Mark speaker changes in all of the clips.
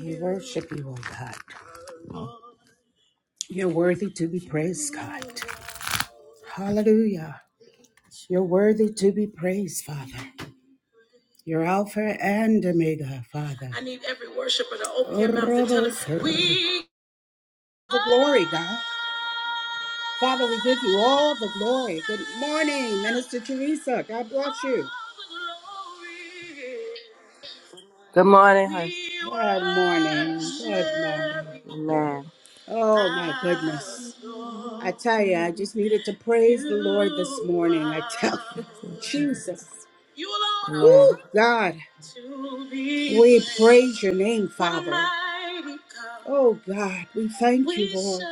Speaker 1: We worship you, oh God. You're worthy to be praised, God. Hallelujah. You're worthy to be praised, Father. You're Alpha and Omega, Father. I need every worshiper to open their mouth and tell us, we. The glory, God. Father, we give you all the glory. Good morning, Minister Teresa. God bless you.
Speaker 2: Good morning, honey.
Speaker 1: Good morning. Good morning.
Speaker 2: Amen.
Speaker 1: Oh my
Speaker 2: Thank
Speaker 1: goodness. I tell you, I just needed to praise the Lord this morning. I tell you,
Speaker 2: you, Jesus.
Speaker 1: Jesus.
Speaker 2: Amen.
Speaker 1: Woo, God. We praise your name, Father. Oh God, we thank you, Lord.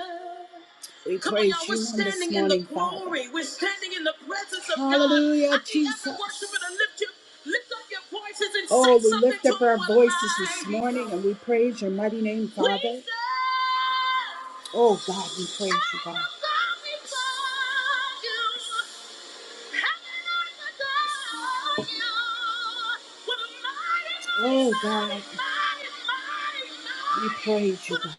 Speaker 1: We Come on, praise y'all. We're praise you on this standing in the morning, Father. glory. We're standing in the presence of God. Hallelujah, I need every worshiper to Jesus. lift your lift up your voices and say Oh, say we something lift to up our him voices this mighty morning and we praise your mighty name, We Father. Jesus! Oh, God, we praise you, God. I will bow before you. Heaven and earth adore you. What a mighty, Oh, God, mighty, mighty, mighty, we praise you, God.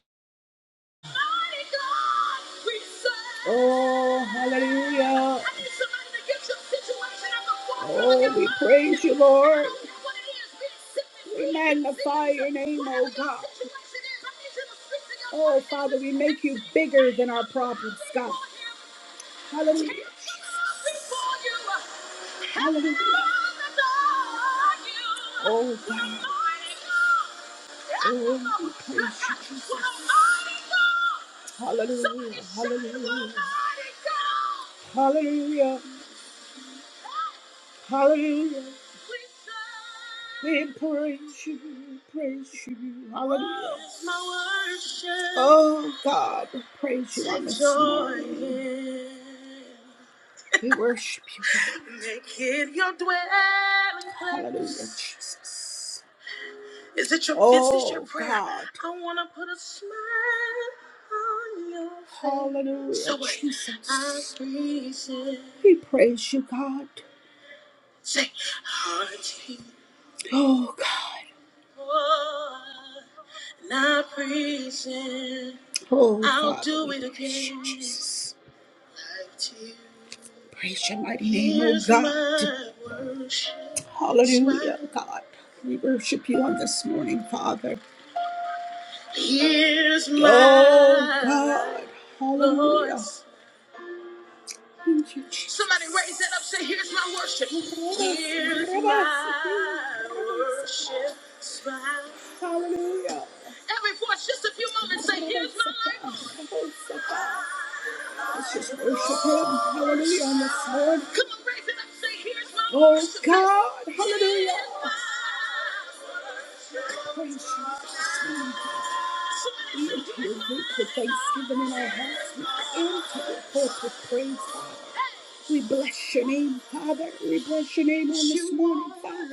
Speaker 1: Oh, hallelujah. Oh, we praise you, Lord. We magnify your name, oh God. Oh, Father, we make you bigger than our problems, God. Hallelujah. Hallelujah. Oh, God. Oh, we praise you, Jesus. Hallelujah, hallelujah, hallelujah, hallelujah. We praise you, we praise you, hallelujah. Oh God, we praise you on this morning. We worship you, God. Hallelujah, Jesus. Is it your is this your Oh, prayer? God. I wanna put a smile on your face. Hallelujah, So wait, I Jesus. praise it. We praise you, God. Say, hearty. Oh, God. And I praise it. Oh, I'll Father, do we it praise you, again. Jesus. Like to Praise your mighty name, oh Here's God. my worship. It's Hallelujah, God. We worship you on this morning, Father. Here's my Oh God. Hallelujah. voice. Thank you, Jesus. Somebody raise that up. Say, here's my worship. Here's my worship. Smile. Hallelujah. Every voice, just a few moments. Say, here's my life. Let's just worship him. Hallelujah on this Lord. Come on, raise it up. Say, here's my Oh worship. God. Here's Hallelujah. Here's my worship. Praise Jesus. We enter your gate with thanksgiving in our hearts. We enter your courts with praise, Father. We bless your name, Father. We bless your name on this morning, Father.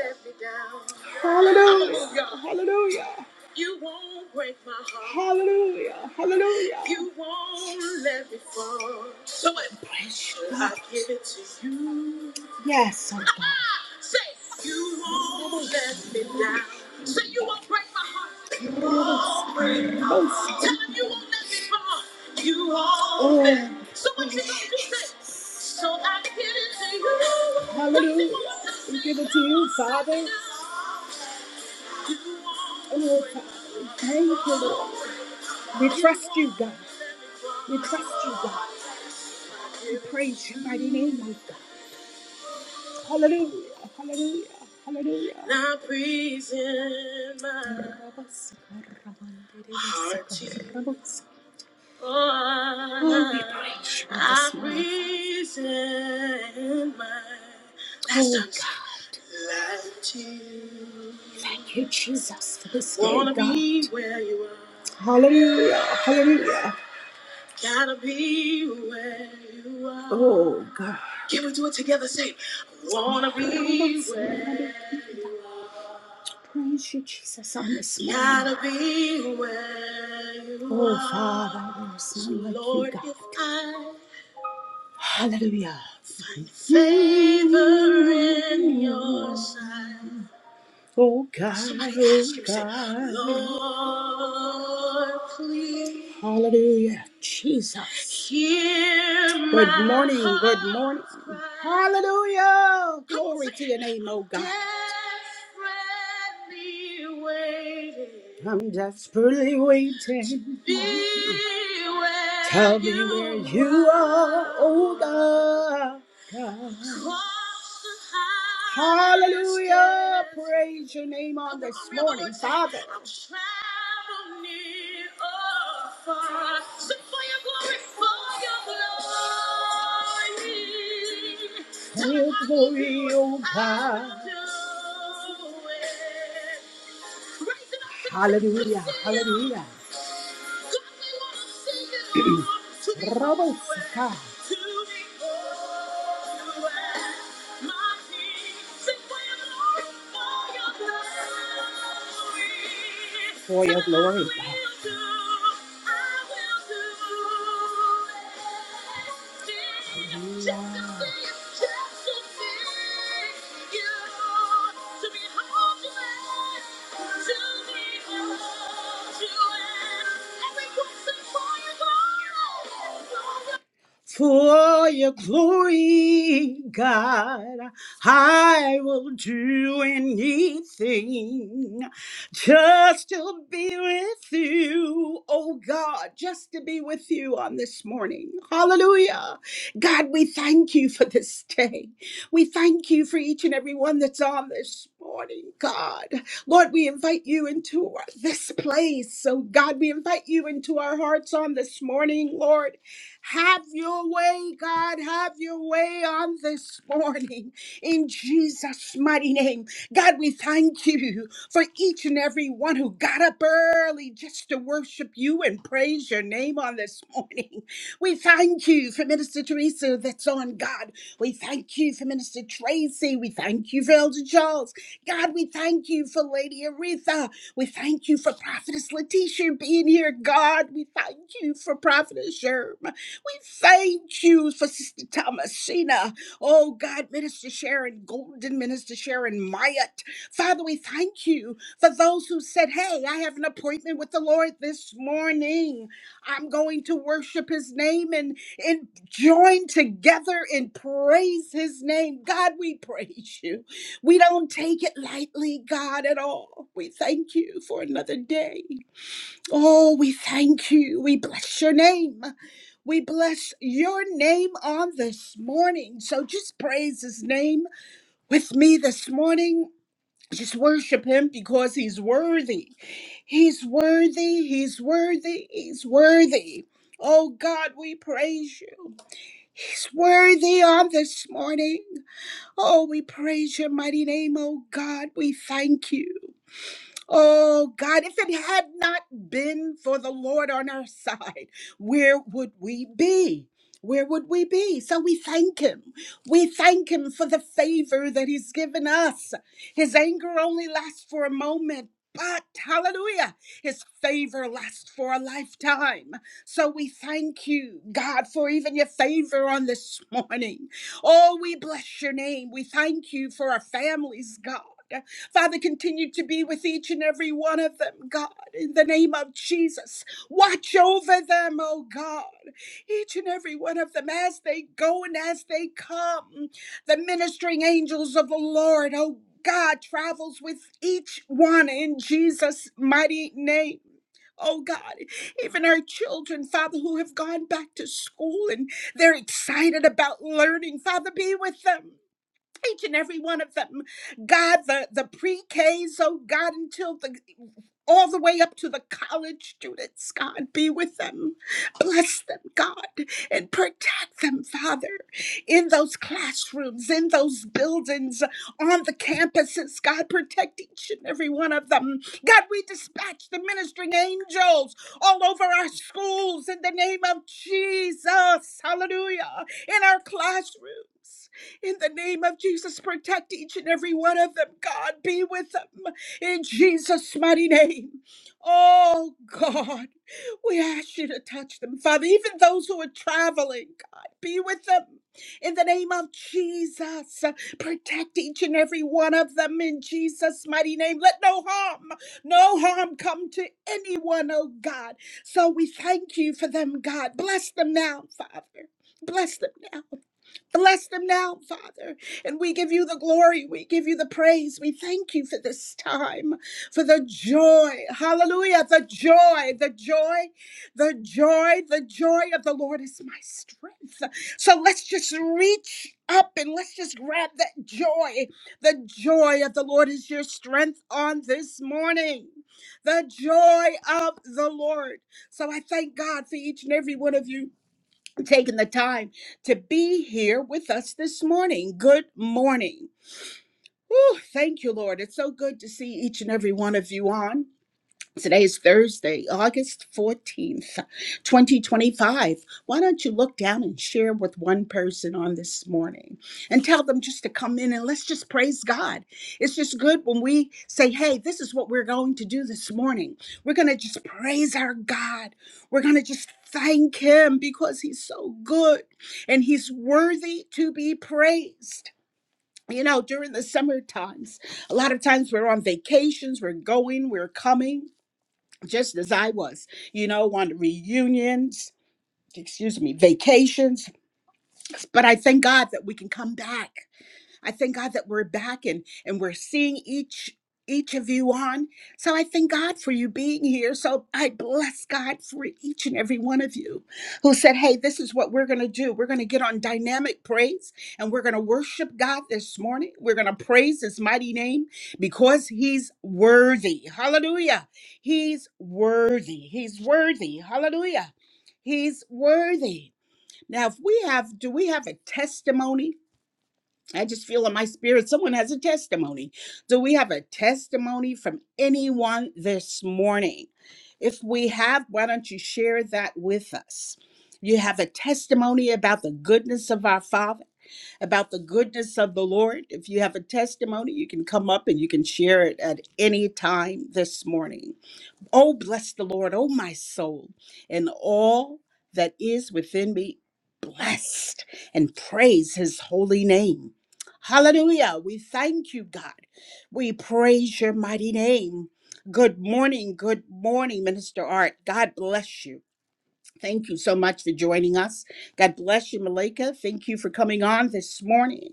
Speaker 1: Hallelujah. Hallelujah. You won't break my heart. Hallelujah. Hallelujah. You won't let me fall. So I praise you. I give it to you. Yes, oh God. Say, you won't let me down. Say, you won't break my heart. You won't break Hallelujah. We give it to you, Father. Oh, thank you, Lord. We trust you, God. We trust you, God. We praise your mighty name, oh God. Hallelujah. Hallelujah. Hallelujah. Now praise him, my heart Lord, I praise and my oh, God. Thank you, Jesus, for this day, God. Hallelujah, hallelujah. Gotta be where you are. Oh, God. Can we do it together? Say, I wanna be where Praise you, Jesus, on this morning. Gotta be where you oh, are. Father, there is none like you, Lord, you, God. if I Hallelujah. Favor in your sight. Oh God, So my oh pastor said, God. Lord, please Hallelujah. Jesus. hear Good my morning. Good heart's morning. cry. Hallelujah. Glory to your name, oh God. desperately waiting I'm desperately waiting be where Tell me where you you are, oh are. God. Hallelujah. Praise your name on this morning, Father. Your glory, oh God. Hallelujah. Hallelujah. Robo Sika. For your glory, God. Hallelujah. For your glory, God, I will do anything just to be with you, oh God, just to be with you on this morning. Hallelujah. God, we thank you for this day. We thank you for each and every one that's on this morning, God. Lord, we invite you into this place. So, God, we invite you into our hearts on this morning, Lord. Have your way, God. Have your way on this morning in Jesus' mighty name. God, we thank you for each and every one who got up early just to worship you and praise your name on this morning. We thank you for Minister Teresa that's on, God. We thank you for Minister Tracy. We thank you for Elder Charles. God, we thank you for Lady Aretha. We thank you for Prophetess Letitia being here, God. We thank you for Prophetess Sherm. We thank you for Sister Thomasina. Oh, God, Minister Sharon Golden, Minister Sharon Myatt. Father, we thank you for those who said, Hey, I have an appointment with the Lord this morning. I'm going to worship his name and, and join together and praise his name. God, we praise you. We don't take it lightly, God, at all. We thank you for another day. Oh, we thank you. We bless your name. We bless your name on this morning. So just praise his name with me this morning. Just worship him because he's worthy. He's worthy. He's worthy. He's worthy. Oh God, we praise you. He's worthy on this morning. Oh, we praise your mighty name, oh God. We thank you. Oh God, if it had not been for the Lord on our side, where would we be? Where would we be? So we thank him. We thank him for the favor that he's given us. His anger only lasts for a moment, but hallelujah, his favor lasts for a lifetime. So we thank you, God, for even your favor on this morning. Oh, we bless your name. We thank you for our families, God. Father, continue to be with each and every one of them, God, in the name of Jesus. Watch over them, oh God, each and every one of them as they go and as they come. The ministering angels of the Lord, oh God, travels with each one in Jesus' mighty name. Oh God, even our children, Father, who have gone back to school and they're excited about learning, Father, be with them each and every one of them. God, the, the pre-Ks, oh God, until the all the way up to the college students, God, be with them. Bless them, God, and protect them, Father, in those classrooms, in those buildings, on the campuses, God, protect each and every one of them. God, we dispatch the ministering angels all over our schools in the name of Jesus. Hallelujah. In our classrooms. In the name of Jesus, protect each and every one of them. God, be with them in Jesus' mighty name. Oh, God, we ask you to touch them, Father. Even those who are traveling, God, be with them. In the name of Jesus, protect each and every one of them in Jesus' mighty name. Let no harm, no harm come to anyone, oh God. So we thank you for them, God. Bless them now, Father. Bless them now. Bless them now, Father. And we give you the glory. We give you the praise. We thank you for this time, for the joy. Hallelujah. The joy, the joy, the joy, the joy of the Lord is my strength. So let's just reach up and let's just grab that joy. The joy of the Lord is your strength on this morning. The joy of the Lord. So I thank God for each and every one of you taking the time to be here with us this morning. Good morning. Whew, thank you, Lord. It's so good to see each and every one of you on. Today is Thursday, August 14th, 2025. Why don't you look down and share with one person on this morning and tell them just to come in and let's just praise God. It's just good when we say, hey, this is what we're going to do this morning. We're going to just praise our God. We're going to just thank Him because He's so good and He's worthy to be praised. You know, during the summer times, a lot of times we're on vacations, we're going, we're coming just as I was, you know, on reunions, excuse me, vacations. But I thank God that we can come back I thank God that we're back and and we're seeing each each of you on. So I thank God for you being here. So I bless God for each and every one of you who said, "Hey, this is what we're going to do. We're going to get on dynamic praise and we're going to worship God this morning. We're going to praise his mighty name because he's worthy." Hallelujah. He's worthy. He's worthy. Hallelujah. He's worthy. Now, if we have, do we have a testimony? I just feel in my spirit someone has a testimony. Do we have a testimony from anyone this morning? If we have, why don't you share that with us? You have a testimony about the goodness of our Father, about the goodness of the Lord. If you have a testimony, you can come up and you can share it at any time this morning. Oh, bless the Lord, oh, my soul, and all that is within me, blessed and praise his holy name. Hallelujah. We thank you, God. We praise your mighty name. Good morning. Good morning, Minister Art. God bless you. Thank you so much for joining us. God bless you, Malika. Thank you for coming on this morning.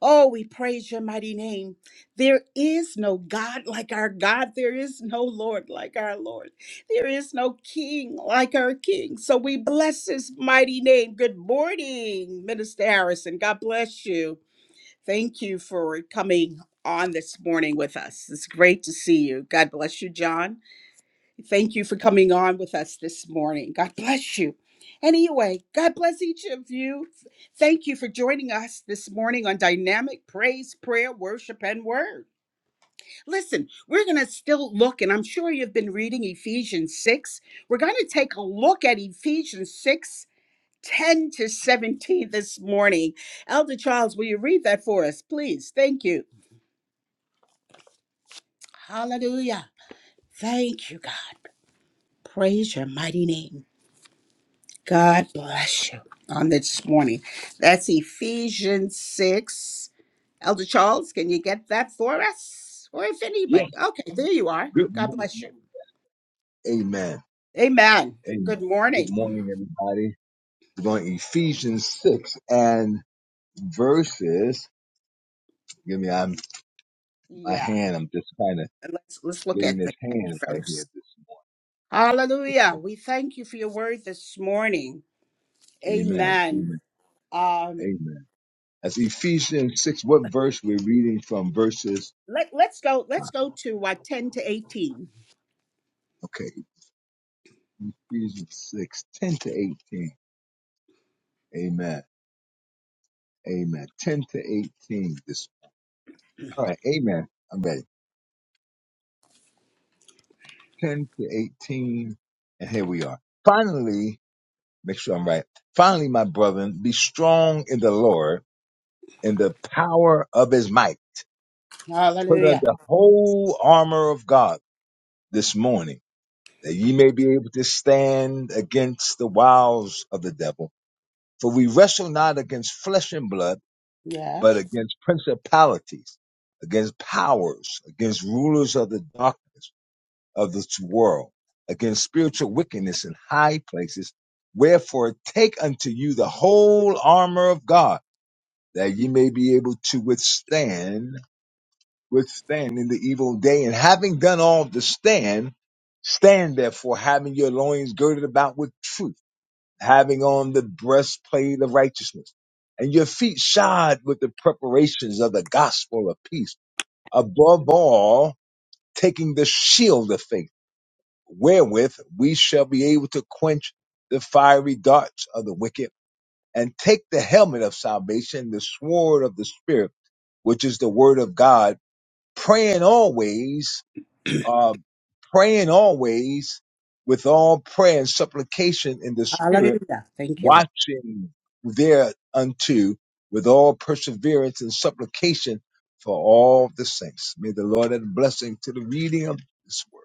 Speaker 1: Oh, we praise your mighty name. There is no God like our God. There is no Lord like our Lord. There is no King like our King. So we bless his mighty name. Good morning, Minister Harrison. God bless you. Thank you for coming on this morning with us. It's great to see you. God bless you, John. Thank you for coming on with us this morning. God bless you. Anyway, God bless each of you. Thank you for joining us this morning on Dynamic Praise, Prayer, Worship, and Word. Listen, we're going to still look, and I'm sure you've been reading Ephesians 6. We're going to take a look at Ephesians 6, 10 to 17 this morning. Elder Charles, will you read that for us, please? Thank you. Hallelujah. Thank you, God. Praise your mighty name. God bless you on this morning. That's Ephesians 6. Elder Charles, can you get that for us? Or if anybody.
Speaker 3: Yes,
Speaker 1: Okay, there you are.
Speaker 3: good
Speaker 1: God
Speaker 3: morning.
Speaker 1: bless you.
Speaker 3: Amen.
Speaker 1: Amen.
Speaker 3: Amen.
Speaker 1: Good
Speaker 3: Good
Speaker 1: morning.
Speaker 3: morning, everybody. We're going Ephesians 6 and verses. Give me I'm, my
Speaker 1: Yeah.
Speaker 3: hand. I'm just kind of
Speaker 1: And Let's let's look
Speaker 3: getting
Speaker 1: at
Speaker 3: this
Speaker 1: the 10
Speaker 3: hand right here
Speaker 1: first.
Speaker 3: this
Speaker 1: Hallelujah. We thank you for your word this morning.
Speaker 3: morning. Amen.
Speaker 1: Amen.
Speaker 3: Amen.
Speaker 1: Um
Speaker 3: Amen. That's Ephesians 6. What verse we're reading from verses?
Speaker 1: let, let's go
Speaker 3: uh,
Speaker 1: let's go to uh, 10 to 18.
Speaker 3: Okay, Ephesians 6, 10 to 18. Amen. Amen. 10 to 18. This, all right. Amen. I'm ready. 10 to 18. And here we are. Finally, Make sure I'm right. Finally, my brethren, be strong in the Lord in the power of his might. Put on
Speaker 1: Hallelujah.
Speaker 3: the whole armor of God this morning that ye may be able to stand against the wiles of the devil. For we wrestle not against flesh and blood, but
Speaker 1: Yes.
Speaker 3: against principalities, against powers, against rulers of the darkness of this world, against spiritual wickedness in high places. Wherefore take unto you the whole armor of God that ye may be able to withstand, withstand in the evil day. And having done all to stand, stand therefore, having your loins girded about with truth, having on the breastplate of righteousness, and your feet shod with the preparations of the gospel of peace. Above all, taking the shield of faith, wherewith we shall be able to quench the fiery darts of the wicked, and take the helmet of salvation, the sword of the spirit which is the word of God, praying always, uh, praying always with all prayer and supplication in the spirit,
Speaker 1: Hallelujah. Thank you, Lord.
Speaker 3: watching thereunto with all perseverance and supplication for all the saints. May the Lord add a blessing to the reading of this word.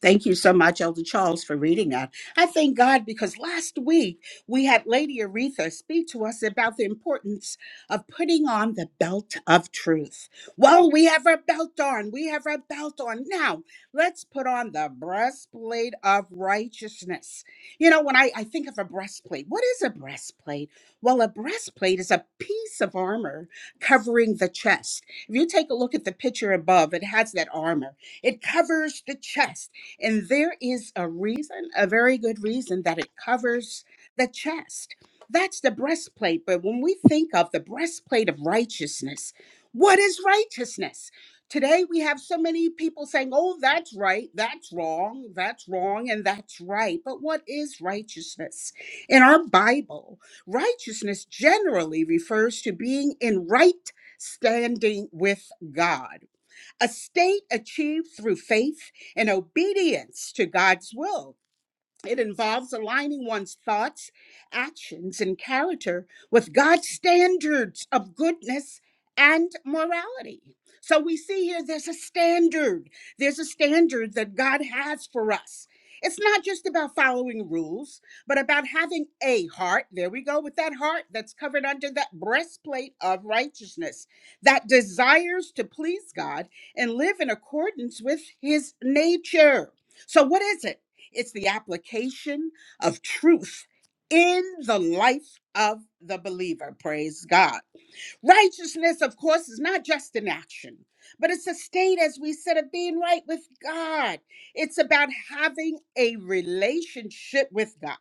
Speaker 1: Thank you so much, Elder Charles, for reading that. I thank God because last week we had Lady Aretha speak to us about the importance of putting on the belt of truth. Well, we have our belt on. We have our belt on. Now, let's put on the breastplate of righteousness. You know, when I, I think of a breastplate, what is a breastplate? Well, a breastplate is a piece of armor covering the chest. If you take a look at the picture above, it has that armor. It covers the chest. And there is a reason, a very good reason, that it covers the chest. That's the breastplate. But when we think of the breastplate of righteousness, what is righteousness? Today we have so many people saying, oh, that's right, that's wrong, that's wrong, and that's right. But what is righteousness? In our Bible, righteousness generally refers to being in right standing with God a state achieved through faith and obedience to God's will. It involves aligning one's thoughts, actions, and character with God's standards of goodness and morality. So we see here there's a standard. There's a standard that God has for us. It's not just about following rules, but about having a heart. There we go with that heart that's covered under that breastplate of righteousness that desires to please God and live in accordance with his nature. So, what is it? It's the application of truth in the life of the believer. Praise God. Righteousness, of course, is not just an action, but it's a state, as we said, of being right with God. It's about having a relationship with God.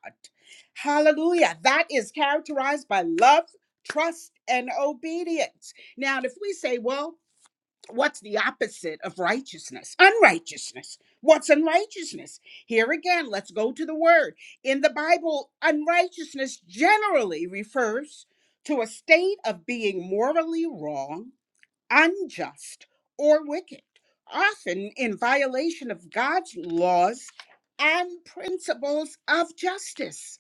Speaker 1: Hallelujah. That is characterized by love, trust, and obedience. Now, if we say, well, What's the opposite of righteousness? Unrighteousness. What's unrighteousness? Here again, let's go to the word. In the Bible, unrighteousness generally refers to a state of being morally wrong, unjust, or wicked, often in violation of God's laws and principles of justice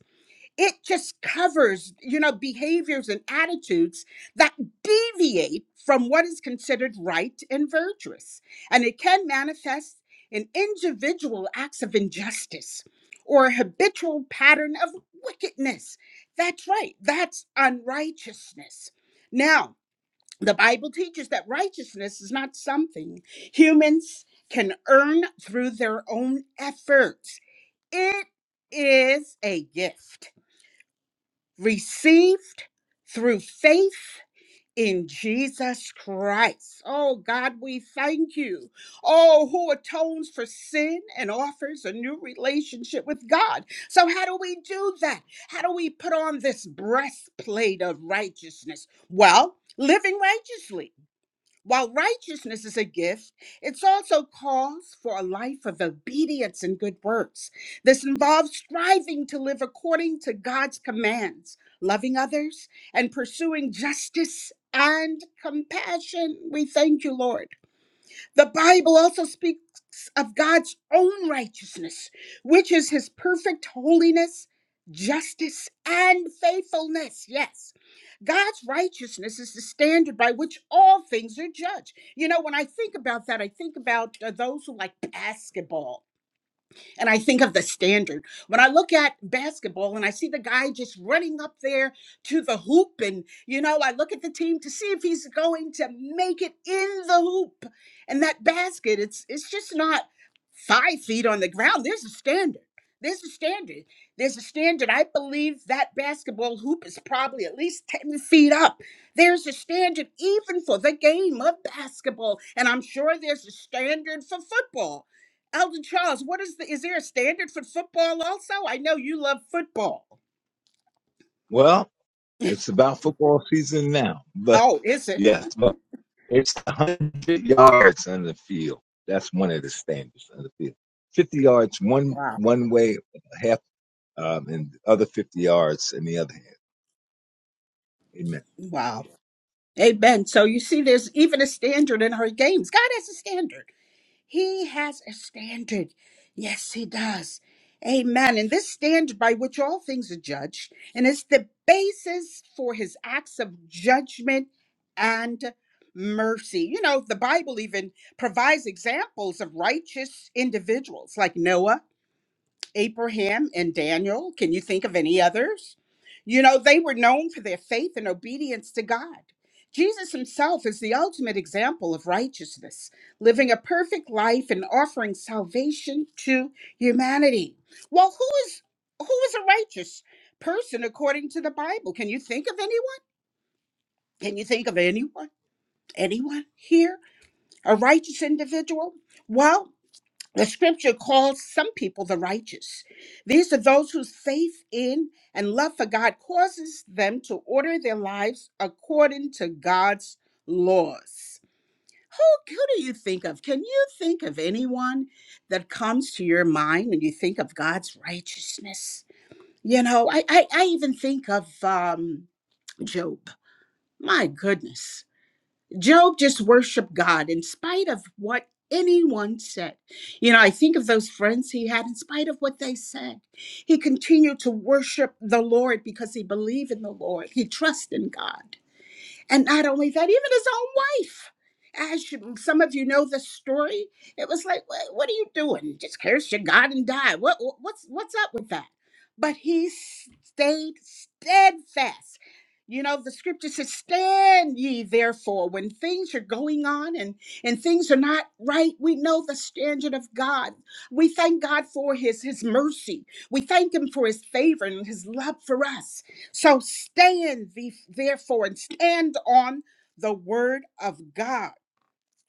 Speaker 1: it just covers you know behaviors and attitudes that deviate from what is considered right and virtuous and it can manifest in individual acts of injustice or a habitual pattern of wickedness that's right that's unrighteousness now the bible teaches that righteousness is not something humans can earn through their own efforts it is a gift received through faith in Jesus Christ. Oh God, we thank you. Oh, who atones for sin and offers a new relationship with God. So, how do we do that? How do we put on this breastplate of righteousness? Well, living righteously while righteousness is a gift, it also calls for a life of obedience and good works. This involves striving to live according to God's commands, loving others, and pursuing justice and compassion. We thank you, Lord. The Bible also speaks of God's own righteousness, which is his perfect holiness, justice, and faithfulness. Yes. God's righteousness is the standard by which all things are judged. You know, when I think about that, I think about uh, those who like basketball and I think of the standard. When I look at basketball and I see the guy just running up there to the hoop, and you know, I look at the team to see if he's going to make it in the hoop. And that basket, it's it's just not five feet on the ground. There's a standard. There's a standard. There's a standard. I believe that basketball hoop is probably at least 10 feet up. There's a standard even for the game of basketball. And I'm sure there's a standard for football Alden Charles, what is the is there a standard for football also? I know you love football.
Speaker 3: Well, it's about football season now, but
Speaker 1: Oh, is it?
Speaker 3: yes, It's 100 yards on the field. That's one of the standards on the field. 50 yards one
Speaker 1: Wow.
Speaker 3: one way, half, um, and the other 50 yards in the other hand. Amen.
Speaker 1: Wow. Amen. So you see there's even a standard in her games. God has a standard. He has a standard. Yes, he does. Amen. And this standard by which all things are judged, and it's the basis for his acts of judgment and mercy. You know, the Bible even provides examples of righteous individuals like Noah Abraham and Daniel. Can you think of any others? You know, they were known for their faith and obedience to God. Jesus himself is the ultimate example of righteousness, living a perfect life and offering salvation to humanity. Well, who is who is a righteous person according to the Bible? Can you think of anyone? Can you think of anyone? Anyone here? A righteous individual? Well, the scripture calls some people the righteous. These are those whose faith in and love for God causes them to order their lives according to God's laws. Who, who do you think of? Can you think of anyone that comes to your mind when you think of God's righteousness? You know, I, I, I even think of um, Job. My goodness Job just worshiped God in spite of what anyone said. You know, I think of those friends he had, in spite of what they said. He continued to worship the Lord because he believed in the Lord, he trusted in God. And not only that, even his own wife. As you, some of you know the story, it was like, what, what are you doing? Just curse your God and die. What, what- what's, what's up with that? But he stayed steadfast. You know, the scripture says, Stand ye therefore when things are going on and, and things are not right. We know the standard of God. We thank God for his, his mercy. We thank him for his favor and his love for us. So stand, therefore, and stand on the word of God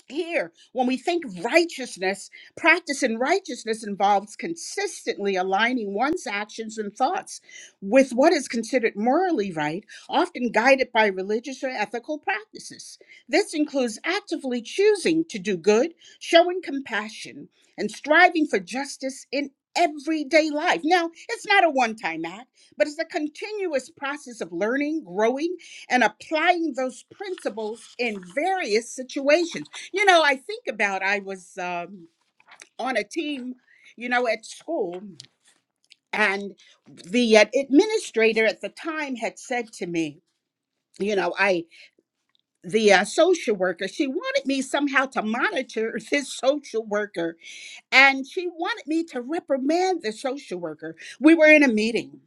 Speaker 1: here when we think righteousness practicing righteousness involves consistently aligning one's actions and thoughts with what is considered morally right often guided by religious or ethical practices this includes actively choosing to do good showing compassion and striving for justice in everyday life now it's not a one-time act but it's a continuous process of learning growing and applying those principles in various situations you know, I think about I was um, on a team, you know, at school, and the uh, administrator at the time had said to me, you know, I the uh, social worker, she wanted me somehow to monitor this social worker, and she wanted me to reprimand the social worker. We were in a meeting.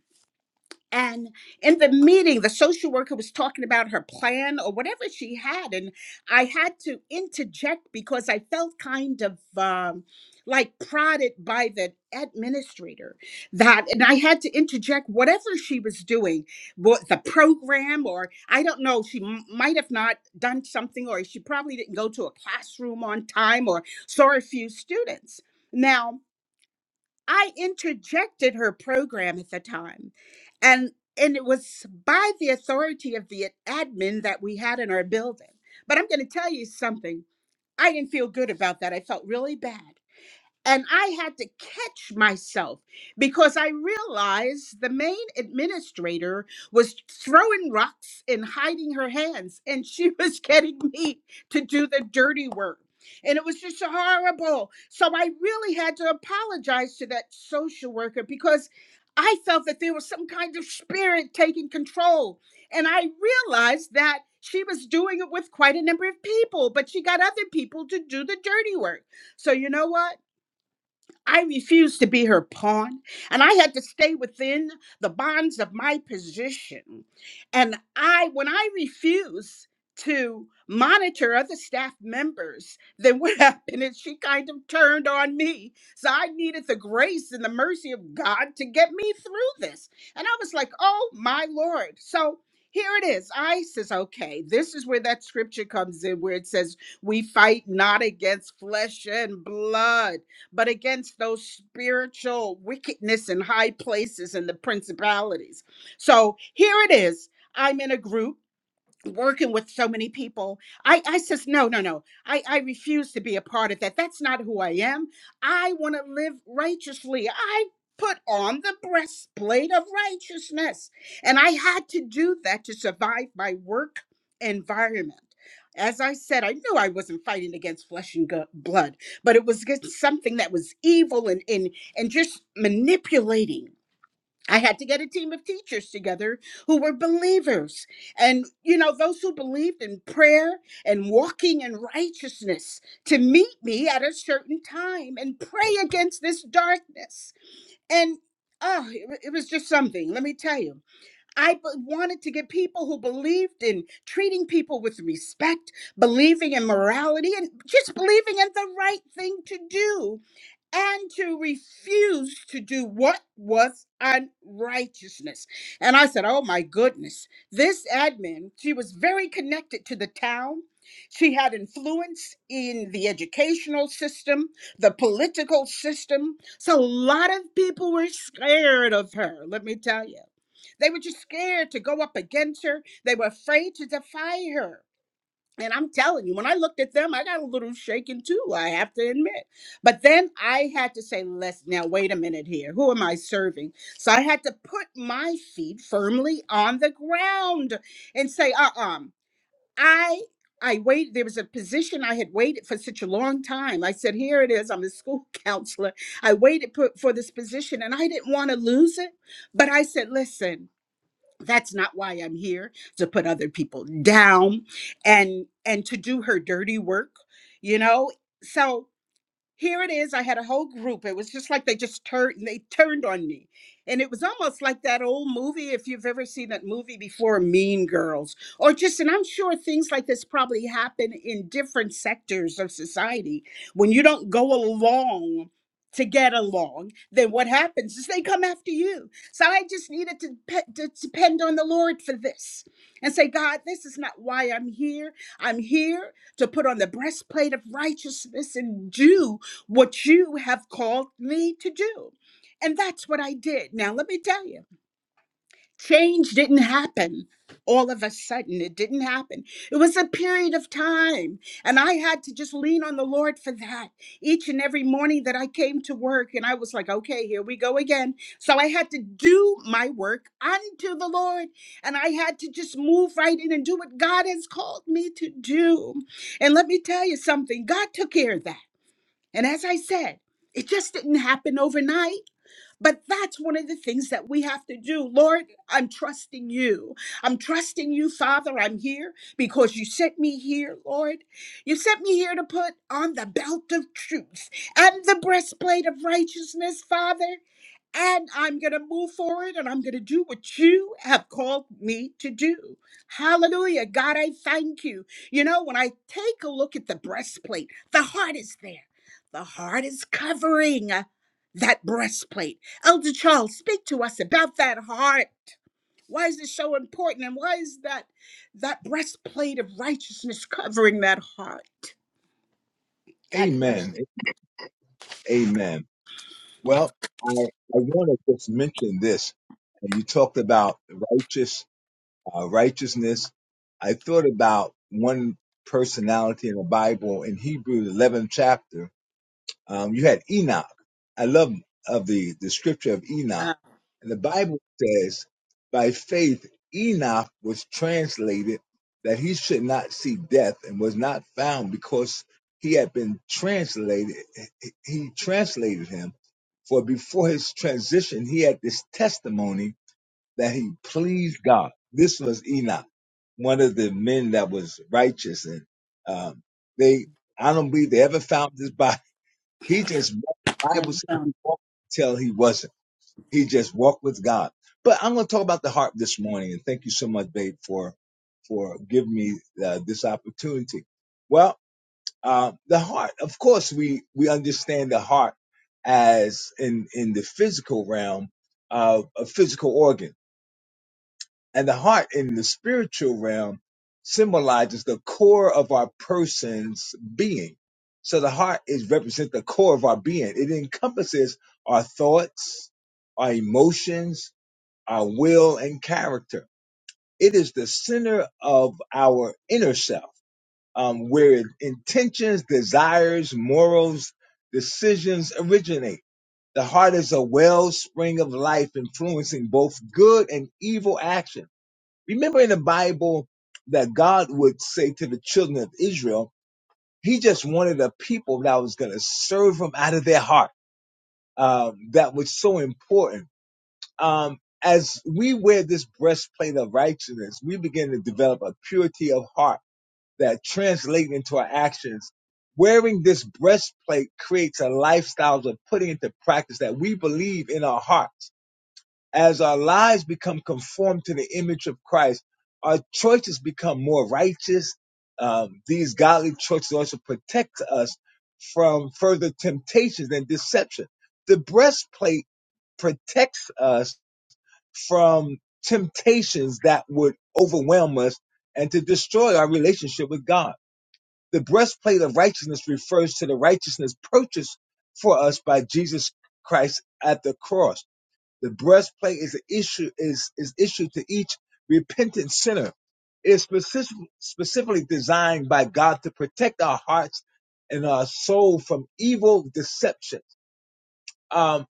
Speaker 1: And in the meeting, the social worker was talking about her plan or whatever she had. And I had to interject because I felt kind of um, like prodded by the administrator that, and I had to interject whatever she was doing, what the program, or I don't know, she m- might have not done something, or she probably didn't go to a classroom on time or saw a few students. Now, I interjected her program at the time. And and it was by the authority of the admin that we had in our building. But I'm going to tell you something. I didn't feel good about that. I felt really bad. And I had to catch myself because I realized the main administrator was throwing rocks and hiding her hands, and she was getting me to do the dirty work. And it was just horrible. So I really had to apologize to that social worker because I felt that there was some kind of spirit taking control. And I realized that she was doing it with quite a number of people, but she got other people to do the dirty work. So, you know what? I refused to be her pawn, and I had to stay within the bonds of my position. And I, when I refused to monitor other staff members, then what happened is she kind of turned on me. So I needed the grace and the mercy of God to get me through this. And I was like, oh my Lord. So here it is. I says, okay, this is where that scripture comes in, where it says, we fight not against flesh and blood but against those spiritual wickedness in high places and the principalities. So here it is. I'm in a group working with so many people i i says no no no i i refuse to be a part of that that's not who i am i want to live righteously i put on the breastplate of righteousness and i had to do that to survive my work environment as i said i knew i wasn't fighting against flesh and gu- blood but it was against something that was evil and and and just manipulating I had to get a team of teachers together who were believers. And, you know, those who believed in prayer and walking in righteousness to meet me at a certain time and pray against this darkness. And, oh, it, wa- it was just something, let me tell you. I b- wanted to get people who believed in treating people with respect, believing in morality, and just believing in the right thing to do and to refuse to do what was unrighteousness. And I said, Oh my goodness, this admin, she was very connected to the town. She had influence in the educational system, the political system. So a lot of people were scared of her, let me tell you. They were just scared to go up against her. They were afraid to defy her. And I'm telling you, when I looked at them, I got a little shaken too, I have to admit. But then I had to say, let's now wait a minute here. Who am I serving? So I had to put my feet firmly on the ground and say, uh uh I. I wait. There was a position I had waited for such a long time. I said, "Here it is. I'm a school counselor. I waited for, for this position, and I didn't want to lose it. But I said, listen, that's not why i'm here to put other people down and and to do her dirty work you know so here it is. I had a whole group. It was just like they just turned they turned on me. And it was almost like that old movie, if you've ever seen that movie before, Mean Girls. Or just, and I'm sure things like this probably happen in different sectors of society. When you don't go along to get along, then what happens is they come after you. So I just needed to, pe- to depend on the Lord for this and say, God, this is not why I'm here. I'm here to put on the breastplate of righteousness and do what you have called me to do. And that's what I did. Now, let me tell you, change didn't happen all of a sudden. It didn't happen. It was a period of time. And I had to just lean on the Lord for that. Each and every morning that I came to work, and I was like, okay, here we go again. So I had to do my work unto the Lord. And I had to just move right in and do what God has called me to do. And let me tell you something God took care of that. And as I said, it just didn't happen overnight. But that's one of the things that we have to do. Lord, I'm trusting you. I'm trusting you, Father. I'm here because you sent me here, Lord. You sent me here to put on the belt of truth and the breastplate of righteousness, Father. And I'm going to move forward and I'm going to do what you have called me to do. Hallelujah. God, I thank you. You know, when I take a look at the breastplate, the heart is there, the heart is covering that breastplate. Elder Charles, speak to us about that heart. Why is it so important? And why is that that breastplate of righteousness covering that heart? God bless
Speaker 3: Amen.
Speaker 1: you.
Speaker 3: Amen. Well, I, I want to just mention this. You talked about righteous uh, righteousness. I thought about one personality in the Bible in Hebrews 11th chapter Um, you had Enoch. I love of the, the scripture of Enoch.
Speaker 1: Ah,
Speaker 3: And the Bible says, by faith, Enoch was translated that he should not see death and was not found because he had been translated. He translated him. For before his transition, he had this testimony that he pleased God. This was Enoch, one of the men that was righteous. And um, they, I don't believe they ever found his body he just walked. The Bible
Speaker 1: never
Speaker 3: says
Speaker 1: found.
Speaker 3: he walked until he wasn't. He just walked with God. But I'm going to talk about the heart this morning, and thank you so much, babe, for for giving me uh, this opportunity. Well, uh, the heart. Of course, we we understand the heart as in in the physical realm of a physical organ and the heart in the spiritual realm symbolizes the core of our person's being. So the heart is represents the core of our being. It encompasses our thoughts, our emotions, our will and character. It is the center of our inner self, um, where intentions, desires, morals, decisions originate. The heart is a wellspring of life influencing both good and evil actions Remember in the Bible that God would say to the children of Israel, He just wanted a people that was going to serve Him out of their heart. Um, that was so important. Um, as we wear this breastplate of righteousness, we begin to develop a purity of heart that translates into our actions. Wearing this breastplete creates a lifestyle of putting into practice that we believe in our hearts as our lives become conformed to the image of Christ, our choices become more righteous. Um, these godly choices also protect us from further temptations and deception. The breastplate protects us from temptations that would overwhelm us and to destroy our relationship with God. The breastplate of righteousness refers to the righteousness purchased for us by Jesus Christ at the cross the breastplate is an issue is is issued to each repentant sinner. It's specific, specifically designed by God to protect our hearts and our soul from evil deception. Um,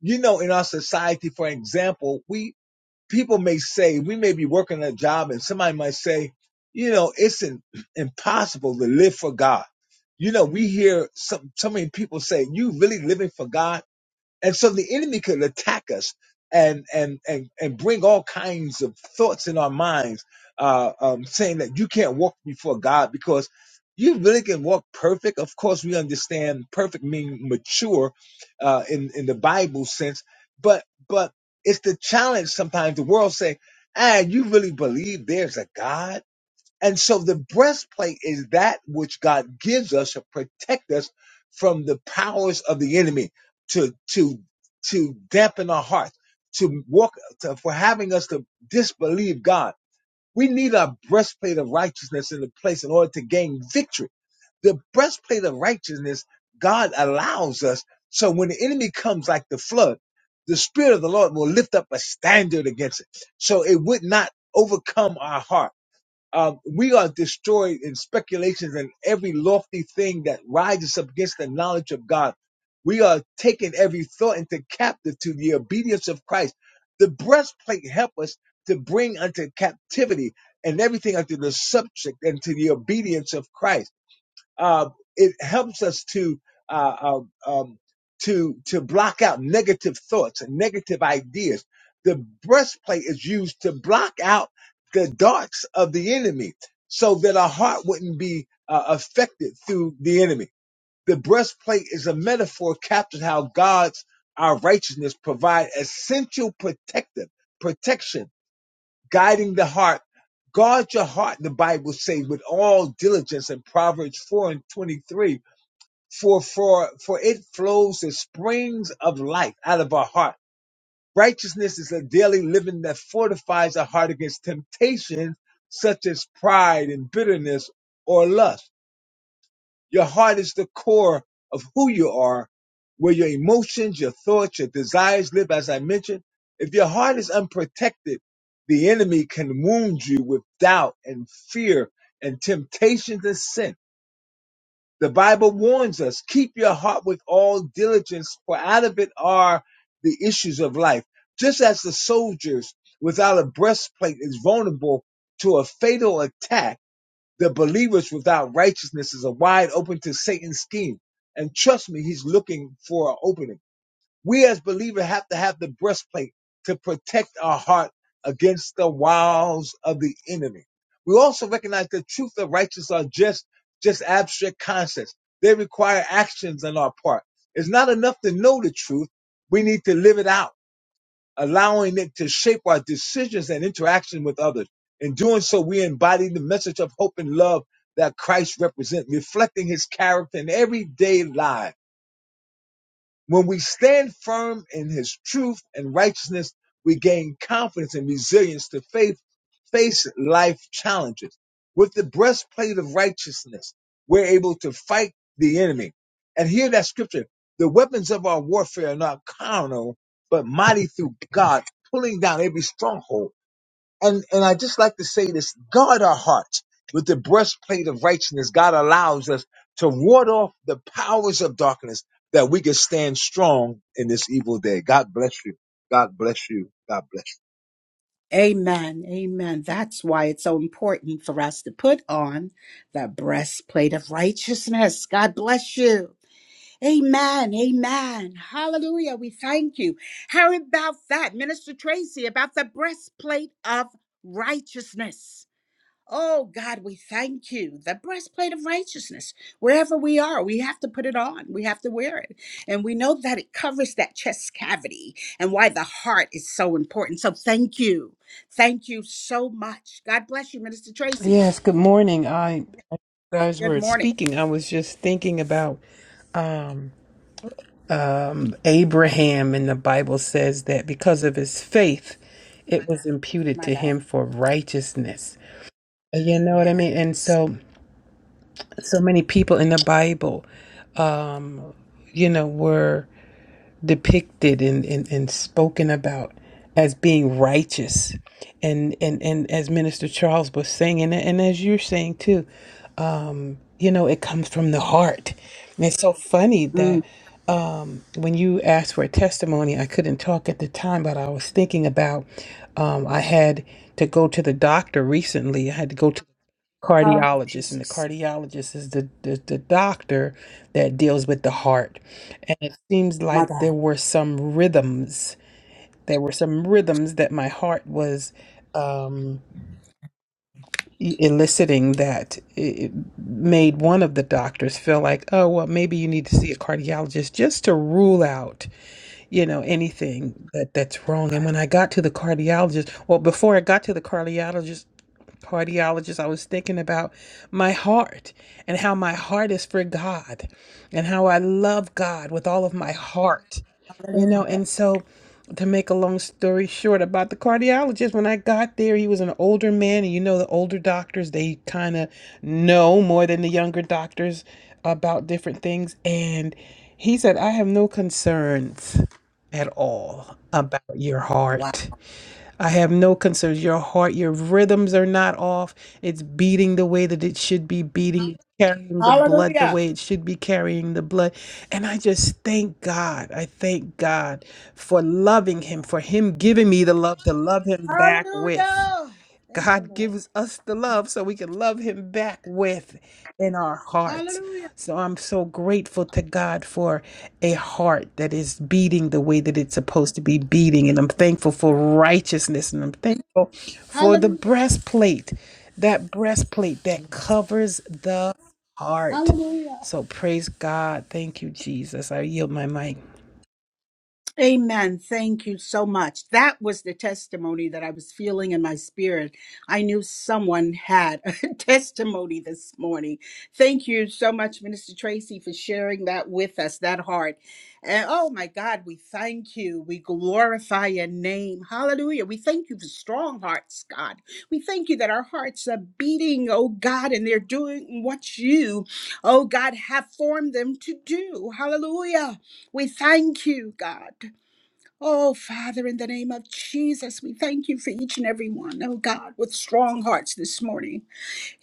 Speaker 3: you know, in our society, for example, we people may say we may be working a job, and somebody might say, you know, it's in, impossible to live for God. You know, we hear some so many people say, "You really living for God?" And so the enemy could attack us and and and and bring all kinds of thoughts in our minds, uh, um, saying that you can't walk before God because you really can walk perfect. Of course, we understand perfect mean mature uh, in in the Bible sense, but but it's the challenge sometimes. The world say, "Ah, you really believe there's a God?" And so the breastplate is that which God gives us to protect us from the powers of the enemy, to to to dampen our hearts, to walk to, for having us to disbelieve God. We need our breastplate of righteousness in the place in order to gain victory. The breastplate of righteousness God allows us so when the enemy comes like the flood, the spirit of the Lord will lift up a standard against it. So it would not overcome our heart um, we are destroyed in speculations and every lofty thing that rises up against the knowledge of God. We are taking every thought into captive to the obedience of Christ. The breastplate help us to bring unto captivity and everything unto the subject and to the obedience of Christ uh, it helps us to uh, um, um, to to block out negative thoughts and negative ideas. The breastplate is used to block out the darts of the enemy, so that our heart wouldn't be uh, affected through the enemy. The breastplate is a metaphor captured how God's our righteousness provide essential protective protection guiding the heart. Guard your heart, the Bible says, with all diligence in Proverbs 4 and 23. For, for, for it flows the springs of life out of our heart. Righteousness is a daily living that fortifies our heart against temptations such as pride and bitterness or lust. Your heart is the core of who you are, where your emotions, your thoughts, your desires live, as I mentioned. If your heart is unprotected, the enemy can wound you with doubt and fear and temptation to sin. The Bible warns us, keep your heart with all diligence, for out of it are the issues of life. Just as the soldiers without a breastplate is vulnerable to a fatal attack, the believers without righteousness is a wide open to Satan's scheme. And trust me, he's looking for an opening. We as believers have to have the breastplate to protect our heart against the wiles of the enemy. We also recognize the truth of righteousness are just, just abstract concepts. They require actions on our part. It's not enough to know the truth. We need to live it out allowing it to shape our decisions and interaction with others. In doing so, we embody the message of hope and love that Christ represents, reflecting his character in everyday life. When we stand firm in his truth and righteousness, we gain confidence and resilience to faith, face life challenges. With the breastplate of righteousness, we're able to fight the enemy. And hear that scripture. The weapons of our warfare are not carnal, but mighty through God, pulling down every stronghold and and I just like to say this: guard our hearts with the breastplate of righteousness. God allows us to ward off the powers of darkness that we can stand strong in this evil day. God bless you. God bless you. God bless
Speaker 1: Amen. Amen. That's why it's so important for us to put on the breastplate of righteousness. God bless you. Amen. Amen. Hallelujah. We thank you. How about that, Minister Tracy, about the breastplate of righteousness? Oh God, we thank you. The breastplate of righteousness. Wherever we are, we have to put it on. We have to wear it. And we know that it covers that chest cavity and why the heart is so important. So thank you. Thank you so much. God bless you, Minister Tracy.
Speaker 4: Yes, good morning. I guys
Speaker 1: Good
Speaker 4: were
Speaker 1: morning.
Speaker 4: speaking. I was just thinking about um, um, Abraham, and the Bible says that because of his faith, it was imputed
Speaker 1: My
Speaker 4: to
Speaker 1: God.
Speaker 4: him for righteousness. You know what I mean? And
Speaker 1: Yes.
Speaker 4: so, so many people in the Bible, you know, were depicted and, and, and spoken about as being righteous and and and as minister charles was saying and, and as you're saying too you know it comes from the heart and it's so funny
Speaker 1: Mm.
Speaker 4: that um, when you asked for a testimony i couldn't talk at the time but i was thinking about um, i had to go to the doctor recently i had to go to the
Speaker 1: Oh,
Speaker 4: cardiologist and the
Speaker 1: Jesus.
Speaker 4: cardiologist is the, the, the doctor that deals with the heart and it seems
Speaker 1: My
Speaker 4: like there
Speaker 1: God.
Speaker 4: were some rhythms there were some rhythms that my heart was um, e- eliciting that it made one of the doctors feel like, oh, well, maybe you need to see a cardiologist just to rule out, you know, anything that that's wrong. And when I got to the cardiologist, well, before I got to the cardiologist, cardiologist, I was thinking about my heart and how my heart is for God and how I love God with all of my heart, you know. And so, to make a long story short about the cardiologist, when I got there, he was an older man. And you know, the older doctors, they kind of know more than the younger doctors about different things. And he said, I have no concerns at all about your
Speaker 1: Wow.
Speaker 4: heart. I have no concerns. Your heart, your rhythms are not off. It's beating the way that it should be beating, carrying the blood the
Speaker 1: Hallelujah.
Speaker 4: way it should be carrying the blood. And I just thank God. I thank God for loving him,
Speaker 1: Yes.
Speaker 4: for him giving me the love to love him back with.
Speaker 1: Hallelujah. Thank you,
Speaker 4: God
Speaker 1: Lord.
Speaker 4: gives us the love so we can love Him back with in our hearts.
Speaker 1: Hallelujah.
Speaker 4: So I'm so grateful to God for a heart that is beating the way that it's supposed to be beating. And I'm thankful for righteousness and I'm thankful for the
Speaker 1: Hallelujah.
Speaker 4: breastplate, that breastplate that
Speaker 1: Yes.
Speaker 4: covers the heart.
Speaker 1: Hallelujah.
Speaker 4: So praise God. Thank you, Jesus. I yield my mic.
Speaker 1: Amen. Thank you so much. That was the testimony that I was feeling in my spirit. I knew someone had a testimony this morning. Thank you so much, Minister Tracy, for sharing that with us, that heart. And oh my God, we thank you. We glorify your name. Hallelujah. We thank you for strong hearts, God. We thank you that our hearts are beating, oh God, and they're doing what you, oh God, have formed them to do. Hallelujah. We thank you, God. Oh, Father, in the name of Jesus, we thank you for each and every one, oh God, with strong hearts this morning.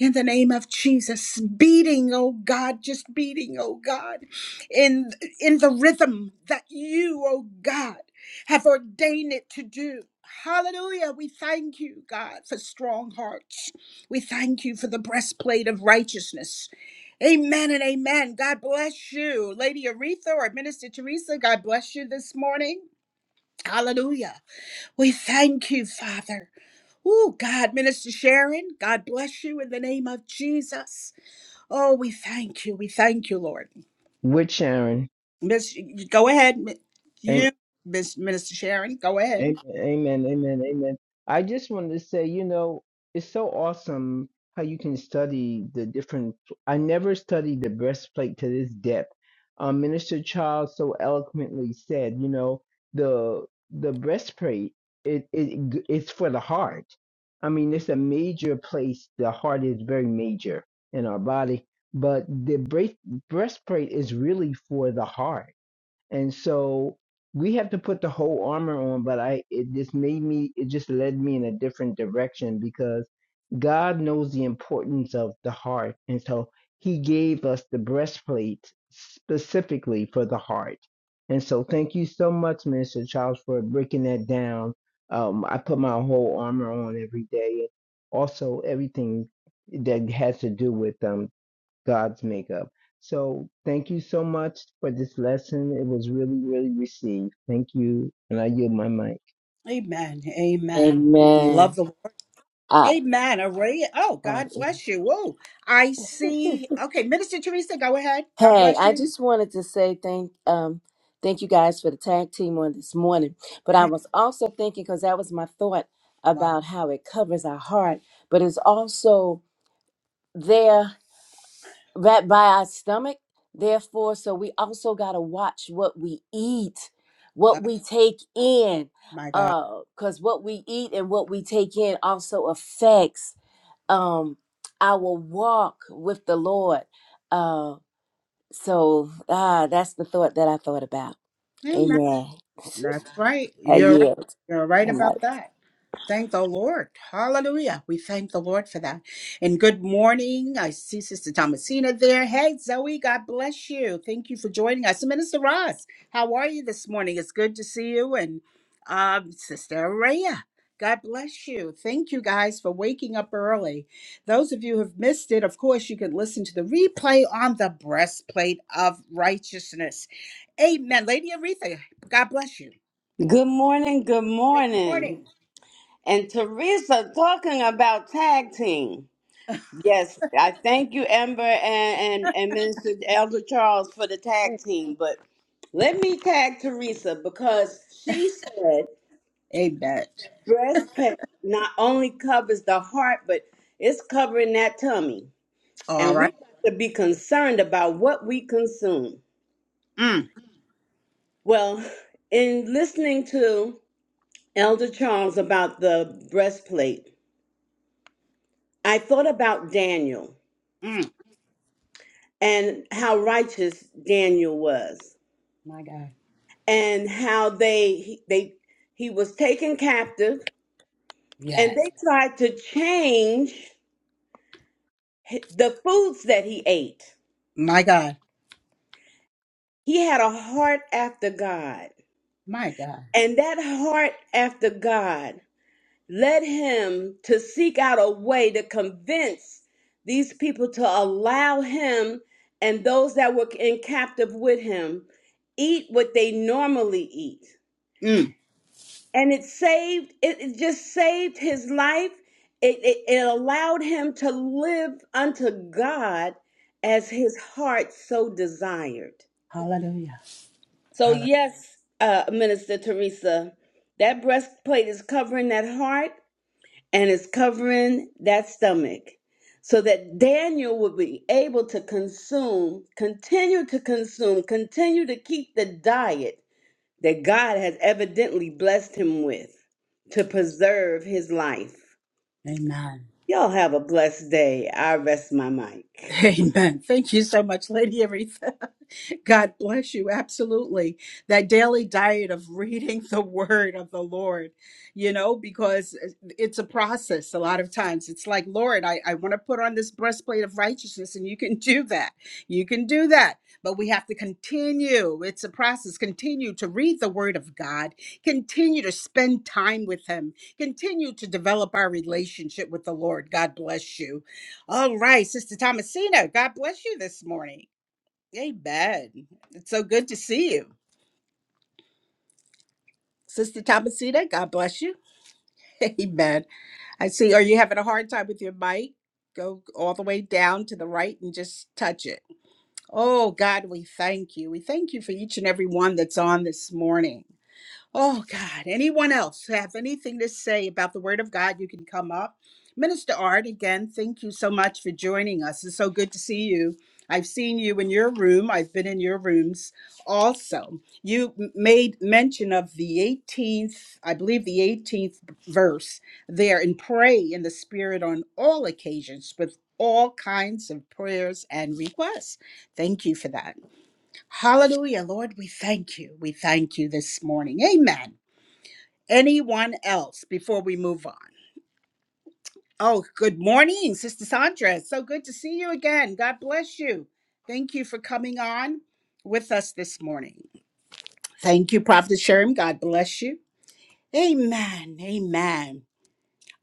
Speaker 1: In the name of Jesus, beating, oh God, just beating, oh God, in, in the rhythm that you, oh God, have ordained it to do. Hallelujah. We thank you, God, for strong hearts. We thank you for the breastplate of righteousness. Amen and amen. God bless you. Lady Aretha or Minister Teresa, God bless you this morning. Hallelujah. We thank you, Father. Oh, God, Minister Sharon, God bless you in the name of Jesus. Oh, we thank you. We thank you, Lord.
Speaker 5: with Sharon.
Speaker 1: Miss, go ahead. Mi- You,
Speaker 5: Amen,
Speaker 1: Miss Minister Sharon, go ahead.
Speaker 5: amen, amen, amen. I just wanted to say, you know, it's so awesome how you can study the different. I never studied the breastplate to this depth. Um, Minister Charles so eloquently said, you know, the the breastplate it it it's for the heart. I mean, it's a major place. The heart is very major in our body, but the breast breastplate is really for the heart And so we have to put the whole armor on, but I it just made me it just led me in a different direction because God knows the importance of the heart. And so he gave us the breastplate specifically for the heart. And so thank you so much, Minister Charles, for breaking that down. Um, I put my whole armor on every day. Also everything that has to do with them. God's makeup. So thank you so much for this lesson. It was really, really received. Thank you. And I yield my mic.
Speaker 1: Amen. Amen. Love
Speaker 2: Amen.
Speaker 1: the Lord.
Speaker 2: I,
Speaker 1: Amen. Array. Oh,
Speaker 2: oh,
Speaker 1: God
Speaker 2: mm.
Speaker 1: bless you. Oh, I see. Okay, Minister Teresa, go ahead. God
Speaker 2: hey,
Speaker 1: bless
Speaker 2: I
Speaker 1: you.
Speaker 2: just wanted to say thank um thank you guys for the tag team on this morning. But I was also thinking because that was my thought
Speaker 1: Wow.
Speaker 2: about how it covers our heart, but it's also there. right by our stomach. Therefore, so we also got to watch what we eat,
Speaker 1: Oh,
Speaker 2: what we take in,
Speaker 1: my God.
Speaker 2: because what we eat and what we take in also affects um, our walk with the Lord. Uh, so ah, that's the thought that I thought about.
Speaker 1: Amen.
Speaker 2: Amen.
Speaker 1: That's right.
Speaker 2: I
Speaker 1: You're right.
Speaker 2: yield.
Speaker 1: You're right
Speaker 2: I'm out.
Speaker 1: about that. Thank the Lord. Hallelujah. We thank the Lord for that. And good morning. I see Sister Thomasina there. Hey, Zoe, God bless you. Thank you for joining us. Minister Ross, how are you this morning? It's good to see you. And um, Sister Araya, God bless you. Thank you guys for waking up early. Those of you who have missed it, of course, you can listen to the replay on the breastplate of righteousness. Amen. Lady Aretha, God bless you.
Speaker 6: Good morning, good
Speaker 1: Good
Speaker 6: morning.
Speaker 1: morning.
Speaker 6: And Teresa talking about tag team. Yes, I thank you, Amber and, and, and Minister Elder Charles for the tag team. But let me tag Teresa because she said
Speaker 1: Amen.
Speaker 6: breast pain not only covers the heart, but it's covering that tummy.
Speaker 1: All
Speaker 6: And
Speaker 1: right.
Speaker 6: we have to be concerned about what we consume.
Speaker 1: Mm,
Speaker 6: Well, in listening to Elder Charles about the breastplate, I thought about Daniel
Speaker 1: mm,
Speaker 6: and how righteous Daniel was
Speaker 1: my God.
Speaker 6: and how they he- they he was taken captive and
Speaker 1: Yes.
Speaker 6: they tried to change the foods that he ate.
Speaker 1: My God.
Speaker 6: He had a heart after God.
Speaker 1: My God.
Speaker 6: And that heart after God led him to seek out a way to convince these people to allow him and those that were in captive with him eat what they normally eat
Speaker 1: Mm.
Speaker 6: and it saved it, it just saved his life it, it, it allowed him to live unto god as his heart so desired
Speaker 1: Hallelujah.
Speaker 6: so
Speaker 1: Hallelujah.
Speaker 6: yes uh, minister teresa that breastplate is covering that heart and is covering that stomach so that daniel would be able to consume continue to consume continue to keep the diet that God has evidently blessed him with to preserve his life.
Speaker 1: Amen.
Speaker 6: Y'all have a blessed day. I rest my mic.
Speaker 1: Amen. Thank you so much, Lady Aretha. God bless you. Absolutely. That daily diet of reading the word of the Lord, you know, because it's a process a lot of times. It's like, Lord, I, I want to put on this breastplate of righteousness, and you can do that. You can do that. But we have to continue. It's a process. Continue to read the word of God, continue to spend time with Him, continue to develop our relationship with the Lord. God bless you all right, Sister Thomasina, God bless you this morning. Amen. It's so good to see you. Sister Thomasina, God bless you. Amen. I see. Are you having a hard time with your mic? Go all the way down to the right and just touch it. Oh, God, we thank you. We thank you for each and every one that's on this morning. Oh, God. Anyone else have anything to say about the Word of God? You can come up. Minister Art, again, thank you so much for joining us. It's so good to see you. I've seen you in your room, I've been in your rooms also. You m- made mention of the 18th, I believe the 18th verse there, and pray in the Spirit on all occasions with all kinds of prayers and requests. Thank you for that. Hallelujah. Lord, we thank you. We thank you this morning. Amen. Anyone else before we move on? Oh, good morning, Sister Sandra. It's so good to see you again. God bless you. Thank you for coming on with us this morning. Thank you, Prophet Sherm. God bless you. Amen. Amen.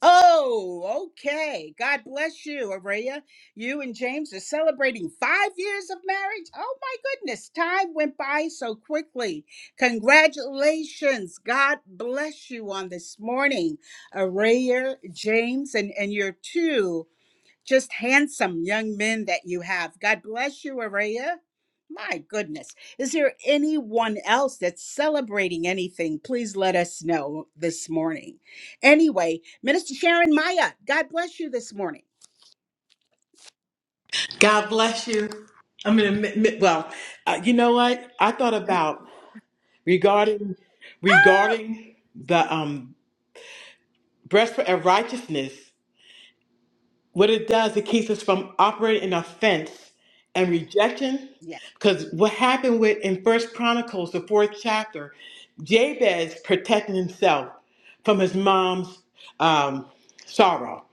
Speaker 1: Oh, okay. God bless you, Araya. You and James are celebrating five years of marriage. Oh, my goodness. Time went by so quickly. Congratulations. God bless you on this morning, Araya, James, and, and your two just handsome young men that you have. God bless you, Araya. My goodness. Is there anyone else that's celebrating anything? Please let us know this morning. Anyway, Minister Sharon Maya, God bless you this morning.
Speaker 7: God bless you. I'm going to mi- mi- well. Uh, you know what? I thought about regarding regarding the um breastplate of righteousness. What it does, it keeps us from operating in offense and rejection.
Speaker 1: Yeah.
Speaker 7: Because what happened with in First Chronicles, the fourth chapter, Jabez protecting himself from his mom's um, sorrow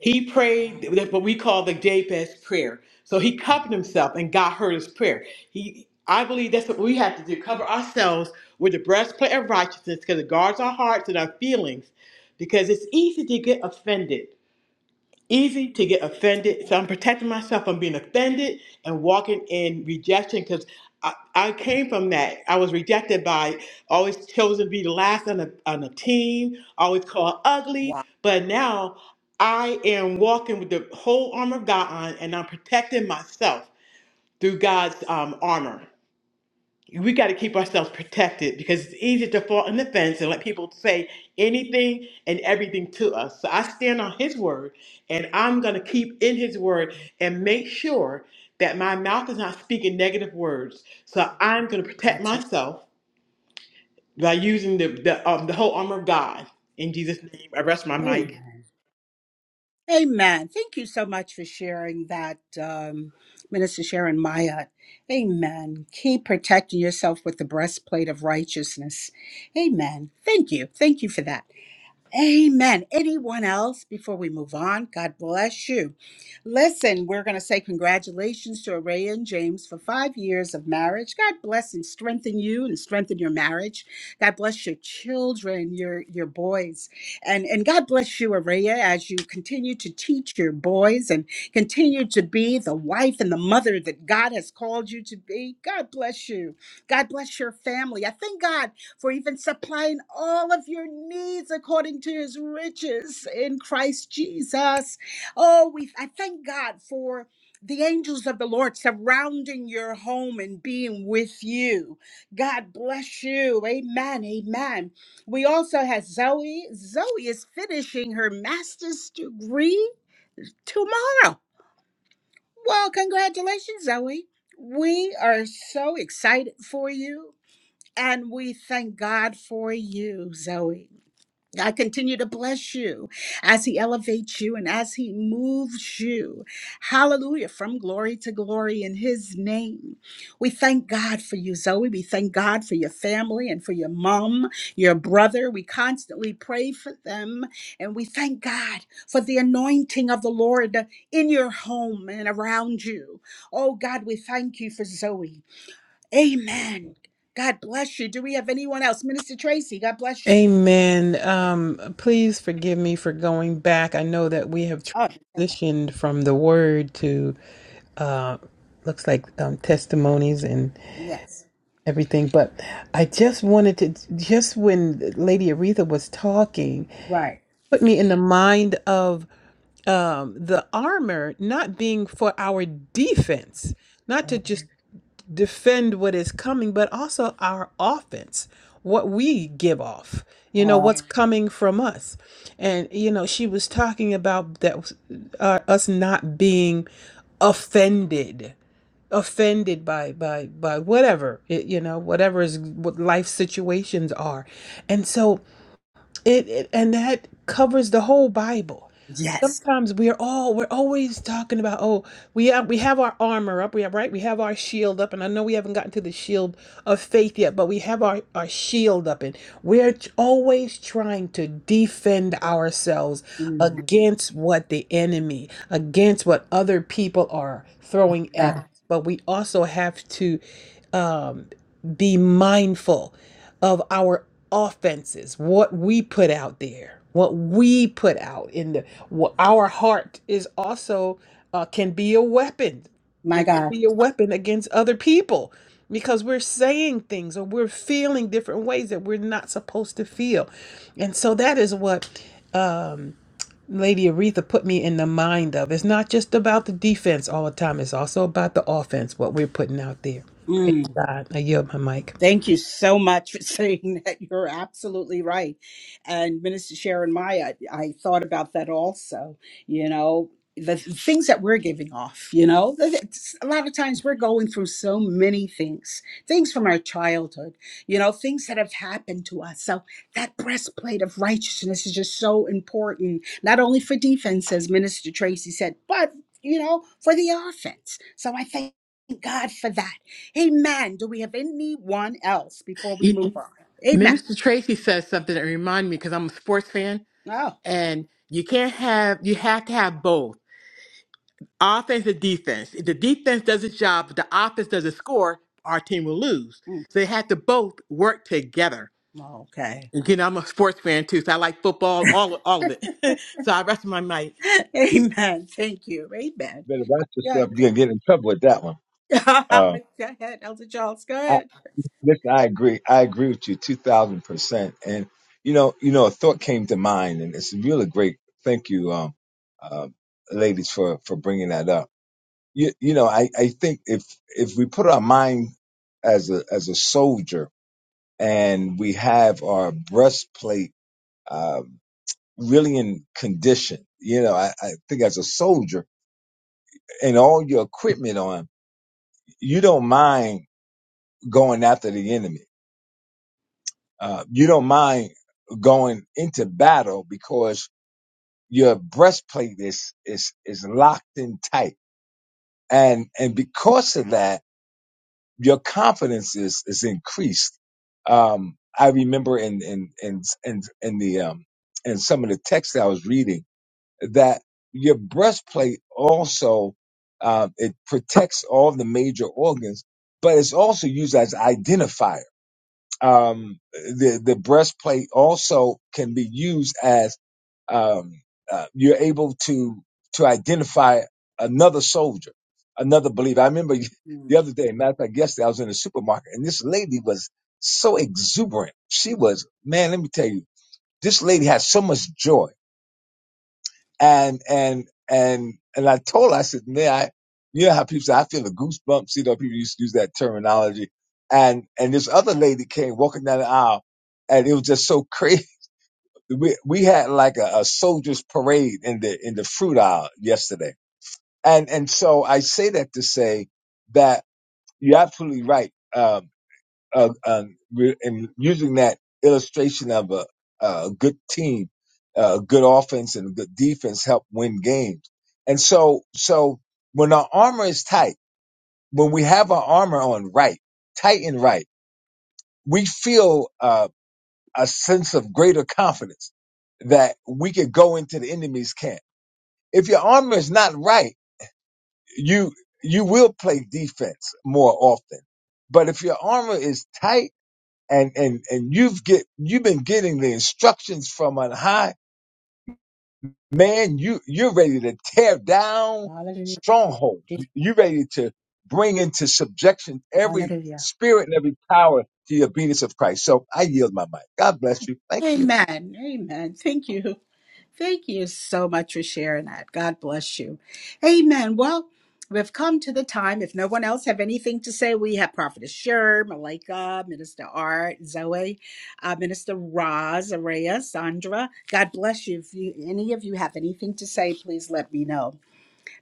Speaker 7: He prayed
Speaker 1: Wow.
Speaker 7: that what we call the Jabez prayer. So he covered himself and God heard his prayer. He, I believe that's what we have to do: cover ourselves with the breastplate of righteousness, because it guards our hearts and our feelings. Because it's easy to get offended easy to get offended. So I'm protecting myself from being offended and walking in rejection because I, I came from that. I was rejected by always chosen to be the last on a, on a team, always called ugly.
Speaker 1: Wow.
Speaker 7: But now I am walking with the whole armor of God on and I'm protecting myself through God's um, armor we got to keep ourselves protected because it's easy to fall on the fence and let people say anything and everything to us. So I stand on His word and I'm going to keep in His word and make sure that my mouth is not speaking negative words. So I'm going to protect
Speaker 1: That's
Speaker 7: myself by using the, the, um, the whole armor of God. In Jesus' name, I rest my
Speaker 1: right.
Speaker 7: mic.
Speaker 1: Amen. Thank you so much for sharing that, um, Minister Sharon Mayat. Amen. Keep protecting yourself with the breastplate of righteousness. Amen. Thank you. Thank you for that. Amen. Anyone else before we move on? God bless you. Listen, we're going to say congratulations to Araya and James for five years of marriage. God bless and strengthen you and strengthen your marriage. God bless your children, your your boys, and and God bless you, Araya, as you continue to teach your boys and continue to be the wife and the mother that God has called you to be. God bless you. God bless your family. I thank God for even supplying all of your needs according to his riches in Christ Jesus. Oh, we I thank God for the angels of the Lord surrounding your home and being with you. God bless you. Amen. Amen. We also have Zoe. Zoe is finishing her master's degree tomorrow. Well, congratulations, Zoe. We are so excited for you. And we thank God for you, Zoe. I continue to bless you as He elevates you and as He moves you. Hallelujah. From glory to glory in His name. We thank God for you, Zoe. We thank God for your family and for your mom, your brother. We constantly pray for them. And we thank God for the anointing of the Lord in your home and around you. Oh, God, we thank you for Zoe. Amen. God bless you. Do we have anyone else? Minister Tracy, God bless you.
Speaker 4: Amen. Um, please forgive me for going back. I know that we have
Speaker 1: Oh, okay.
Speaker 4: transitioned from the word to uh, looks like um, testimonies and
Speaker 1: Yes.
Speaker 4: everything, but I just wanted to just when Lady Aretha was talking,
Speaker 1: Right.
Speaker 4: put me in the mind of um, the armor not being for our defense, not to just defend what is coming, but also our offense, what we give off, you know,
Speaker 1: Oh,
Speaker 4: what's coming from us. And, you know, she was talking about that uh, us not being offended offended by by by whatever it, you know whatever is what life situations are and so it, it and that covers the whole Bible.
Speaker 1: yes.
Speaker 4: Sometimes we are all we're always talking about oh we have we have our armor up we have right we have our shield up and I know we haven't gotten to the shield of faith yet but we have our our shield up and we're t- always trying to defend ourselves
Speaker 1: Mm,
Speaker 4: against what the enemy against what other people are throwing at us
Speaker 1: God.
Speaker 4: but we also have to um, be mindful of our offenses, what we put out there, what we put out in the what our heart is also uh, can be a weapon.
Speaker 1: My
Speaker 4: It can
Speaker 1: God.
Speaker 4: be a weapon against other people because we're saying things or we're feeling different ways that we're not supposed to feel. And so that is what um, Lady Aretha put me in the mind of. It's not just about the defense all the time, it's also about the offense, what we're putting out there. Praise God. I yield my mic.
Speaker 1: Thank you so much for saying that. You're absolutely right. And Minister Sharon Maya, I I thought about that also. You know, the th- things that we're giving off, you know, th- th- it's- a lot of times we're going through so many things, things from our childhood, you know, things that have happened to us. So that breastplate of righteousness is just so important, not only for defense, as Minister Tracy said, but, you know, for the offense. So I thank God for that. Amen. Do we have anyone else before we
Speaker 7: You,
Speaker 1: move on? Amen.
Speaker 7: Minister Tracy says something that reminded me because I'm a sports fan,
Speaker 1: Oh,
Speaker 7: and you can't have you have to have both. offense and defense. If the defense does its job, but the offense doesn't score, our team will lose.
Speaker 1: mm,
Speaker 7: So they have to both work together.
Speaker 1: okay.
Speaker 7: And, you know, I'm a sports fan too, so I like football, all all of it. so I rest my mic.
Speaker 1: Amen. Thank you. Amen.
Speaker 3: you. Better watch
Speaker 1: Yeah.
Speaker 3: yourself. You're gonna get in trouble with that one.
Speaker 1: go
Speaker 3: Um,
Speaker 1: ahead, Elder Charles. Go
Speaker 3: I,
Speaker 1: ahead.
Speaker 3: listen, I agree. I agree with you two thousand percent. And you know, you know, a thought came to mind, and it's really great. Thank you, um, uh, ladies, for for bringing that up you, you know I, I think if if we put our mind as a as a soldier and we have our breastplate uh, really in condition you know I, I think as a soldier and all your equipment on you don't mind going after the enemy uh, you don't mind going into battle because your breastplate is is is locked in tight and and because of that your confidence is is increased. Um, I remember in in in in, in the um, in some of the texts that I was reading that your breastplate also uh, it protects all the major organs, but it's also used as identifier. Um, the the breastplate also can be used as um, uh, you're able to to identify another soldier, another believer. I remember the
Speaker 1: Mm.
Speaker 3: other day, matter of fact, yesterday I was in the supermarket, and this lady was so exuberant. She was, man, let me tell you, this lady had so much joy, and and and and I told her, I said, man, I, you know how people say I feel the goosebumps. You know, people used to use that terminology, and and this other lady came walking down the aisle, and it was just so crazy we we had like a, a soldiers parade in the in the fruit aisle yesterday, and and so I say that to say that you're absolutely right. Um, uh, um, re- and using that illustration of a, a good team, uh, good offense and good defense help win games. And so so when our armor is tight, when we have our armor on right, tight and right, we feel. uh a sense of greater confidence that we could go into the enemy's camp. If your armor is not right, you you will play defense more often. But if your armor is tight and and and you've get you've been getting the instructions from on high, man, you you're ready to tear down
Speaker 1: Hallelujah.
Speaker 3: strongholds. You-
Speaker 1: Jesus.
Speaker 3: You're ready to bring into subjection every
Speaker 1: Hallelujah.
Speaker 3: spirit and every power to the obedience of Christ. So I yield my mic. God bless you. Thank you.
Speaker 1: Amen. Amen. Thank you. Thank you so much for sharing that. God bless you. Amen. Well, we've come to the time. If no one else have anything to say, we have Prophetess Sher, Malika, Minister Art, Zoe, uh, Minister Roz, Araya, Sandra. God bless you. If you, any of you have anything to say, please let me know.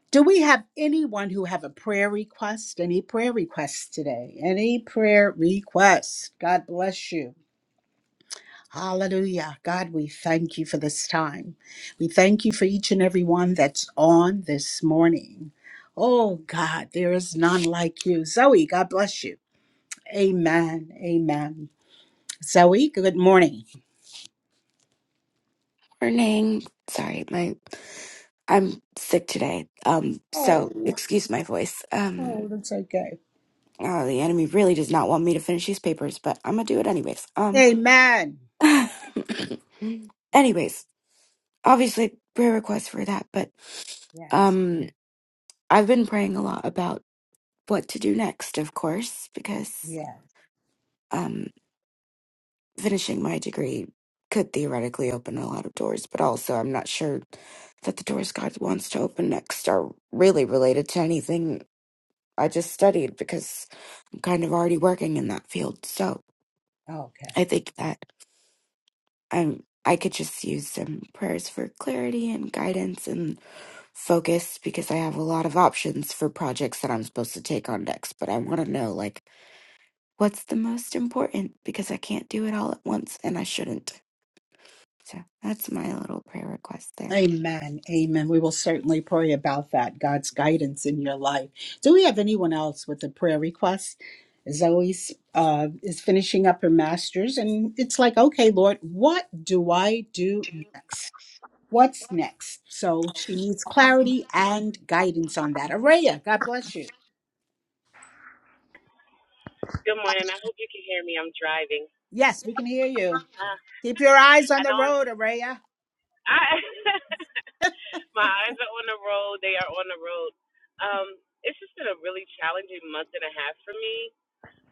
Speaker 1: Do we have anyone who have a prayer request? Any prayer requests today? Any prayer requests? God bless you. Hallelujah. God, we thank you for this time. We thank you for each and every one that's on this morning. Oh, God, there is none like you. Zoe, God bless you. Amen. Amen. Zoe, good morning.
Speaker 8: Morning. Sorry, my I'm sick today. Um, so
Speaker 1: Oh,
Speaker 8: excuse my voice. Um,
Speaker 1: oh, that's okay.
Speaker 8: oh, the enemy really does not want me to finish these papers, but I'm gonna do it anyways. Um,
Speaker 1: Amen.
Speaker 8: anyways, obviously prayer requests for that, but
Speaker 1: Yes.
Speaker 8: um, I've been praying a lot about what to do next, of course, because
Speaker 1: Yes.
Speaker 8: um, finishing my degree could theoretically open a lot of doors, but also I'm not sure that the doors God wants to open next are really related to anything I just studied because I'm kind of already working in that field. So
Speaker 1: Okay.
Speaker 8: I think that I'm I could just use some prayers for clarity and guidance and focus because I have a lot of options for projects that I'm supposed to take on next, but I want to know like what's the most important because I can't do it all at once and I shouldn't. So that's my little prayer request there.
Speaker 1: Amen. Amen. We will certainly pray about that, God's guidance in your life. Do we have anyone else with a prayer request? Zoe uh, is finishing up her master's, and it's like, okay, Lord, what do I do next? What's next? So she needs clarity and guidance on that. Araya, God bless you.
Speaker 9: Good morning. I hope you can hear me. I'm driving.
Speaker 1: Yes, we can hear you.
Speaker 9: Uh,
Speaker 1: Keep your eyes on
Speaker 9: I
Speaker 1: the
Speaker 9: know I'm,
Speaker 1: road, Araya.
Speaker 9: I my eyes are on the road. They are on the road. Um, it's just been a really challenging month and a half for me.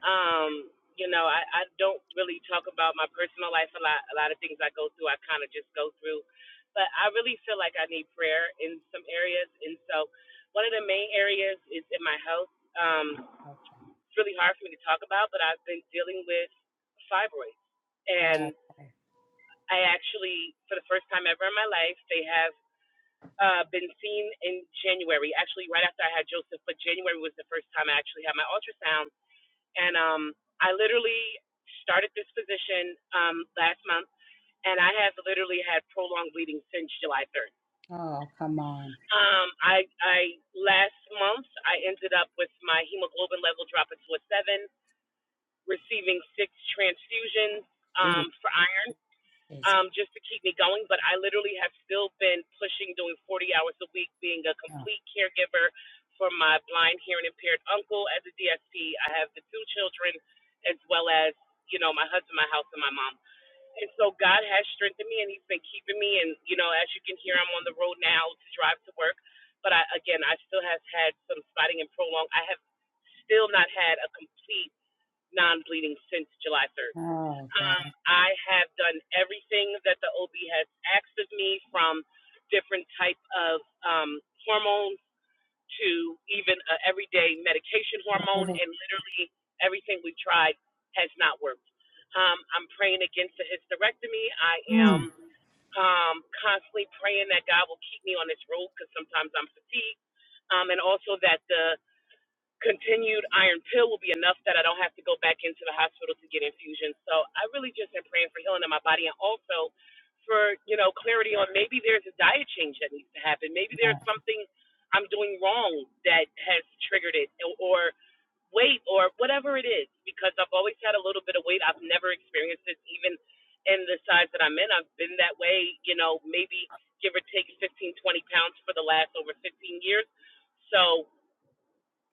Speaker 9: Um, you know, I, I don't really talk about my personal life a lot. A lot of things I go through, I kind of just go through. But I really feel like I need prayer in some areas, and so one of the main areas is in my health. Um,
Speaker 1: Okay.
Speaker 9: it's really hard for me to talk about, but I've been dealing with fibroids and
Speaker 1: Oh, okay.
Speaker 9: I actually, for the first time ever in my life, they have uh, been seen in January. Actually, right after I had Joseph, but January was the first time I actually had my ultrasound. And um, I literally started this position um, last month, and I have literally had prolonged bleeding since July 3rd.
Speaker 1: oh come on.
Speaker 9: Um, I, I last month I ended up with my hemoglobin level dropping to a seven, receiving six transfusions um, for iron
Speaker 1: Jesus.
Speaker 9: um, just to keep me going. But I literally have still been pushing, doing 40 hours a week, being a
Speaker 1: Oh,
Speaker 9: complete caregiver for my blind, hearing impaired uncle as a DSP. I have the two children, as well as you know my husband, my house, and my mom. And so God has strengthened me, and He's been keeping me. And you know, as you can hear, I'm on the road now to drive to work. But I, again, I still have had some spotting and prolong. I have still not had a complete non-bleeding since July 3rd.
Speaker 1: oh, God.
Speaker 9: Um, I have done everything that the OB has asked of me, from different type of um, hormones to even a everyday medication hormone, and literally everything we've tried has not worked. Um, I'm praying against the hysterectomy. I am
Speaker 1: Mm.
Speaker 9: um, constantly praying that God will keep me on this road because sometimes I'm fatigued, um, and also that the continued iron pill will be enough that I don't have to go back into the hospital to get infusions. So I really just am praying for healing in my body and also for, you know, clarity on maybe there's a diet change that needs to happen. Maybe there's something I'm doing wrong that has triggered it or, or weight or whatever it is because I've always had a little bit of weight. I've never experienced this even in the size that I'm in. I've been that way, you know, maybe give or take 15, 20 pounds for the last over 15 years. So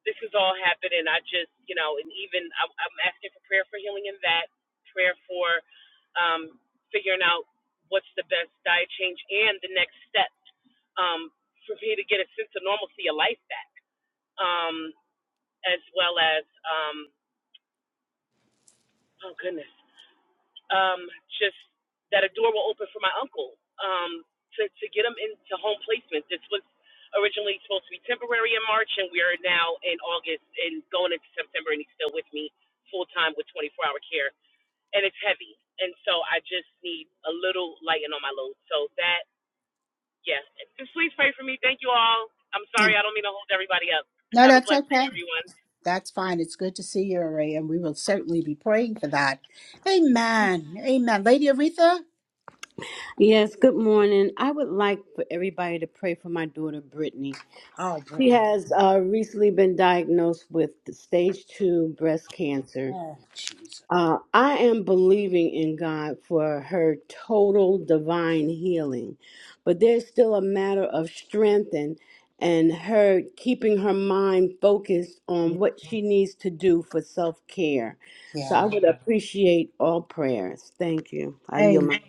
Speaker 9: this is all happening. I just, you know, and even I'm, I'm asking for prayer for healing in that, prayer for um, figuring out what's the best diet change and the next step um, for me to get a sense of normalcy, a life back, um, as well as, um, oh goodness. um, just that a door will open for my uncle um, to, to get him into home placement. This was originally supposed to be temporary in March, and we are now in August and going into September, and he's still with me full time with 24 hour care, and it's heavy. And so I just need a little lighten on my load. So that, yeah, just please pray for me. Thank you all. I'm sorry, I don't mean to hold everybody up.
Speaker 1: No,
Speaker 9: Have a
Speaker 1: that's
Speaker 9: blessed day,
Speaker 1: okay.
Speaker 9: everyone.
Speaker 1: That's fine. It's good to see you, Ray, and we will certainly be praying for that. Amen. Amen. Lady Aretha?
Speaker 6: Yes, good morning. I would like for everybody to pray for my daughter Brittany.
Speaker 1: Oh,
Speaker 6: She
Speaker 1: Britain.
Speaker 6: has uh, recently been diagnosed with stage two breast cancer.
Speaker 1: Oh, Jesus.
Speaker 6: Uh, I am believing in God for her total divine healing, but there's still a matter of strength and and her keeping her mind focused on what she needs to do for self care. So I
Speaker 1: Yeah.
Speaker 6: would appreciate all prayers. Thank you. I yield
Speaker 1: Amen.
Speaker 6: my.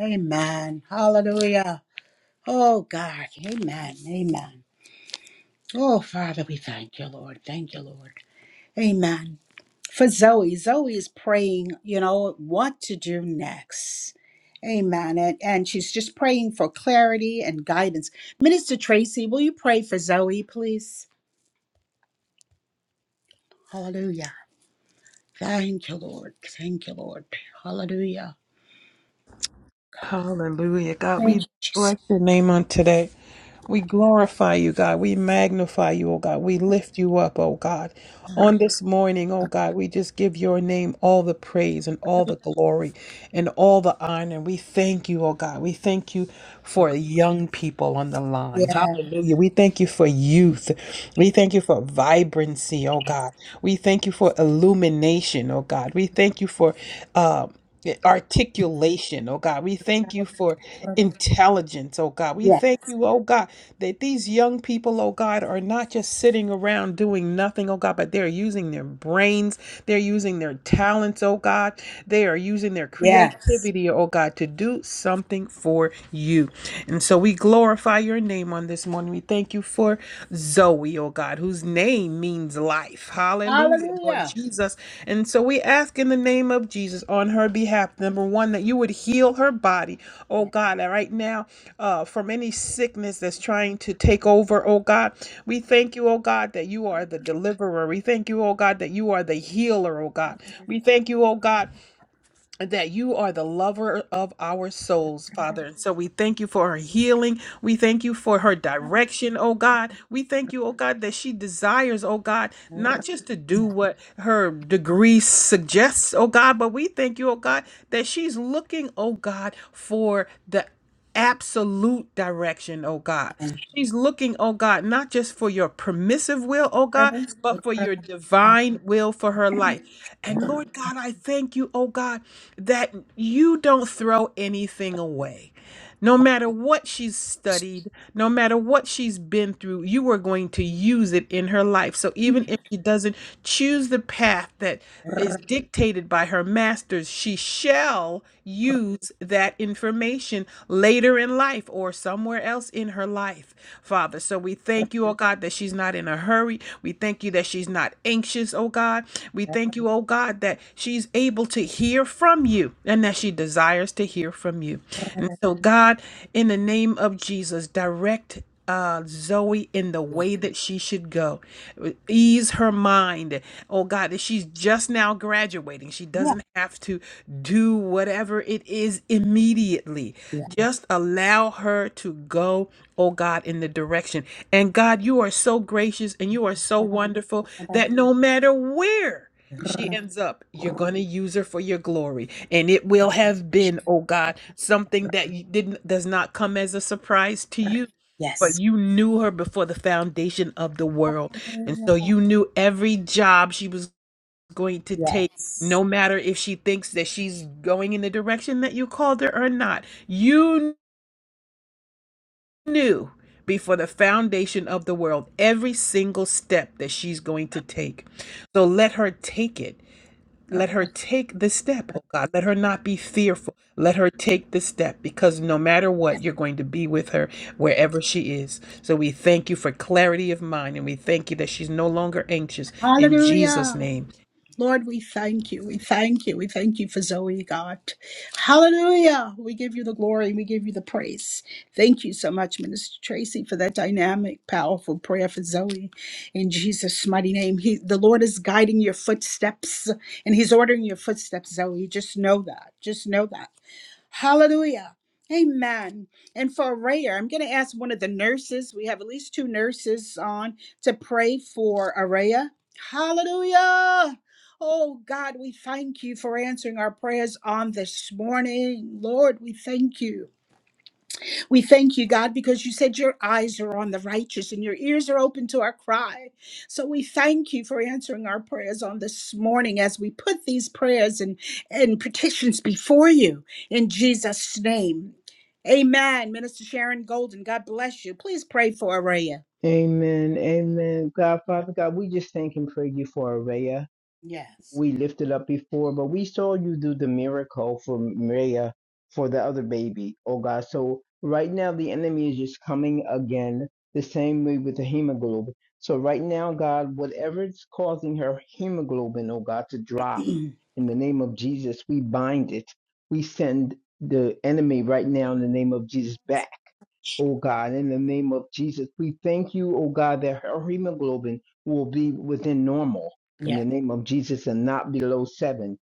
Speaker 1: Amen. Hallelujah. Oh, God. Amen. Amen. Oh, Father, we thank you, Lord. Thank you, Lord. Amen. for Zoe. Zoe is praying, you know, what to do next. Amen. And, and she's just praying for clarity and guidance. Minister Tracy, will you pray for Zoe, please? Hallelujah. Thank you, Lord. Thank you, Lord. Hallelujah.
Speaker 4: Hallelujah. God,
Speaker 1: Thank
Speaker 4: we
Speaker 1: you, Jesus.
Speaker 4: bless your name on today. We glorify you, God. We magnify you, oh God. We lift you up, oh God. On this morning, oh God, we just give your name all the praise and all the glory and all the honor. We thank you, oh God. We thank you for young people on the line.
Speaker 1: Yeah.
Speaker 4: Hallelujah. We thank you for youth. We thank you for vibrancy, oh God. We thank you for illumination, oh God. We thank you for uh yeah, articulation, oh God. We thank you for intelligence, oh God. We
Speaker 1: Yeah.
Speaker 4: thank you, oh God, that these young people, oh God, are not just sitting around doing nothing, oh God, but they're using their brains, they're using their talents, oh God. They are using their
Speaker 1: Yes.
Speaker 4: creativity, oh God, to do something for you. And so we glorify your name on this morning. We thank you for Zoe, oh God, whose name means life. Hallelujah, Lord
Speaker 1: Hallelujah.
Speaker 4: Jesus. And so we ask in the name of Jesus on her behalf, number one, that you would heal her body, oh
Speaker 1: Yeah.
Speaker 4: God, and right now uh, from any sickness that's trying to take over, oh God. We thank you, oh God, that you are the deliverer. We thank you, oh God, that you are the healer, oh God. We thank you, oh God that you are the lover of our souls, Father. And so we thank you for her healing. We thank you for her direction, oh God. We thank you, oh God, that she desires, oh God, not just to do what her degree suggests, oh God, but we thank you, oh God, that she's looking, oh God, for the absolute direction, oh God. She's looking, oh God, not just for your permissive will, oh
Speaker 1: Yeah.
Speaker 4: God, but for your divine will for her life. And Lord God, I thank you, oh God, that you don't throw anything away. No matter what she's studied, no matter what she's been through, you are going to use it in her life. So even if she doesn't choose the path that is dictated by her masters, she shall use that information later in life or somewhere else in her life, Father. So we thank you, oh God, that she's not in a hurry. We thank you that she's not anxious, oh God. We thank you, oh God, that she's able to hear from you and that she desires to hear from you. And so, God, in the name of Jesus, direct uh, Zoe in the way that she should go. Ease her mind. Oh God, that she's just now graduating. She doesn't have to do whatever it is immediately.
Speaker 1: Yeah.
Speaker 4: Just allow her to go, oh God, in the direction. And God, you are so gracious and you are so wonderful that no matter where she ends up, you're going to use her for your glory. And it will have been, oh God, something that you didn't does not come as a surprise to you for
Speaker 1: Yes.
Speaker 4: you knew her before the foundation of the world. And so you knew every job she was going to take,
Speaker 1: Yes.
Speaker 4: no matter if she thinks that she's going in the direction that you called her or not. You knew before the foundation of the world every single step that she's going to take. So let her take it. Let her take this step, oh God. Let her not be fearful. Let her take this step because no matter what, you're going to be with her wherever she is. So we thank you for clarity of mind and we thank you that she's no longer anxious in Jesus'
Speaker 1: Hallelujah.
Speaker 4: name.
Speaker 1: Lord, we thank you. We thank you. We thank you for Zoe, God. Hallelujah. We give you the glory. We give you the praise. Thank you so much, Minister Tracy, for that dynamic, powerful prayer for Zoe. In Jesus' mighty name, he, the Lord is guiding your footsteps and He's ordering your footsteps, Zoe. Just know that. Just know that. Hallelujah. Amen. And for Araya, I'm going to ask one of the nurses. We have at least two nurses on to pray for Araya. Hallelujah. Oh God, we thank you for answering our prayers on this morning. Lord, we thank you. We thank you, God, because you said your eyes are on the righteous and your ears are open to our cry. So we thank you for answering our prayers on this morning as we put these prayers and, and petitions before you in Jesus' name. Amen. Minister Sharon Golden, God bless you. Please pray for Araya.
Speaker 5: Amen. Amen. God, Father God, we just thank and praise you for Araya.
Speaker 1: Yes.
Speaker 5: we lifted up before, but we saw you do the miracle for Maria, for the other baby, oh God. So right now the enemy is just coming again, the same way with the hemoglobin. So right now, God, whatever is causing her hemoglobin, oh God, to drop,
Speaker 1: yes.
Speaker 5: in the name of Jesus, we bind it. We send the enemy right now in the name of Jesus back oh God, in the name of Jesus. We thank you, oh God, that her hemoglobin will be within normal in the name of Jesus and not below seven.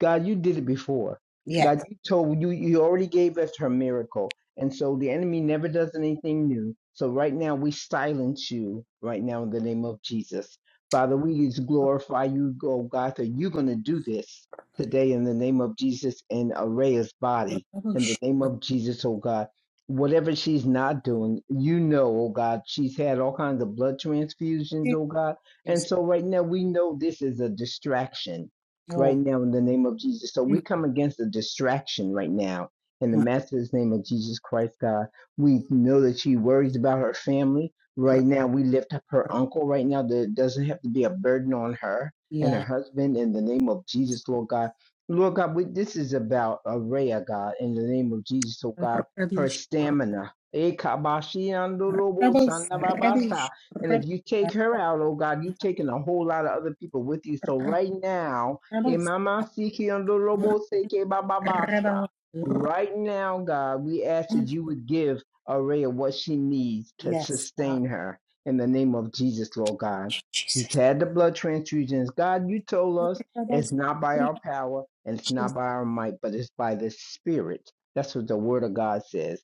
Speaker 5: God, you did it before.
Speaker 1: Yes.
Speaker 5: God, you told you you already gave us her miracle. And so the enemy never does anything new. So right now we silence you right now in the name of Jesus. Father, we just glorify you, oh God, that you're gonna do this today in the name of Jesus in Araya's body.
Speaker 1: Oh,
Speaker 5: In the name of Jesus, oh God whatever she's not doing, you know, oh God, she's had all kinds of blood transfusions, oh God. And
Speaker 1: Jesus.
Speaker 5: so right now we know this is a distraction right
Speaker 1: No.
Speaker 5: now in the name of Jesus. So we come against a distraction right now in the master's name of Jesus Christ, God. We know that she worries about her family. Right now we lift up her uncle right now that doesn't have to be a burden on her and her
Speaker 1: Yeah.
Speaker 5: husband in the name of Jesus, Lord God. Lord God, we, this is about Araya, God, in the name of Jesus, oh God her
Speaker 1: Rubbish.
Speaker 5: stamina.
Speaker 1: Rebels. Rubbish.
Speaker 5: And if
Speaker 1: Rebels.
Speaker 5: you take her out, oh God, you've taken a whole lot of other people with you. So right now,
Speaker 1: Rebels.
Speaker 5: emama
Speaker 1: Rebels.
Speaker 5: right now, God, we ask that you would give Araya what she needs to
Speaker 1: Yes. God.
Speaker 5: sustain her in the name of Jesus, Lord God. She's
Speaker 1: Jesus.
Speaker 5: had the blood transfusions. God, you told us it's
Speaker 1: Rebels.
Speaker 5: not by our
Speaker 1: Rebels.
Speaker 5: power and it's not by our might, but it's by the Spirit. That's what the word of God says.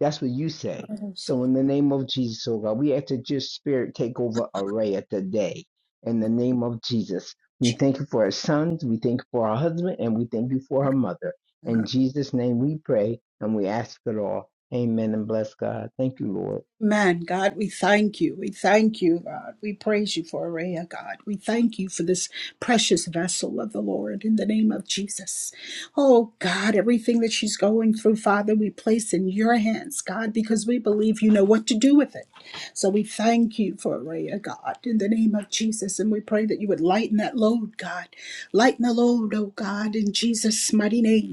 Speaker 5: That's what you say. So
Speaker 1: Rebels.
Speaker 5: in the name of Jesus, oh God, we ask that your spirit take over Araya today. In the name of Jesus. We thank you for her sons, we thank you for her husband, and we thank you for her mother. In Jesus' name we pray and we ask it all. Amen and bless God. Thank you, Lord.
Speaker 1: Man, God, we thank you. We thank you, God. We praise you for Araya, God. We thank you for this precious vessel of the Lord in the name of Jesus. Oh, God, everything that she's going through, Father, we place in your hands, God, because we believe you know what to do with it. So we thank you for Araya, God, in the name of Jesus. And we pray that you would lighten that load, God. Lighten the load, oh God, in Jesus' mighty name.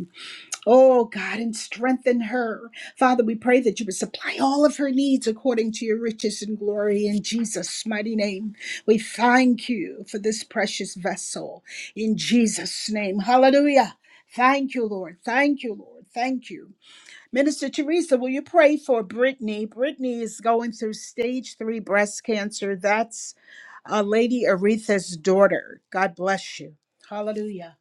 Speaker 1: Oh God, and strengthen her. Father, we pray that you would supply all of her needs according to your riches and glory in Jesus' mighty name. We thank you for this precious vessel in Jesus' name. Hallelujah. Thank you, Lord. Thank you, Lord. Thank you. Minister Teresa, will you pray for Brittany? Brittany is going through stage three breast cancer. That's uh, Lady Aretha's daughter. God bless you. Hallelujah.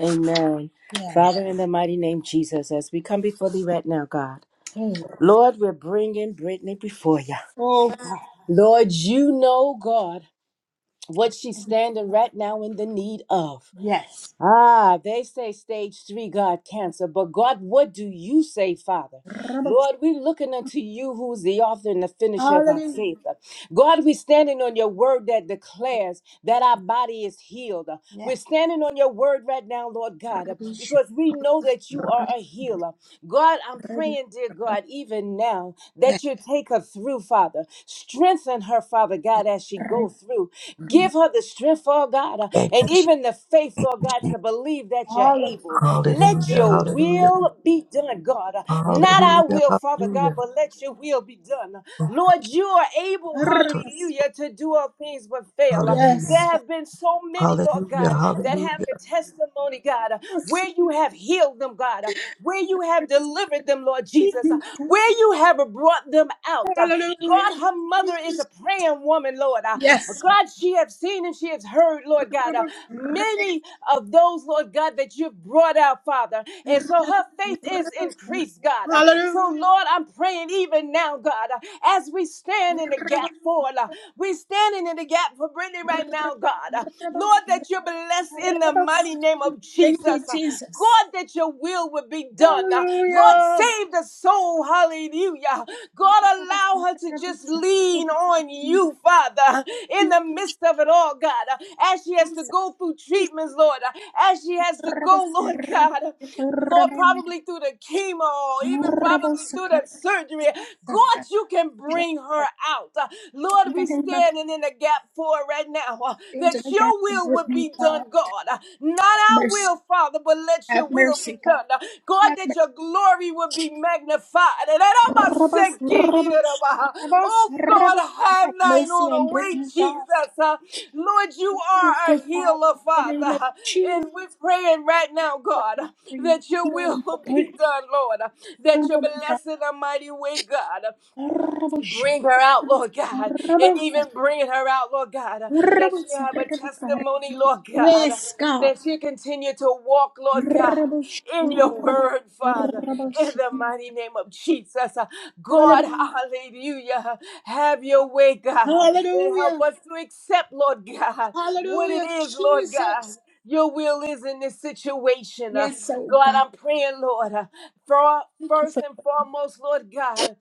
Speaker 2: Amen.
Speaker 1: Yes.
Speaker 2: Father, in the mighty name Jesus, as we come before thee right now, God,
Speaker 1: Amen.
Speaker 2: Lord, we're bringing Brittany before you.
Speaker 1: Oh, God.
Speaker 2: Lord, you know, God, what she's standing right now in the need of.
Speaker 1: Yes.
Speaker 2: Ah, they say stage three, God, cancer. But God, what do you say, Father?
Speaker 1: Rabba-
Speaker 2: Lord, we're looking unto you, who's the author and the finisher of our faith.
Speaker 1: Hallelujah.
Speaker 2: God, we're standing on your word that declares that our body is healed. We're
Speaker 1: Yes.
Speaker 2: standing on your word right now, Lord God,
Speaker 1: Rabbish.
Speaker 2: because we know that you are a healer. God, I'm
Speaker 1: Rabbi-
Speaker 2: praying, dear God, even now
Speaker 1: Yes.
Speaker 2: that you take her through, Father. Strengthen her, Father God, as she go
Speaker 1: Rabbi-
Speaker 2: through. Give her the strength, oh God, uh,
Speaker 10: Thank
Speaker 2: and
Speaker 10: you, Jesus.
Speaker 2: even the faith,
Speaker 10: Thank
Speaker 2: Lord
Speaker 10: you,
Speaker 2: God,
Speaker 10: Jesus.
Speaker 2: to believe that you're
Speaker 1: Hallelujah.
Speaker 2: able. Let
Speaker 10: Hallelujah,
Speaker 2: your
Speaker 10: hallelujah,
Speaker 2: will be done, God. Uh, Not our
Speaker 10: hallelujah,
Speaker 2: will, Father God,
Speaker 10: hallelujah.
Speaker 2: but let your will will be done.
Speaker 10: Thank
Speaker 2: Lord, you are able,
Speaker 10: you, Jesus.
Speaker 1: Rabbi-
Speaker 2: hallelujah, to do all things but fail.
Speaker 1: Yes.
Speaker 10: Hallelujah,
Speaker 2: There have been so many, Lord
Speaker 10: hallelujah,
Speaker 2: God, that
Speaker 10: hallelujah,
Speaker 2: have the testimony, God,
Speaker 1: Yes.
Speaker 2: where you have healed them, God, where you have delivered them, Lord Jesus, where you have brought them out. God,
Speaker 1: Hallelujah.
Speaker 2: her mother is a praying woman, Lord.
Speaker 1: Yes.
Speaker 2: God, she has seen and she has heard, Lord God,
Speaker 1: Rabbi- Rabbi-
Speaker 2: many of those, Lord God, that you've brought out, Father. And so her faith is increased, God. God. Uh, So,
Speaker 1: Hallelujah.
Speaker 2: Lord, I'm praying even now, God, uh, as we stand in the gap for, uh, we're standing in the gap for Brittany right now, God. Uh,
Speaker 1: Rabbi-
Speaker 2: Lord, that you're blessed in the mighty
Speaker 1: Rabbi-
Speaker 2: name of
Speaker 1: Thank
Speaker 2: Jesus.
Speaker 1: you,
Speaker 2: Uh,
Speaker 1: Jesus.
Speaker 2: God, that your will would be done. Uh, Lord,
Speaker 1: Hallelujah.
Speaker 2: save the soul. Hallelujah.
Speaker 1: Rabbi-
Speaker 2: God, allow
Speaker 1: Rabbi-
Speaker 2: her to
Speaker 1: Rabbi-
Speaker 2: just lean
Speaker 1: Jesus.
Speaker 2: on you, Father, in the midst of it all, God. uh, As she has to go through treatments, Lord, uh, as she has to go, Lord God.
Speaker 1: Rabbi-
Speaker 2: Lord,
Speaker 1: Rabbi-
Speaker 2: probably through the chemo, even probably through the
Speaker 1: Rabbi- Rabbi-
Speaker 2: surgery. God, you can bring her out. Uh, Lord,
Speaker 1: In the
Speaker 2: we
Speaker 1: name of
Speaker 2: standing in the gap for her right now uh, that
Speaker 1: Angela
Speaker 2: your
Speaker 1: God,
Speaker 2: will would
Speaker 1: Brittany
Speaker 2: be
Speaker 1: God,
Speaker 2: done, God. Uh, Not
Speaker 1: have
Speaker 2: our
Speaker 1: mercy,
Speaker 2: will, Father, but let
Speaker 1: have
Speaker 2: your will be
Speaker 1: mercy, God.
Speaker 2: done. Uh, God,
Speaker 1: Have
Speaker 2: that
Speaker 1: mercy,
Speaker 2: your glory would be magnified. And that I'm a
Speaker 1: Rabbos,
Speaker 2: sekini, that
Speaker 1: Rabbos,
Speaker 2: I'm a-
Speaker 1: Rabbos,
Speaker 2: Oh, God,
Speaker 1: Rabbos.
Speaker 2: have
Speaker 1: Have
Speaker 2: thine
Speaker 1: mercy
Speaker 2: own
Speaker 1: on
Speaker 2: way,
Speaker 1: Brittany
Speaker 2: Jesus.
Speaker 1: God.
Speaker 2: Uh, Lord, you
Speaker 1: Give
Speaker 2: are a
Speaker 1: the Father
Speaker 2: healer,
Speaker 1: in the name of
Speaker 2: Father. And we're
Speaker 1: Jesus.
Speaker 2: praying right now,
Speaker 1: What you
Speaker 2: God
Speaker 1: free
Speaker 2: that your will
Speaker 1: healing for
Speaker 2: will be
Speaker 1: Brittany,
Speaker 2: done, Lord. That your
Speaker 1: strengthening God.
Speaker 2: blessing, a mighty way, God.
Speaker 1: Rabbos,
Speaker 2: Bring her out,
Speaker 1: Rabbos,
Speaker 2: Lord God, and
Speaker 1: Rabbos,
Speaker 2: even bring her out, Lord God, uh, that she
Speaker 1: Rabbos,
Speaker 2: have a
Speaker 1: Rabbos, God.
Speaker 2: testimony, Lord God, uh,
Speaker 1: Yes, God.
Speaker 2: that she continue to walk, Lord God,
Speaker 1: Rabbos,
Speaker 2: in your
Speaker 1: Rabbos,
Speaker 2: word, Father, in
Speaker 1: Rabbos.
Speaker 2: the mighty name of Jesus. Uh, God,
Speaker 1: Hallelujah.
Speaker 2: hallelujah, have your way, God, and help
Speaker 1: Hallelujah.
Speaker 2: us to accept, Lord God, what it
Speaker 1: Hallelujah,
Speaker 2: is, Lord God.
Speaker 1: Jesus.
Speaker 2: Your will is in this situation. Uh,
Speaker 1: Yes, oh
Speaker 2: God,
Speaker 1: God.
Speaker 2: I'm praying, Lord, uh, for
Speaker 1: Thank you
Speaker 2: first
Speaker 1: for
Speaker 2: and foremost, Lord God.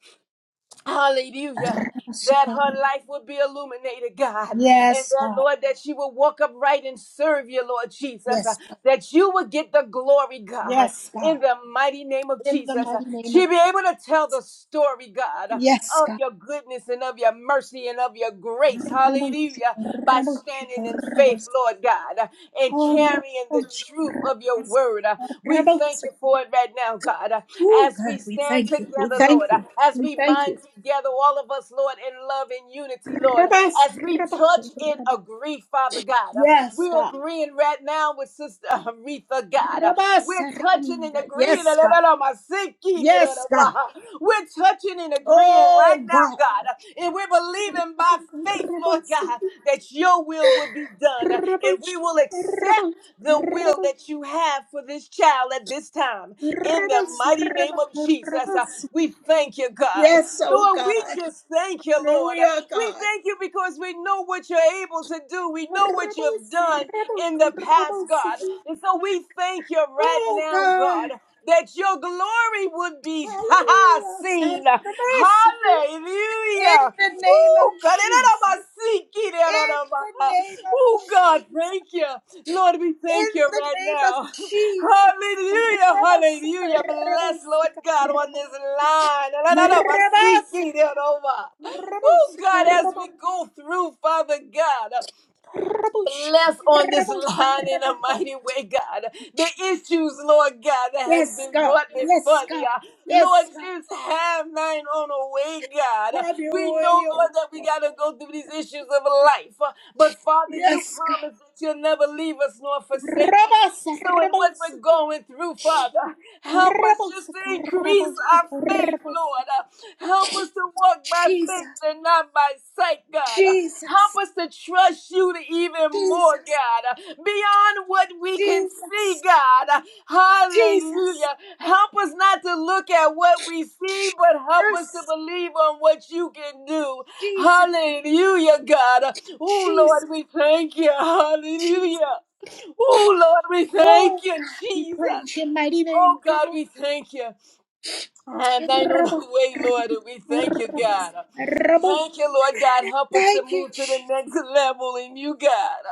Speaker 2: Hallelujah.
Speaker 1: us,
Speaker 2: That
Speaker 1: God.
Speaker 2: her life would be illuminated, God. And
Speaker 1: Yes,
Speaker 2: that,
Speaker 1: God.
Speaker 2: Lord, that she would walk upright and serve you, Lord Jesus. Uh,
Speaker 1: Yes, God.
Speaker 2: that you would get the glory, God,
Speaker 1: Yes,
Speaker 2: in
Speaker 1: God.
Speaker 2: the mighty name of
Speaker 1: In the
Speaker 2: Jesus. Uh,
Speaker 1: mighty name of
Speaker 2: she'd
Speaker 1: Jesus.
Speaker 2: be able to tell the story, God, uh,
Speaker 1: Yes,
Speaker 2: of
Speaker 1: God.
Speaker 2: your goodness and of your mercy and of your grace. Hallelujah.
Speaker 1: Raboshika,
Speaker 2: By
Speaker 1: raboshika,
Speaker 2: standing in faith,
Speaker 1: rabos-
Speaker 2: Lord God, uh, and
Speaker 1: oh,
Speaker 2: carrying the truth
Speaker 1: raboshika,
Speaker 2: of your word. Uh, we
Speaker 1: rabos-
Speaker 2: thank you for it right now, God. Uh,
Speaker 1: Oh,
Speaker 2: as we
Speaker 1: God, we
Speaker 2: stand
Speaker 1: thank you. We
Speaker 2: together, Lord,
Speaker 1: thank you.
Speaker 2: as
Speaker 1: We
Speaker 2: we
Speaker 1: thank
Speaker 2: bind
Speaker 1: you.
Speaker 2: together, all of us, Lord, in love and unity, Lord,
Speaker 1: Rabas,
Speaker 2: as we
Speaker 1: rabako.
Speaker 2: touch and agree, Father God.
Speaker 1: Yes,
Speaker 2: We're
Speaker 1: God.
Speaker 2: agreeing right now with Sister Aretha, God.
Speaker 1: Rabas,
Speaker 2: We're touching and
Speaker 1: raminda.
Speaker 2: agreeing.
Speaker 1: Yes, God. Yes, God.
Speaker 2: We're touching and agreeing
Speaker 1: Oh,
Speaker 2: right now,
Speaker 1: God.
Speaker 2: God. And we're believing by faith, Lord God, that your will will be done. And
Speaker 1: Rebels,
Speaker 2: we will accept
Speaker 1: rebels,
Speaker 2: the will
Speaker 1: rebels,
Speaker 2: that you have for this child at this time in the
Speaker 1: rebels,
Speaker 2: mighty name of
Speaker 1: rebels,
Speaker 2: Jesus. Uh,
Speaker 1: rebels.
Speaker 2: We thank you, God.
Speaker 1: Yes, oh
Speaker 2: Lord, we
Speaker 1: God.
Speaker 2: just thank you, Lord. Uh,
Speaker 1: Hallelujah,
Speaker 2: We
Speaker 1: God.
Speaker 2: thank you because we know what you're able to do. We know what you've
Speaker 1: Rebels,
Speaker 2: done in the
Speaker 1: rebels,
Speaker 2: past, God.
Speaker 1: rebels.
Speaker 2: And so we thank you right
Speaker 1: Oh
Speaker 2: now,
Speaker 1: God.
Speaker 2: God, that your glory would be seen.
Speaker 1: Hallelujah. Rebels. In
Speaker 2: Hallelujah.
Speaker 1: the name of
Speaker 2: Ooh, God.
Speaker 1: Jesus. In the name of
Speaker 2: Oh, God,
Speaker 1: Jesus.
Speaker 2: thank you. Lord, we thank
Speaker 1: In
Speaker 2: you
Speaker 1: the
Speaker 2: right
Speaker 1: name of
Speaker 2: now.
Speaker 1: Jesus.
Speaker 2: Hallelujah,
Speaker 1: Rebels,
Speaker 2: hallelujah. Bless
Speaker 1: rebels,
Speaker 2: Lord God on
Speaker 1: rebels.
Speaker 2: this line. La, la, la, ma, si,
Speaker 1: Rebels,
Speaker 2: ki, de, ro, Oh
Speaker 1: rebels,
Speaker 2: God, as we
Speaker 1: rebels.
Speaker 2: go through, Father God. Bless on this line in a mighty way, God. The issues, Lord God, that has
Speaker 1: Yes,
Speaker 2: been
Speaker 1: God.
Speaker 2: brought
Speaker 1: Yes,
Speaker 2: before thee.
Speaker 1: God.
Speaker 2: uh,
Speaker 1: Yes,
Speaker 2: Lord,
Speaker 1: God.
Speaker 2: just have thine own way, God.
Speaker 1: Have
Speaker 2: We
Speaker 1: your way.
Speaker 2: know,
Speaker 1: oh.
Speaker 2: Lord, that we got to go through these issues of life. uh, But Father, you
Speaker 1: Yes, God.
Speaker 2: promise that you'll never leave us nor forsake us.
Speaker 1: Rabasa,
Speaker 2: So, in what we're
Speaker 1: rabasa,
Speaker 2: going through, Father, help us just
Speaker 1: rabasa,
Speaker 2: to increase
Speaker 1: rabasa,
Speaker 2: our faith,
Speaker 1: rabasa.
Speaker 2: Lord. Uh, Help us to walk by faith
Speaker 1: Jesus,
Speaker 2: and not by sight, God.
Speaker 1: Jesus,
Speaker 2: Help us to trust you even more,
Speaker 1: Jesus,
Speaker 2: God, beyond what we can
Speaker 1: Jesus,
Speaker 2: see, God.
Speaker 1: Jesus,
Speaker 2: Hallelujah. Help us not to look at what we see, but help
Speaker 1: yes,
Speaker 2: us to believe on what you can do.
Speaker 1: Jesus,
Speaker 2: Hallelujah, God. Oh,
Speaker 1: Jesus,
Speaker 2: Lord, we thank you.
Speaker 1: Jesus.
Speaker 2: Hallelujah. Oh, Lord, we
Speaker 1: Oh
Speaker 2: thank you,
Speaker 1: God, we
Speaker 2: Jesus.
Speaker 1: praise you,
Speaker 2: Oh, God,
Speaker 1: God.
Speaker 2: we thank you. And thine own
Speaker 1: Rabasa,
Speaker 2: way, Lord, and we thank you,
Speaker 1: rabasa,
Speaker 2: God.
Speaker 1: rabasa.
Speaker 2: Thank you, Lord God. Help us to
Speaker 1: Thank you,
Speaker 2: move to the next level in you, God.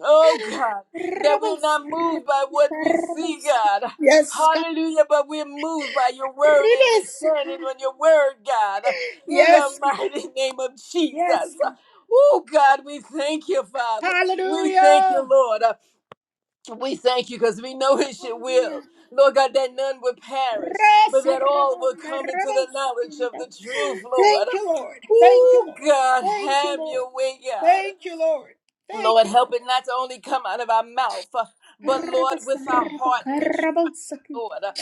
Speaker 2: Oh, God, that we're
Speaker 1: Jesus.
Speaker 2: not moved by what we see, God.
Speaker 1: Yes, God.
Speaker 2: Hallelujah, but we're moved by your word and we're
Speaker 1: Yes, God.
Speaker 2: standing on your word, God. In the
Speaker 1: Yes, God.
Speaker 2: mighty name of Jesus.
Speaker 1: Yes, God.
Speaker 2: Oh, God, we thank you, Father. We thank you,
Speaker 1: Hallelujah.
Speaker 2: Lord. We thank you because we know it's your will. Lord God, that none would perish,
Speaker 1: Yes,
Speaker 2: but that all would
Speaker 1: Rabanda,
Speaker 2: come into the
Speaker 1: Rabos.
Speaker 2: knowledge of the truth, Lord.
Speaker 1: Thank you, Lord. Thank you,
Speaker 2: Oh,
Speaker 1: Lord.
Speaker 2: God,
Speaker 1: Thank you,
Speaker 2: have
Speaker 1: Lord.
Speaker 2: your way, God.
Speaker 1: Thank you, Lord. Thank
Speaker 2: Lord,
Speaker 1: you,
Speaker 2: help it
Speaker 1: Lord.
Speaker 2: not to only come out of our mouth, but Lord,
Speaker 1: Rabas,
Speaker 2: with our heart,
Speaker 1: Rabaka,
Speaker 2: we.
Speaker 1: Rabos.
Speaker 2: Lord, uh,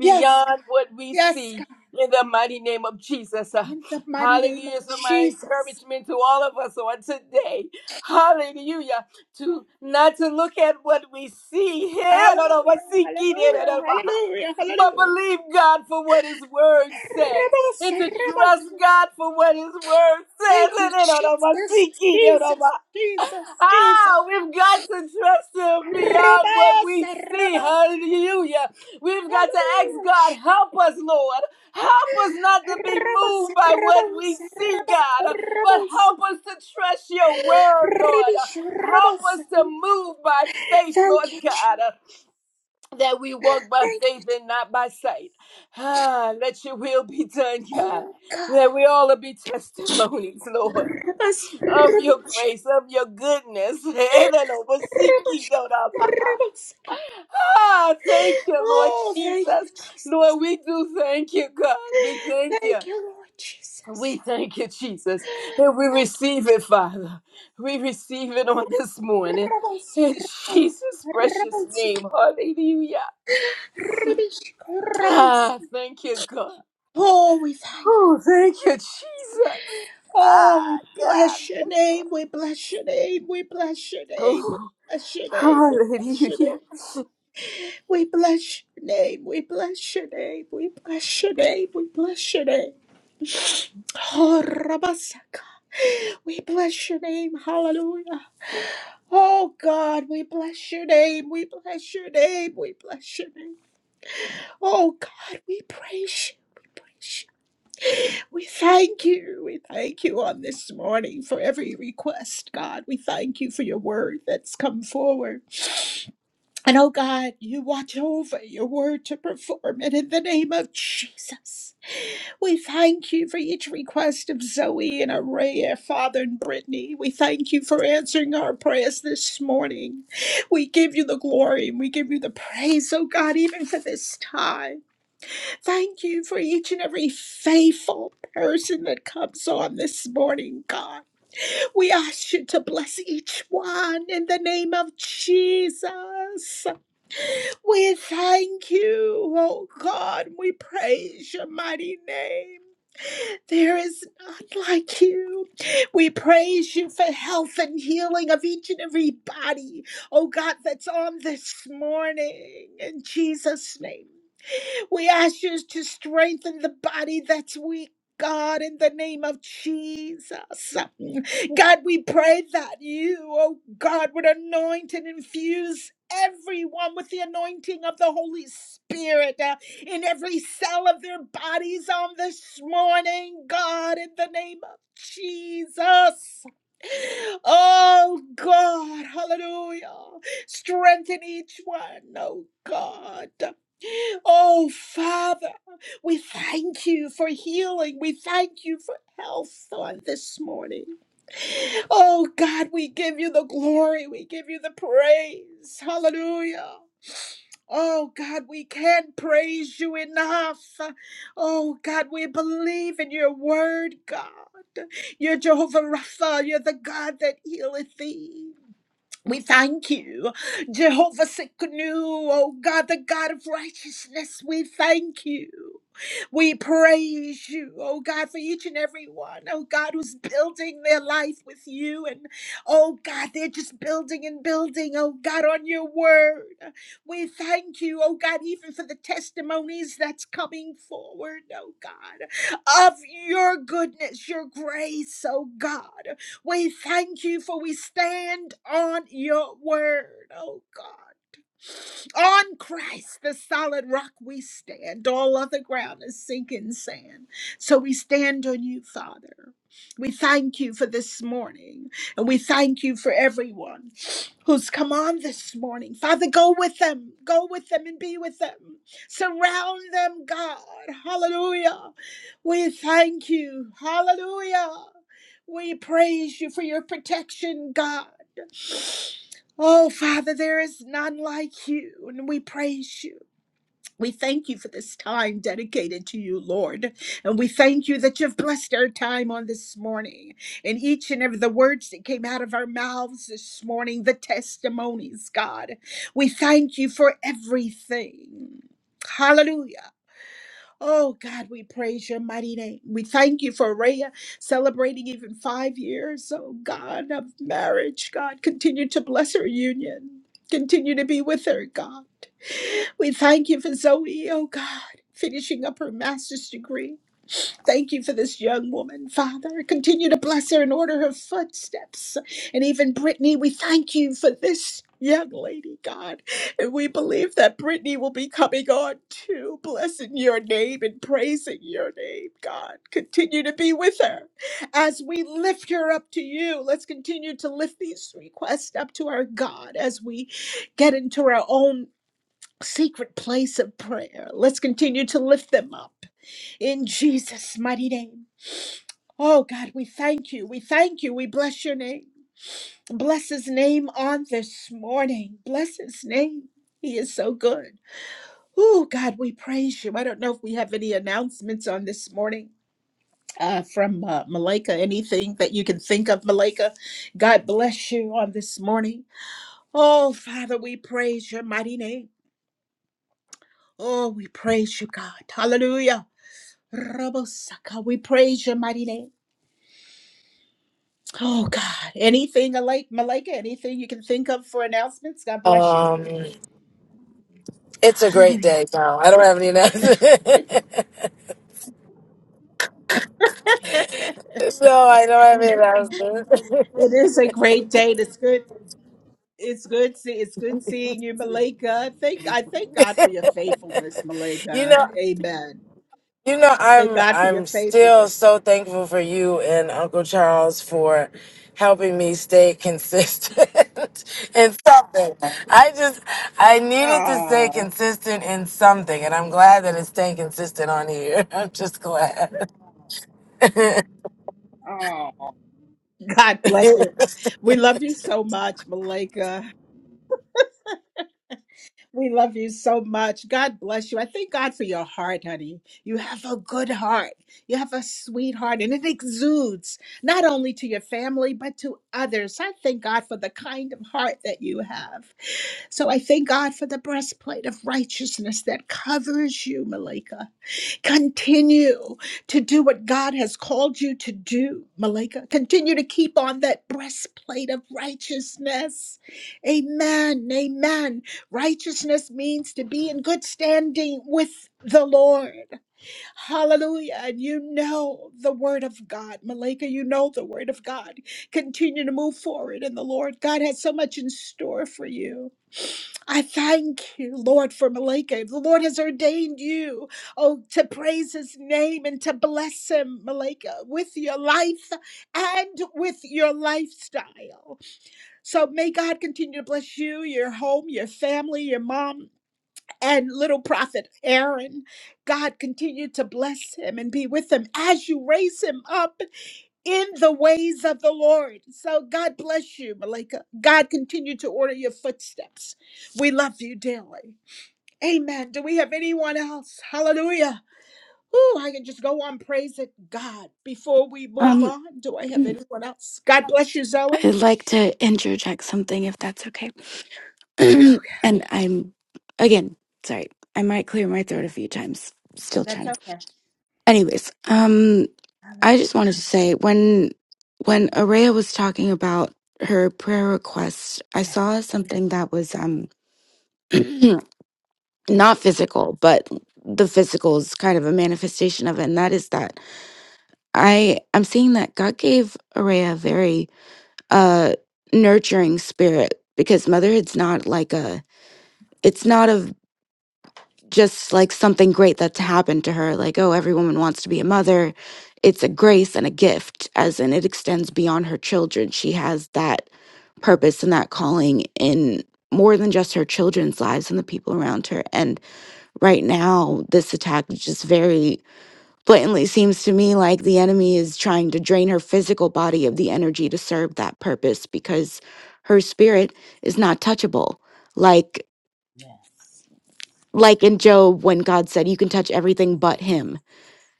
Speaker 1: Yes, God.
Speaker 2: what we
Speaker 1: Yes,
Speaker 2: see
Speaker 1: God.
Speaker 2: in the mighty name of Jesus. Uh,
Speaker 1: In the mighty name of
Speaker 2: Hallelujah. So, my
Speaker 1: Jesus.
Speaker 2: encouragement to all of us on today, hallelujah, to not to look at what we see here, I don't no, no, what
Speaker 1: Hallelujah.
Speaker 2: see here, no,
Speaker 1: Hallelujah.
Speaker 2: no,
Speaker 1: Hallelujah.
Speaker 2: but
Speaker 1: Hallelujah.
Speaker 2: believe God for what His Word says.
Speaker 1: Rabos,
Speaker 2: And to trust
Speaker 1: Rabaka.
Speaker 2: God for what His Word says.
Speaker 1: Thank you,
Speaker 2: And I don't no, no, what
Speaker 1: Jesus,
Speaker 2: see here, no,
Speaker 1: Jesus,
Speaker 2: no.
Speaker 1: Jesus, Jesus.
Speaker 2: Ah, we've got to trust Him beyond what we
Speaker 1: Rabasa,
Speaker 2: see.
Speaker 1: rabba.
Speaker 2: Hallelujah. We've got to ask God,
Speaker 1: Hallelujah.
Speaker 2: help us, Lord. Help us not to be moved
Speaker 1: Rabasa,
Speaker 2: by what we
Speaker 1: rabasa,
Speaker 2: see,
Speaker 1: rabba,
Speaker 2: God, but
Speaker 1: rabasa.
Speaker 2: help us to trust your word, Lord.
Speaker 1: Ribish,
Speaker 2: Help us
Speaker 1: rabasa.
Speaker 2: to move by faith,
Speaker 1: Thank
Speaker 2: Lord
Speaker 1: you, Jesus.
Speaker 2: God, that we walk by
Speaker 1: Thank
Speaker 2: faith and not by sight. Ah, let your will be done,
Speaker 1: you.
Speaker 2: God. That we all be testimonies, Lord
Speaker 1: Rabasa,
Speaker 2: of
Speaker 1: rabba,
Speaker 2: your grace, of your goodness.
Speaker 1: rabasa, rabasa.
Speaker 2: Ah, thank you, Lord
Speaker 1: Oh, thank you,
Speaker 2: Jesus.
Speaker 1: Jesus.
Speaker 2: Lord, we do thank you, God. We thank you.
Speaker 1: Thank you, Lord
Speaker 2: We
Speaker 1: Jesus.
Speaker 2: thank you, Jesus. And we
Speaker 1: Thank
Speaker 2: receive it, Father. We receive it on this
Speaker 1: you,
Speaker 2: morning.
Speaker 1: rabasa,
Speaker 2: In
Speaker 1: rabasa,
Speaker 2: Jesus' precious name. Hallelujah.
Speaker 1: rabba.
Speaker 2: Ah, thank you, God.
Speaker 1: Oh, we thank you.
Speaker 2: Oh, thank you, Jesus.
Speaker 1: Oh, we
Speaker 2: Ah, God.
Speaker 1: bless your name. We bless your name. We bless your name. We
Speaker 2: Oh,
Speaker 1: bless your name.
Speaker 2: hallelujah.
Speaker 1: We bless your name. We bless your name. We bless your name. We bless your name. We bless your name. Oh, Rabasaka. We bless your name. Hallelujah. Oh God, we bless your name. We bless your name. We bless your name. Oh God, we praise you. We praise you. We thank you. We thank you on this morning for every request, God. We thank you for your word that's come forward. And oh God, you watch over your word to perform it in the name of Jesus. We thank you for each request of Zoe and Araya, Father and Brittany. We thank you for answering our prayers this morning. We give you the glory and we give you the praise, oh God, even for this time. Thank you for each and every faithful person that comes on this morning, God. We ask you to bless each one in the name of Jesus. We thank you, oh God. We praise your mighty name. There is none like you. We praise you for health and healing of each and every body, oh God, that's on this morning. In Jesus' name. We ask you to strengthen the body that's weak. God, in the name of Jesus. God, we pray that you, oh God, would anoint and infuse everyone with the anointing of the Holy Spirit uh, in every cell of their bodies on this morning, God, in the name of Jesus. Oh God, hallelujah. Strengthen each one, oh God. Oh, Father, we thank you for healing. We thank you for health on this morning. Oh, God, we give you the glory. We give you the praise. Hallelujah. Oh, God, we can't praise you enough. Oh, God, we believe in your word, God. You're Jehovah Rapha. You're the God that healeth thee. We thank you, Jehovah Sikkenu, O God, the God of righteousness. We thank you. We praise you, oh God, for each and every one, oh God, who's building their life with you. And oh God, they're just building and building, oh God, on your word. We thank you, oh God, even for the testimonies that's coming forward, oh God, of your goodness, your grace, oh God. We thank you for we stand on your word, oh God. On Christ, the solid rock, we stand. All other ground is sinking sand. So we stand on you, Father. We thank you for this morning, and we thank you for everyone who's come on this morning. Father, go with them, go with them and be with them. Surround them, God. Hallelujah. We thank you. Hallelujah. We praise you for your protection, God. Oh, Father, there is none like you, and we praise you. We thank you for this time dedicated to you, Lord. And we thank you that you've blessed our time on this morning. And each and every the words that came out of our mouths this morning, the testimonies, God. We thank you for everything. Hallelujah. Oh God, we praise your mighty name. We thank you for Rhea celebrating even five years, oh God, of marriage. God, continue to bless her union. Continue to be with her, God. We thank you for Zoe, oh God, finishing up her master's degree. Thank you for this young woman, Father. Continue to bless her and order her footsteps. And even Brittany, we thank you for this young lady, God. And we believe that Brittany will be coming on too, blessing your name and praising your name, God. Continue to be with her as we lift her up to you. Let's continue to lift these requests up to our God as we get into our own secret place of prayer. Let's continue to lift them up in Jesus' mighty name. Oh God, we thank you. We thank you. We bless your name. Bless his name on this morning. Bless his name. He is so good. Oh God, we praise you. I don't know if we have any announcements on this morning uh, from uh, Malika. Anything that you can think of, Malika. God bless you on this morning. Oh Father, we praise your mighty name. Oh, we praise you, God. Hallelujah. Rabosaka, we praise your mighty name. Oh God. Anything like Malika, anything you can think of for announcements? God bless you.
Speaker 11: Um, it's a great
Speaker 1: Hallelujah.
Speaker 11: day, pal. I don't have any announcements. no, I don't have any announcements.
Speaker 1: It is a great day. It's good. It's good. See, it's good seeing you, Malika. Thank I thank God for your faithfulness,
Speaker 11: you
Speaker 1: Malika.
Speaker 11: know,
Speaker 1: Amen.
Speaker 11: you know,
Speaker 1: Thank
Speaker 11: I'm
Speaker 1: God for your
Speaker 11: I'm still
Speaker 1: faithfulness.
Speaker 11: so thankful for you and Uncle Charles for helping me stay consistent in something. I just I needed to stay
Speaker 1: Oh,
Speaker 11: consistent in something, and I'm glad that it's staying consistent on here. I'm just glad.
Speaker 1: God bless you. We love you so much, Malika. We love you so much. God bless you. I thank God for your heart, honey. You have a good heart. You have a sweet heart, and it exudes not only to your family, but to others. I thank God for the kind of heart that you have. So I thank God for the breastplate of righteousness that covers you, Malika. Continue to do what God has called you to do, Malika. Continue to keep on that breastplate of righteousness. Amen. Amen. Righteousness means to be in good standing with the Lord. Hallelujah. And you know the word of God, Malika. You know the word of God. Continue to move forward in the Lord. God has so much in store for you. I thank you, Lord, for Malika. The Lord has ordained you, oh, to praise his name and to bless him, Malika, with your life and with your lifestyle. So may God continue to bless you, your home, your family, your mom, and little prophet Aaron. God continue to bless him and be with him as you raise him up in the ways of the Lord. So God bless you, Malika. God continue to order your footsteps. We love you dearly. Amen. Do we have anyone else? Hallelujah. Ooh, I can just go on praising God before we move
Speaker 8: Um,
Speaker 1: on. Do I have
Speaker 8: mm,
Speaker 1: anyone else? God bless you, Zoe.
Speaker 8: I'd like to interject something if that's okay.
Speaker 1: Okay,
Speaker 8: and I'm, again, sorry, I might clear my throat a few times. Still
Speaker 1: That's
Speaker 8: trying to.
Speaker 1: okay.
Speaker 8: Anyways, um, I
Speaker 1: Hallelujah.
Speaker 8: just wanted to say when when Araya was talking about her prayer request, I
Speaker 1: Yeah.
Speaker 8: saw something that was um not physical, but the physical is kind of a manifestation of it, and that is that I I'm seeing that God gave Araya a very uh nurturing spirit because motherhood's not like a it's not of just like something great that's happened to her like oh every woman wants to be a mother it's a grace and a gift as in it extends beyond her children she has that
Speaker 1: Mm,
Speaker 8: purpose and that calling in more than just her children's lives and the people around her and right now this attack is just very Blatantly seems to me like the enemy is trying to drain her physical body of the energy to serve that purpose because her spirit is not touchable. Like
Speaker 1: Yes.
Speaker 8: like in Job when God said you can touch everything but him.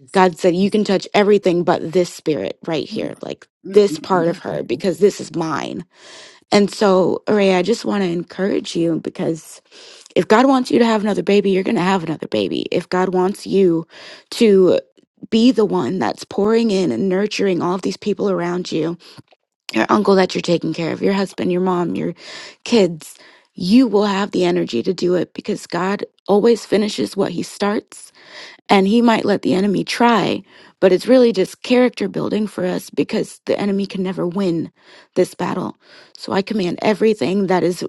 Speaker 1: Jesus.
Speaker 8: God said you can touch everything but this spirit right
Speaker 1: Mm,
Speaker 8: here, like
Speaker 1: mm,
Speaker 8: this
Speaker 1: mm,
Speaker 8: part
Speaker 1: mm.
Speaker 8: of her because this is mine. And so, Araya, I just want to encourage you because if God wants you to have another baby, you're going to have another baby. If God wants you to be the one that's pouring in and nurturing all of these people around you, your uncle that you're taking care of, your husband, your mom, your kids, you will have the energy to do it because God always finishes what he starts. And he might let the enemy try, but it's really just character building for us because the enemy can never win this battle. So I command everything that is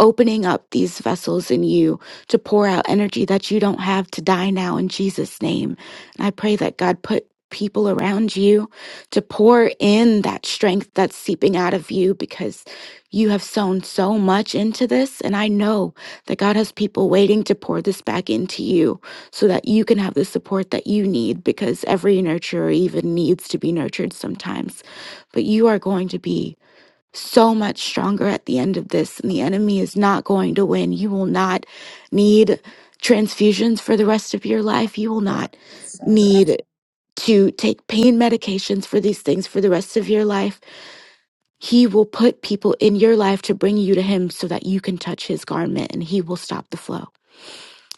Speaker 8: opening up these vessels in you to pour out energy that you don't have to die now in Jesus' name. And I pray that God put people around you to pour in that strength that's seeping out of you because you have sown so much into this. And I know that God has people waiting to pour this back into you so that you can have the support that you need because every nurturer even needs to be nurtured sometimes. But you are going to be so much stronger at the end of this, and the enemy is not going to win. You will not need transfusions for the rest of your life. You will not need to take pain medications for these things for the rest of your life. He will put people in your life to bring you to Him so that you can touch His garment and He will stop the flow.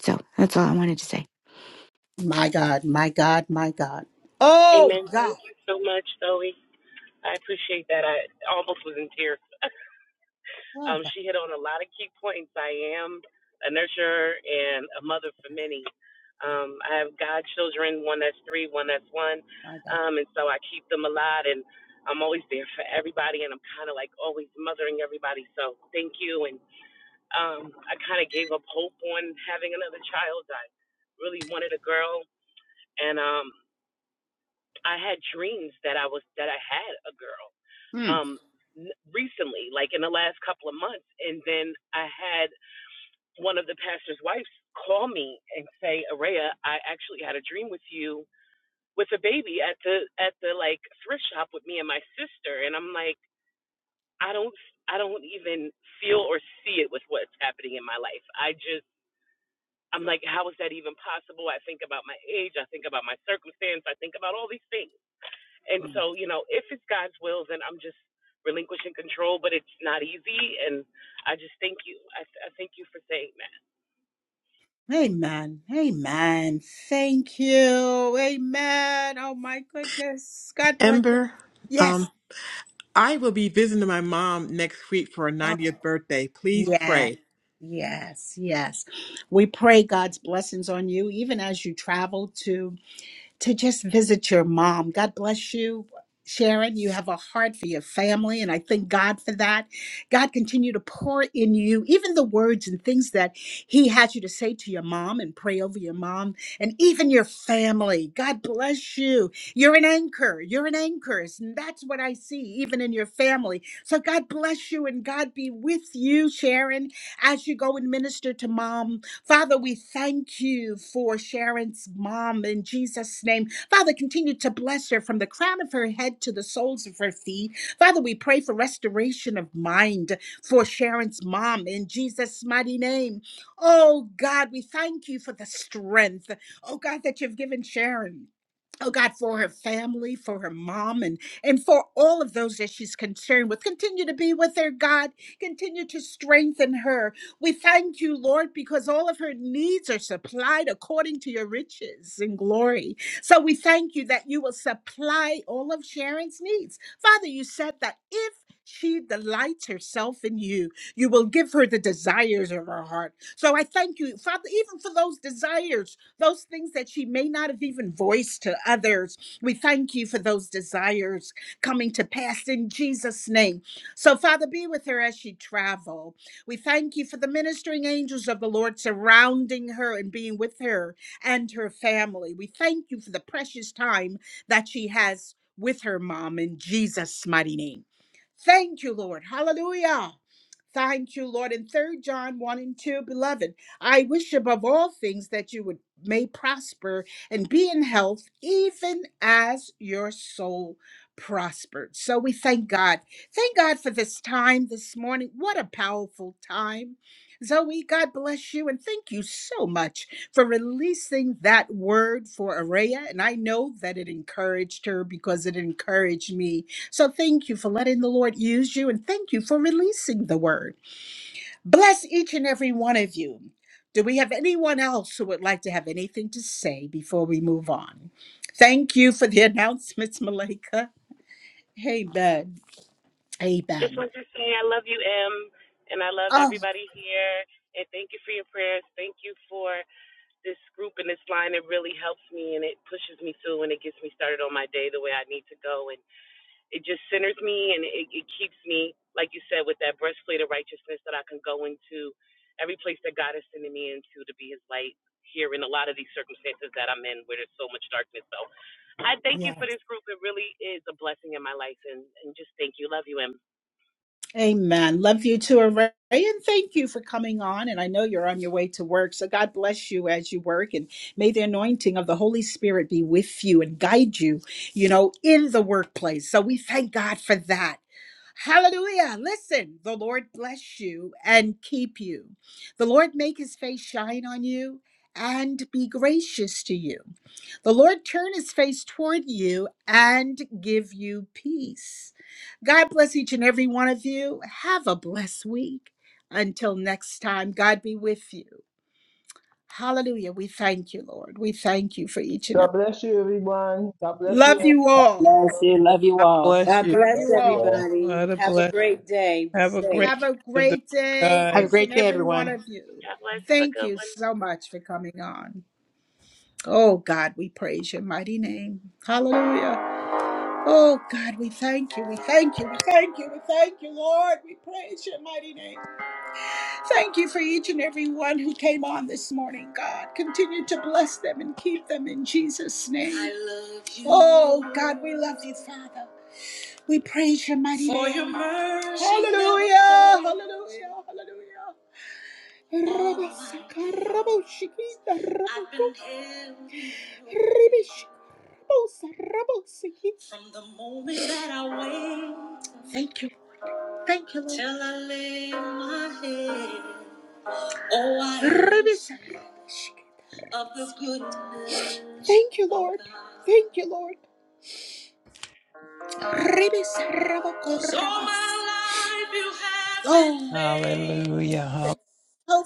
Speaker 8: So that's all I wanted to say.
Speaker 1: My God, my God, my God. Oh,
Speaker 9: Amen.
Speaker 1: God.
Speaker 9: Thank you so much, Zoe. I appreciate that. I almost was in tears.
Speaker 1: Oh,
Speaker 9: Um, she hit on a lot of key points. I am a nurturer and a mother for many. Um, I have godchildren, one that's three, one that's one,
Speaker 1: my God.
Speaker 9: um, and so I keep them a lot, and I'm always there for everybody, and I'm kind of like always mothering everybody. So thank you, and um, I kind of gave up hope on having another child. I really wanted a girl, and um, I had dreams that I was that I had a girl.
Speaker 1: Mm.
Speaker 9: Um, n- recently, like in the last couple of months, and then I had one of the pastor's wives call me and say, "Araya, I actually had a dream with you with a baby at the at the like thrift shop with me and my sister." And I'm like, "I don't I don't even feel or see it with what's happening in my life. I just I'm like, how is that even possible? I think about my age, I think about my circumstance, I think about all these things. And
Speaker 1: Mm.
Speaker 9: so, you know, if it's God's will, then I'm just relinquishing control, but it's not easy and I just thank you. I, th- I thank you for saying that.
Speaker 1: Amen. Amen. Thank you. Amen. Oh my goodness. God bless you.
Speaker 7: Ember, um,
Speaker 1: Yes.
Speaker 7: I will be visiting my mom next week for her
Speaker 1: Oh,
Speaker 7: 90th birthday. Please
Speaker 1: yeah.
Speaker 7: pray.
Speaker 1: Yes. Yes. We pray God's blessings on you, even as you travel to to just visit your mom. God bless you. Sharon, you have a heart for your family, and I thank God for that. God continue to pour in you, even the words and things that He has you to say to your mom and pray over your mom and even your family. God bless you. You're an anchor. You're an anchor. And that's what I see, even in your family. So God bless you and God be with you, Sharon, as you go and minister to mom. Father, we thank you for Sharon's mom in Jesus' name. Father, continue to bless her from the crown of her head to the soles of her feet. Father, we pray for restoration of mind for Sharon's mom in Jesus' mighty name. Oh God, we thank you for the strength, oh God, that you've given Sharon oh God, for her family, for her mom, and and for all of those that she's concerned with. Continue to be with her, God. Continue to strengthen her. We thank you, Lord, because all of her needs are supplied according to your riches and glory. So we thank you that you will supply all of Sharon's needs. Father, you said that if she delights herself in you. You will give her the desires of her heart. So I thank you, Father, even for those desires those things that she may not have even voiced to others. We thank you for those desires coming to pass in Jesus' name. So, Father, be with her as she travel. We thank you for the ministering angels of the Lord surrounding her and being with her and her family. We thank you for the precious time that she has with her mom in Jesus' mighty name. Thank you, Lord. Hallelujah. Thank you, Lord. In 3 John 1 and 2, beloved. I wish above all things that you would may prosper and be in health, even as your soul prospered. So we thank God. Thank God for this time this morning. What a powerful time. Zoe, God bless you and thank you so much for releasing that word for Araya. And I know that it encouraged her because it encouraged me. So thank you for letting the Lord use you and thank you for releasing the word. Bless each and every one of you. Do we have anyone else who would like to have anything to say before we move on? Thank you for the announcements, Malika. Amen.
Speaker 9: Just
Speaker 1: Amen.
Speaker 9: want to say I love you, M, and I love
Speaker 1: Oh,
Speaker 9: everybody here. And thank you for your prayers. Thank you for this group and this line. It really helps me and it pushes me through and it gets me started on my day the way I need to go. And it just centers me and it, it keeps me, like you said, with that breastplate of righteousness that I can go into every place that God is sending me into to be his light here in a lot of these circumstances that I'm in where there's so much darkness. So I thank you
Speaker 1: yeah.
Speaker 9: for this group. It really is a blessing in my life. And, and just thank you. Love you, M.
Speaker 1: Amen. Love you too, Array. And thank you for coming on. And I know you're on your way to work. So God bless you as you work. And may the anointing of the Holy Spirit be with you and guide you, you know, in the workplace. So we thank God for that Hallelujah. Listen, the Lord bless you and keep you. The Lord make his face shine on you and be gracious to you. The Lord turn his face toward you and give you peace. God bless each and every one of you. Have a blessed week. Until next time, God be with you. Hallelujah. We thank you, Lord. We thank you for each and
Speaker 5: God
Speaker 1: every.
Speaker 5: bless you, everyone. God bless you.
Speaker 1: Love you all.
Speaker 2: Bless you.
Speaker 5: Angela.
Speaker 2: Love you
Speaker 4: God
Speaker 2: all.
Speaker 4: bless
Speaker 6: God
Speaker 4: you.
Speaker 1: Love
Speaker 3: Bless
Speaker 6: bless
Speaker 1: you
Speaker 3: you
Speaker 1: all.
Speaker 3: all.
Speaker 6: everybody.
Speaker 4: What a
Speaker 6: Have a
Speaker 4: bless.
Speaker 6: great day. Be
Speaker 4: Have a
Speaker 6: safe.
Speaker 4: great
Speaker 1: Have a
Speaker 4: rest of the
Speaker 1: great
Speaker 4: week,
Speaker 1: day,
Speaker 7: Have a
Speaker 4: guys.
Speaker 1: each and
Speaker 7: great day,
Speaker 1: every one
Speaker 7: everyone.
Speaker 1: of you.
Speaker 9: God bless. Have a
Speaker 1: Thank
Speaker 9: good
Speaker 1: you
Speaker 9: one.
Speaker 1: so much for coming on. Oh God, we praise your mighty name. Hallelujah. Oh God, we thank you. We thank you. We thank you. We thank you, Lord. We praise your mighty name. Thank you for each and every one who came on this morning, God. Continue to bless them and keep them in Jesus' name. I love you. Oh God, we love you, Father. We praise your mighty For name. Your mercy. Hallelujah. Hallelujah. Hallelujah. Rabasakarabashikita rabako- Ribishkosarabasikita. From the moment that I wake. Thank you. Thank you, Lord. Till I lay my head. Oh, I of the goodness. Thank you, Lord. Thank you, Lord. Ribisarabako- So my life you have been Oh. been faithful.
Speaker 4: Hallelujah. Hall-
Speaker 1: Been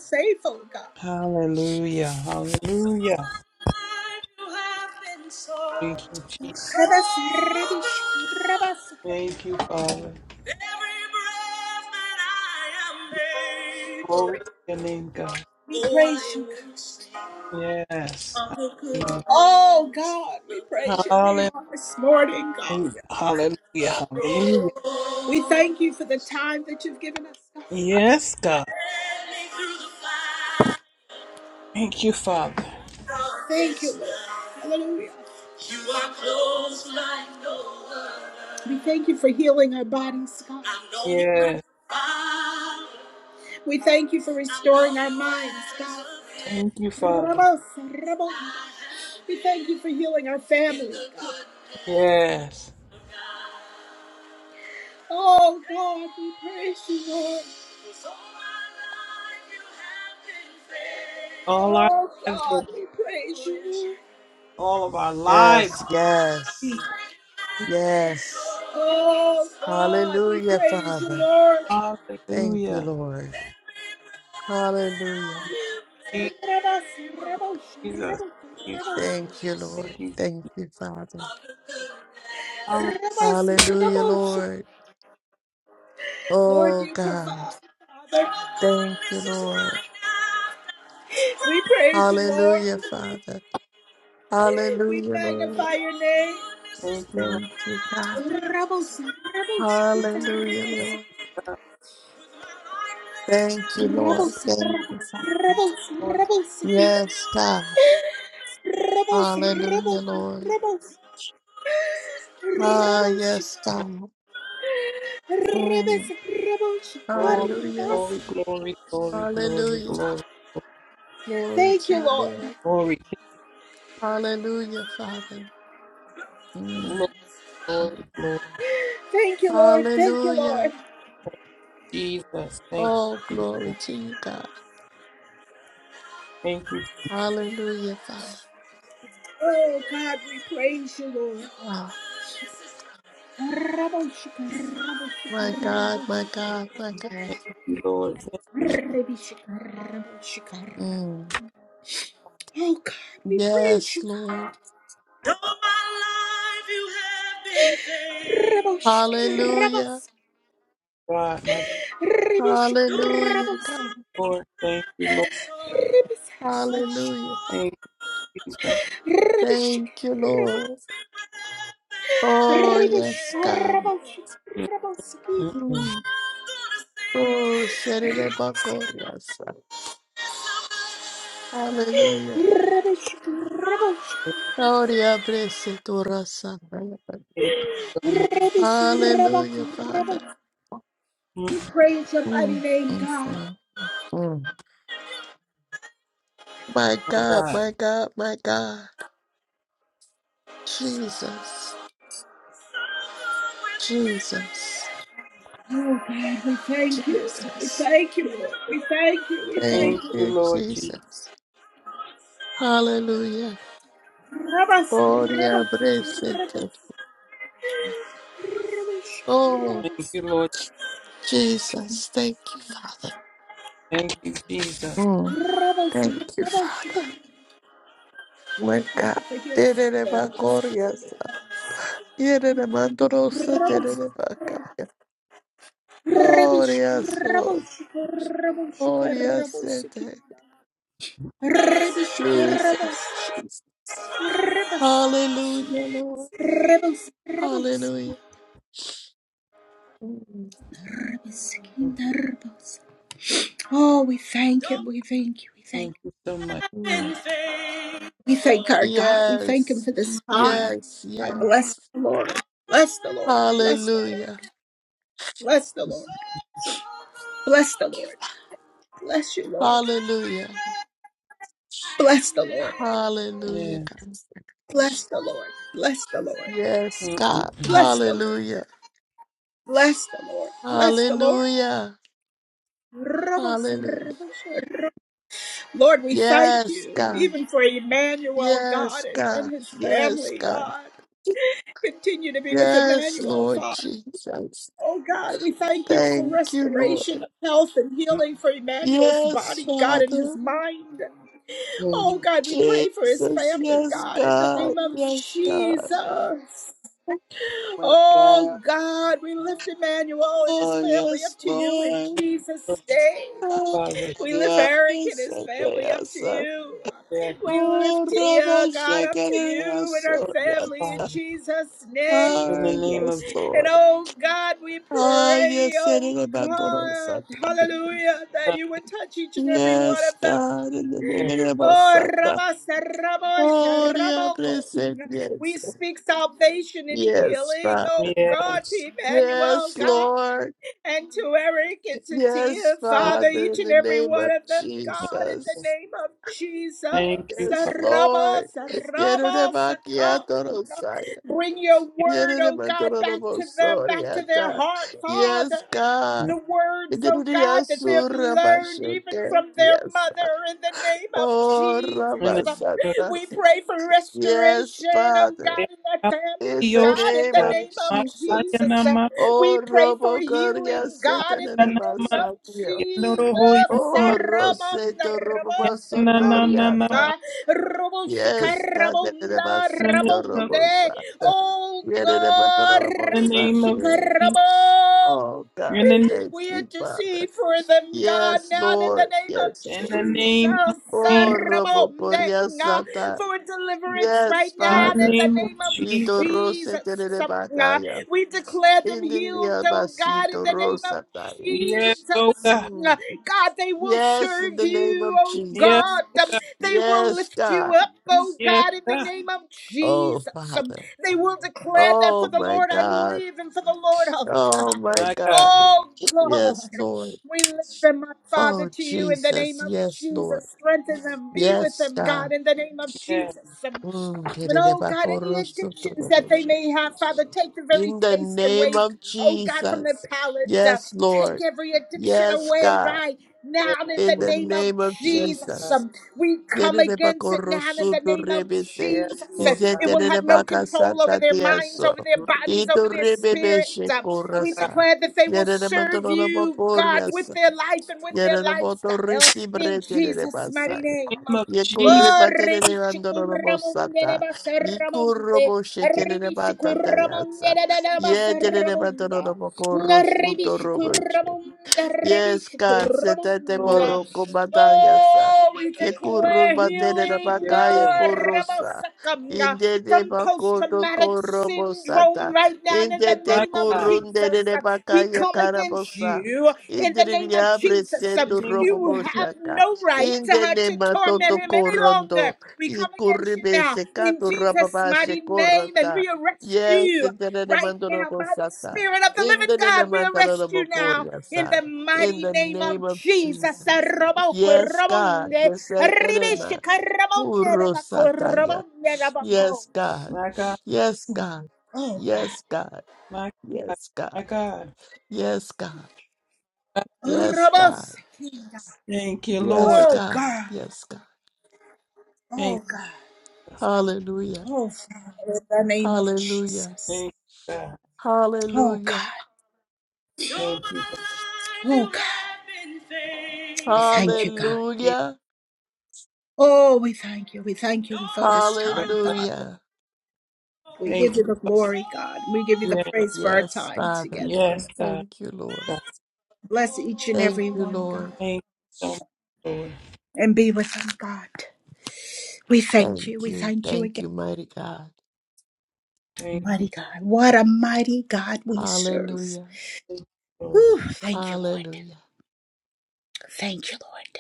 Speaker 1: So faithful, God.
Speaker 4: Hallelujah. Hallelujah.
Speaker 1: My Life you have been
Speaker 4: Thank
Speaker 1: so.
Speaker 4: you, Jesus.
Speaker 1: Every
Speaker 4: Thank you, Father. Glory to your name, God.
Speaker 1: we praise you. God.
Speaker 4: Yes.
Speaker 1: Oh God, we praise your
Speaker 4: Hallelujah.
Speaker 1: name on this morning, God.
Speaker 4: Hallelujah. Hallelujah. Hallelujah.
Speaker 1: We thank you for the time that you've given us, God.
Speaker 4: Yes, God. Thank you, Father.
Speaker 1: Thank you, Lord. Hallelujah. You are close like no other. We thank you for healing our bodies, God. I know you
Speaker 4: Yes.
Speaker 1: have We thank you for restoring our minds, God.
Speaker 4: Thank you, Father.
Speaker 1: Ramos, Ramos. We thank you for healing our families, God.
Speaker 4: Yes.
Speaker 1: Oh, God, we praise you, Lord.
Speaker 4: All our
Speaker 1: Oh,
Speaker 4: lives, oh
Speaker 1: God,
Speaker 4: God.
Speaker 1: we praise you.
Speaker 4: all of our
Speaker 12: Yes,
Speaker 4: lives.
Speaker 12: yes, yes.
Speaker 1: Oh, God, we
Speaker 12: Hallelujah,
Speaker 1: praise you,
Speaker 12: Father.
Speaker 1: Lord.
Speaker 4: God.
Speaker 12: Thank you,
Speaker 4: Hallelujah.
Speaker 12: Lord. Hallelujah.
Speaker 4: Jesus. Thank you.
Speaker 12: Thank you,
Speaker 1: Ramos.
Speaker 12: Lord.
Speaker 4: Thank you.
Speaker 12: Thank you, Father.
Speaker 4: Hallelujah.
Speaker 12: Hallelujah, Lord. Oh, God. Thank you, Lord.
Speaker 1: We praise you, Lord.
Speaker 12: Hallelujah, Father.
Speaker 1: We
Speaker 12: Hallelujah, Lord.
Speaker 1: magnify your name.
Speaker 4: Thank you, Lord
Speaker 12: Thank you, God.
Speaker 1: Rebels, rebels,
Speaker 12: Hallelujah, Lord.
Speaker 4: God.
Speaker 12: Thank
Speaker 1: rebels,
Speaker 12: you, Lord.
Speaker 1: rebels,
Speaker 12: Thank you, Father.
Speaker 1: rebels,
Speaker 4: Lord,
Speaker 12: Yes, God.
Speaker 1: rebels,
Speaker 12: Hallelujah,
Speaker 1: rebels,
Speaker 12: Lord.
Speaker 1: rebels,
Speaker 12: Ah,
Speaker 1: rebels.
Speaker 12: yes, God. Mm.
Speaker 4: glory,
Speaker 12: Hallelujah.
Speaker 4: glory, glory, glory, glory,
Speaker 12: Hallelujah.
Speaker 4: glory,
Speaker 12: Glory to you, Lord.
Speaker 4: glory.
Speaker 12: Hallelujah, Father. Mm.
Speaker 4: Lord, Lord, Lord.
Speaker 12: Hallelujah.
Speaker 4: Jesus. Thank
Speaker 12: Oh,
Speaker 4: you, Jesus.
Speaker 12: glory to you, God.
Speaker 4: Thank you.
Speaker 12: Hallelujah, Father. Oh, my God, my God, my God.
Speaker 4: Thank you, Lord. Thank you, Lord
Speaker 12: Mm. Yes, Lord.
Speaker 1: All my life you have been
Speaker 12: Hallelujah.
Speaker 4: God. My
Speaker 1: faithful.
Speaker 12: Hallelujah, God.
Speaker 1: Rebels,
Speaker 4: Lord, thank you, Lord.
Speaker 12: Hallelujah.
Speaker 4: Thank you, Jesus.
Speaker 12: Thank you, Lord. Oh,
Speaker 1: Ribish,
Speaker 12: yes, God.
Speaker 1: karabash.
Speaker 4: Mm-mm.
Speaker 12: Mm. Oh, Shere Hallelujah. Gloria blessed Dorasa.
Speaker 4: Thank you so much,
Speaker 12: Hallelujah, Father.
Speaker 4: my
Speaker 1: We praise your mighty
Speaker 12: Mm,
Speaker 1: name,
Speaker 12: mm,
Speaker 1: God.
Speaker 12: mm, mm. My God,
Speaker 4: God.
Speaker 12: my God, my God. Jesus, Jesus, Jesus.
Speaker 1: Thank you.
Speaker 12: Thank
Speaker 4: Thank you,
Speaker 12: you,
Speaker 4: Lord Jesus.
Speaker 12: Jesus. Hallelujah. Gloria blessed. Oh,
Speaker 4: Thank you, Lord.
Speaker 12: Jesus. Thank you, Father.
Speaker 4: Thank you, Jesus.
Speaker 12: Mm, Thank you, Father. My God. Did it Yerere mandorosa terere bakaya. Gloria so, gloria sete. Jesus, Jesus. Hallelujah, Lord. Hallelujah. Mm,
Speaker 1: Oh, we thank him. We thank you. We
Speaker 4: Thank
Speaker 1: thank
Speaker 4: you so much.
Speaker 1: you.
Speaker 12: mm.
Speaker 1: We thank our God. We thank him
Speaker 12: Yes,
Speaker 1: for this time.
Speaker 12: yes,
Speaker 1: I bless
Speaker 12: yes.
Speaker 1: the Lord. Bless the Lord. Bless the Lord.
Speaker 12: Hallelujah.
Speaker 1: Bless the Lord. Bless the Lord. Bless you, Lord.
Speaker 12: Hallelujah. Hallelujah,
Speaker 4: Yeah.
Speaker 12: God.
Speaker 1: Bless the Lord. Bless
Speaker 12: Yes, God.
Speaker 4: Mm-mm-mm.
Speaker 1: bless the Lord.
Speaker 12: Hallelujah.
Speaker 1: Bless the Lord. Bless the Lord.
Speaker 12: Hallelujah.
Speaker 1: Rabos,
Speaker 12: Hallelujah.
Speaker 1: rabos, Lord, we thank
Speaker 12: Yes,
Speaker 1: you
Speaker 12: God.
Speaker 1: even for Emmanuel, God,
Speaker 12: Yes,
Speaker 1: and,
Speaker 12: God.
Speaker 1: and his
Speaker 12: Yes,
Speaker 1: family,
Speaker 12: God.
Speaker 1: God. Continue to be with
Speaker 12: Yes,
Speaker 1: Emmanuel,
Speaker 12: Lord
Speaker 1: Father.
Speaker 12: Jesus.
Speaker 1: Oh, God, we thank you
Speaker 12: Thank
Speaker 1: for
Speaker 12: you,
Speaker 1: the
Speaker 12: Lord.
Speaker 1: restoration of health and
Speaker 12: Yes,
Speaker 1: be
Speaker 12: Father.
Speaker 1: kind.
Speaker 4: Thank you,
Speaker 1: Oh, God,
Speaker 12: Jesus. Yes,
Speaker 1: in the
Speaker 12: God.
Speaker 1: name
Speaker 12: Yes, God.
Speaker 1: of
Speaker 12: Oh, my
Speaker 1: Oh
Speaker 12: God.
Speaker 1: God, we lift Emmanuel and his
Speaker 12: Oh,
Speaker 1: family up
Speaker 12: yes,
Speaker 1: to you in
Speaker 12: Lord.
Speaker 4: Lord
Speaker 1: Jesus' name.
Speaker 12: Oh,
Speaker 4: Father.
Speaker 1: We lift
Speaker 12: yes.
Speaker 1: Eric and
Speaker 12: Yes,
Speaker 1: his family up to
Speaker 12: yes.
Speaker 1: you.
Speaker 4: Yeah,
Speaker 1: We
Speaker 12: Oh,
Speaker 1: uh, God
Speaker 12: Rabbi
Speaker 1: up to you and
Speaker 12: Yes,
Speaker 1: our
Speaker 4: Lord
Speaker 1: family in
Speaker 12: yes.
Speaker 1: Jesus'
Speaker 4: Father. In
Speaker 12: Ah,
Speaker 4: the
Speaker 1: name.
Speaker 4: name of
Speaker 12: yes,
Speaker 4: Jesus.
Speaker 1: And
Speaker 12: Lord. Ah, yes, Yes, God. In the name of
Speaker 1: Oh,
Speaker 12: Satan.
Speaker 1: Rabba, Sarabba,
Speaker 12: Gloria
Speaker 1: Sharaboko.
Speaker 12: present.
Speaker 1: We
Speaker 12: Yes.
Speaker 1: speak salvation and
Speaker 12: Yes,
Speaker 1: healing,
Speaker 12: Father.
Speaker 1: oh
Speaker 4: Yeah.
Speaker 1: God, to Emmanuel,
Speaker 12: Yes,
Speaker 1: God.
Speaker 12: Lord.
Speaker 1: and to Eric and to
Speaker 12: Yes,
Speaker 1: Tia,
Speaker 4: We
Speaker 1: Father,
Speaker 12: Father,
Speaker 1: each
Speaker 12: in
Speaker 1: and
Speaker 12: the
Speaker 1: every
Speaker 12: name
Speaker 1: one
Speaker 12: of
Speaker 1: of them,
Speaker 4: Thank
Speaker 1: God, in the
Speaker 4: you.
Speaker 12: Jesus.
Speaker 1: name of Jesus.
Speaker 4: Thank you,
Speaker 12: Yes,
Speaker 4: Father.
Speaker 1: Sarabo,
Speaker 12: Lord.
Speaker 1: sarabo, saka.
Speaker 12: Yererebakiatorosaya.
Speaker 1: Bring your word, oh God, back to them, back to their
Speaker 12: Yererematorobosoreata.
Speaker 1: heart,
Speaker 12: Yes,
Speaker 1: Father
Speaker 12: God.
Speaker 1: the
Speaker 4: In
Speaker 1: words, oh God, that they have learned even
Speaker 12: Yerereyasurabashoke.
Speaker 1: from their
Speaker 12: Yes.
Speaker 1: mother in the name of
Speaker 12: Oh,
Speaker 1: Jesus.
Speaker 4: the name of
Speaker 12: Rabasata.
Speaker 1: We pray for
Speaker 12: Yes,
Speaker 1: restoration, oh
Speaker 12: Father.
Speaker 4: Jesus.
Speaker 1: God, in that family,
Speaker 12: In the
Speaker 1: God, in
Speaker 12: name
Speaker 1: the
Speaker 4: Yoshia.
Speaker 12: of
Speaker 1: name of
Speaker 12: Jesus.
Speaker 4: Makaya
Speaker 1: Jesus.
Speaker 4: namakana
Speaker 1: We
Speaker 12: Oh,
Speaker 1: pray for
Speaker 12: Robo
Speaker 1: healing,
Speaker 12: Coria
Speaker 1: God, in
Speaker 12: Setana
Speaker 1: the
Speaker 12: de
Speaker 1: name of
Speaker 12: Basapia.
Speaker 1: Jesus.
Speaker 4: makaya.
Speaker 12: Oh,
Speaker 1: Ramanda
Speaker 12: Roseto Robo
Speaker 4: In the
Speaker 1: Rabosaka.
Speaker 4: name of
Speaker 12: Basotoriata.
Speaker 1: Ah,
Speaker 4: Jesus.
Speaker 12: Yes, Cadena de
Speaker 1: Roboshikarabonda
Speaker 4: In
Speaker 12: Basito
Speaker 1: Rabonde.
Speaker 12: Robosa.
Speaker 1: Oh
Speaker 12: Yere de
Speaker 1: God,
Speaker 4: the name of
Speaker 12: Robosatie.
Speaker 4: Jesus.
Speaker 1: Ribishikarabo.
Speaker 12: Oh, God,
Speaker 4: In the name
Speaker 12: thank
Speaker 1: We
Speaker 12: you, Father.
Speaker 1: intercede for them, God,
Speaker 12: Yes,
Speaker 1: now in the
Speaker 12: Lord.
Speaker 1: name of
Speaker 12: Yes,
Speaker 4: in the
Speaker 12: Lord.
Speaker 1: Jesus.
Speaker 4: name of Jesus.
Speaker 12: Oh, Robo Coria
Speaker 1: Sarabondenga.
Speaker 12: Sata.
Speaker 1: For deliverance right
Speaker 12: Yes,
Speaker 4: In the
Speaker 1: now in
Speaker 12: Father.
Speaker 1: the
Speaker 4: name of
Speaker 1: name of
Speaker 12: Ito
Speaker 4: Jesus.
Speaker 1: Jesus.
Speaker 12: Rosete de
Speaker 1: Uh,
Speaker 12: Bacaya.
Speaker 1: We declare them healed,
Speaker 12: Indiria
Speaker 1: oh God, in
Speaker 12: Basito
Speaker 1: the name of
Speaker 12: Rosataya.
Speaker 4: Yes, oh
Speaker 1: Jesus.
Speaker 4: God.
Speaker 1: Uh, God, they will
Speaker 12: Yes,
Speaker 1: serve
Speaker 12: in the name
Speaker 1: you,
Speaker 12: of
Speaker 1: oh
Speaker 4: Yes,
Speaker 12: Jesus.
Speaker 1: God. Um, They will
Speaker 12: Yes,
Speaker 1: lift you
Speaker 12: God.
Speaker 1: up, oh
Speaker 4: yes,
Speaker 1: God, in the
Speaker 4: God.
Speaker 1: name of
Speaker 12: Oh,
Speaker 1: Jesus. Um,
Speaker 12: Father.
Speaker 1: They will declare that for
Speaker 12: Oh,
Speaker 1: the
Speaker 12: my
Speaker 1: Lord I
Speaker 12: God.
Speaker 1: live and for the Lord I'll
Speaker 12: Oh,
Speaker 1: die.
Speaker 12: my
Speaker 4: My God.
Speaker 12: God.
Speaker 1: Oh God,
Speaker 12: Yes, Lord.
Speaker 1: we lift them up, Father,
Speaker 12: Oh,
Speaker 1: to you in the name
Speaker 12: Jesus.
Speaker 1: of
Speaker 12: Yes, Lord.
Speaker 1: Jesus. Strengthen them, be with
Speaker 12: Yes,
Speaker 1: them, God,
Speaker 12: God.
Speaker 1: in the name of
Speaker 4: Yes,
Speaker 1: Jesus.
Speaker 12: Mm.
Speaker 1: And oh God, any addictions that they
Speaker 12: tererabakorosotoroboshe.
Speaker 1: may have, Father, take the very
Speaker 12: In the
Speaker 1: taste
Speaker 12: name
Speaker 1: away,
Speaker 12: of
Speaker 1: oh God, from their
Speaker 12: Jesus.
Speaker 1: palate. Uh,
Speaker 12: Yes,
Speaker 1: take
Speaker 12: Lord.
Speaker 1: every addiction
Speaker 12: Yes,
Speaker 1: away
Speaker 12: God.
Speaker 1: right now
Speaker 4: yes,
Speaker 1: in the
Speaker 12: In
Speaker 4: Lord.
Speaker 12: the
Speaker 1: name of
Speaker 12: name of
Speaker 4: Yes,
Speaker 1: Jesus.
Speaker 4: God.
Speaker 12: Jesus.
Speaker 1: Um, we come
Speaker 12: Yerine bak
Speaker 1: against
Speaker 12: o
Speaker 1: it now in the
Speaker 12: rusudur
Speaker 1: name of
Speaker 12: rebese.
Speaker 4: Yes,
Speaker 1: Jesus. Uh,
Speaker 4: Lord
Speaker 1: It
Speaker 4: God.
Speaker 1: will have
Speaker 12: İzzetlerine
Speaker 1: no
Speaker 12: bak
Speaker 1: control over
Speaker 12: asata
Speaker 1: their minds,
Speaker 12: diyaso.
Speaker 1: over their bodies, over
Speaker 12: İdur
Speaker 1: their
Speaker 12: rebebe
Speaker 1: spirit. Uh,
Speaker 4: My
Speaker 1: we
Speaker 4: God.
Speaker 12: şekorasa.
Speaker 1: declare that they will
Speaker 12: Yerine motor
Speaker 1: serve
Speaker 12: ona bak
Speaker 1: you, God, with
Speaker 12: oryasa.
Speaker 1: their life and with their
Speaker 12: Yerine motor
Speaker 1: lifestyle in
Speaker 12: resibre telere
Speaker 1: Jesus'
Speaker 4: In the
Speaker 1: mighty
Speaker 12: basaya.
Speaker 1: name.
Speaker 4: name of Jesus.
Speaker 12: Yekurre
Speaker 1: Oh,
Speaker 12: batelere bandor
Speaker 1: Ribishikuramunde de
Speaker 12: bosata. Yikurro
Speaker 1: Basaramunde,
Speaker 12: bo
Speaker 4: Yes,
Speaker 12: şekerine batata
Speaker 1: Ribishikuramunde
Speaker 12: yasa.
Speaker 1: de
Speaker 12: Yetelere bandor
Speaker 1: Basaramunda,
Speaker 12: bak o rusudur
Speaker 1: Ribishikuramunda,
Speaker 12: Yes, God, setete
Speaker 4: Lord.
Speaker 1: Ribishikuramunda.
Speaker 12: boroko batayasa.
Speaker 1: Oh, we
Speaker 12: Yekuru
Speaker 1: declare
Speaker 12: batere
Speaker 1: healing,
Speaker 4: Yes,
Speaker 12: rabakaya
Speaker 4: Lord.
Speaker 1: God,
Speaker 12: kurusa.
Speaker 1: Rabasakamna,
Speaker 12: Indete
Speaker 1: from post
Speaker 12: bakoto
Speaker 1: traumatic syndrome
Speaker 12: korobosata.
Speaker 1: right now in the
Speaker 4: My
Speaker 12: Indete
Speaker 1: name of
Speaker 4: God.
Speaker 12: kurundere
Speaker 1: Jesus. We
Speaker 12: rebakaya
Speaker 1: come against
Speaker 12: karabosa.
Speaker 1: you in the name of
Speaker 12: Indriya
Speaker 1: Jesus.
Speaker 4: In
Speaker 12: bresetu
Speaker 4: the name of
Speaker 1: You
Speaker 4: Jesus.
Speaker 1: have
Speaker 12: roboboshaka.
Speaker 1: no right to, her
Speaker 12: Indene
Speaker 1: to torment
Speaker 12: matoto
Speaker 1: him any longer.
Speaker 12: korondo.
Speaker 1: We come against you
Speaker 12: Ikurribe
Speaker 1: now in
Speaker 12: sekatu
Speaker 1: Jesus'
Speaker 12: rababashe
Speaker 1: mighty name and
Speaker 12: korota.
Speaker 1: we arrest
Speaker 12: Yes,
Speaker 1: you
Speaker 12: indene
Speaker 1: right
Speaker 12: mandoro
Speaker 1: now by the
Speaker 12: bosata.
Speaker 1: Spirit of the living
Speaker 12: Indene
Speaker 1: God. We arrest
Speaker 12: mandoro
Speaker 1: you now in
Speaker 12: bokoriasa
Speaker 1: the
Speaker 12: in
Speaker 1: mighty
Speaker 12: the
Speaker 1: name
Speaker 12: name
Speaker 1: of
Speaker 12: of
Speaker 1: Jesus.
Speaker 12: Jesus. Yes, God.
Speaker 1: Arabakoromonde,
Speaker 12: Yes, Eterema.
Speaker 1: ribishikaramonde,
Speaker 12: Uro Sataya.
Speaker 1: rabakoromonde, rabako.
Speaker 12: Yes, God.
Speaker 4: My God.
Speaker 12: Yes, God.
Speaker 1: Oh, God.
Speaker 12: Yes, God.
Speaker 4: My God.
Speaker 12: Yes,
Speaker 4: My
Speaker 12: God.
Speaker 4: God.
Speaker 12: Yes, God. Yes, God.
Speaker 1: Rabosikina.
Speaker 4: Thank you,
Speaker 12: Yes,
Speaker 4: Lord.
Speaker 1: Oh,
Speaker 12: God.
Speaker 1: God.
Speaker 12: Yes, God.
Speaker 4: Thank
Speaker 1: Oh, God.
Speaker 4: you.
Speaker 12: Hallelujah.
Speaker 1: Oh, Father, in the name of
Speaker 12: Hallelujah.
Speaker 1: Jesus.
Speaker 4: Thank you, God.
Speaker 1: Oh,
Speaker 12: Hallelujah.
Speaker 1: God.
Speaker 4: Thank you,
Speaker 1: Oh God, we
Speaker 4: God.
Speaker 1: thank you, God.
Speaker 4: Thank
Speaker 12: Hallelujah.
Speaker 1: Oh, we thank you. We thank you for this
Speaker 4: you so
Speaker 1: time,
Speaker 4: much.
Speaker 1: Father.
Speaker 12: Hallelujah.
Speaker 1: We
Speaker 4: Thank
Speaker 1: give you the glory, God. We give you the
Speaker 4: you. Yes,
Speaker 1: praise for our
Speaker 12: Yes,
Speaker 1: time
Speaker 12: Father.
Speaker 1: together.
Speaker 4: yes, God.
Speaker 12: Thank you, Lord.
Speaker 4: God.
Speaker 1: Bless each and
Speaker 12: Thank
Speaker 1: every
Speaker 12: you,
Speaker 1: one, God,
Speaker 12: Lord.
Speaker 4: Thank you so much, Lord.
Speaker 1: and be with them, God. We thank
Speaker 12: Thank
Speaker 1: you. We
Speaker 12: you.
Speaker 1: thank you
Speaker 12: Thank
Speaker 1: again.
Speaker 12: you, mighty God.
Speaker 4: Thank you,
Speaker 1: Mighty God. What a mighty God we serve.
Speaker 12: Hallelujah.
Speaker 4: thank you, Lord.
Speaker 1: Whew, thank you, Lord.
Speaker 12: Hallelujah.
Speaker 1: Thank you, Lord.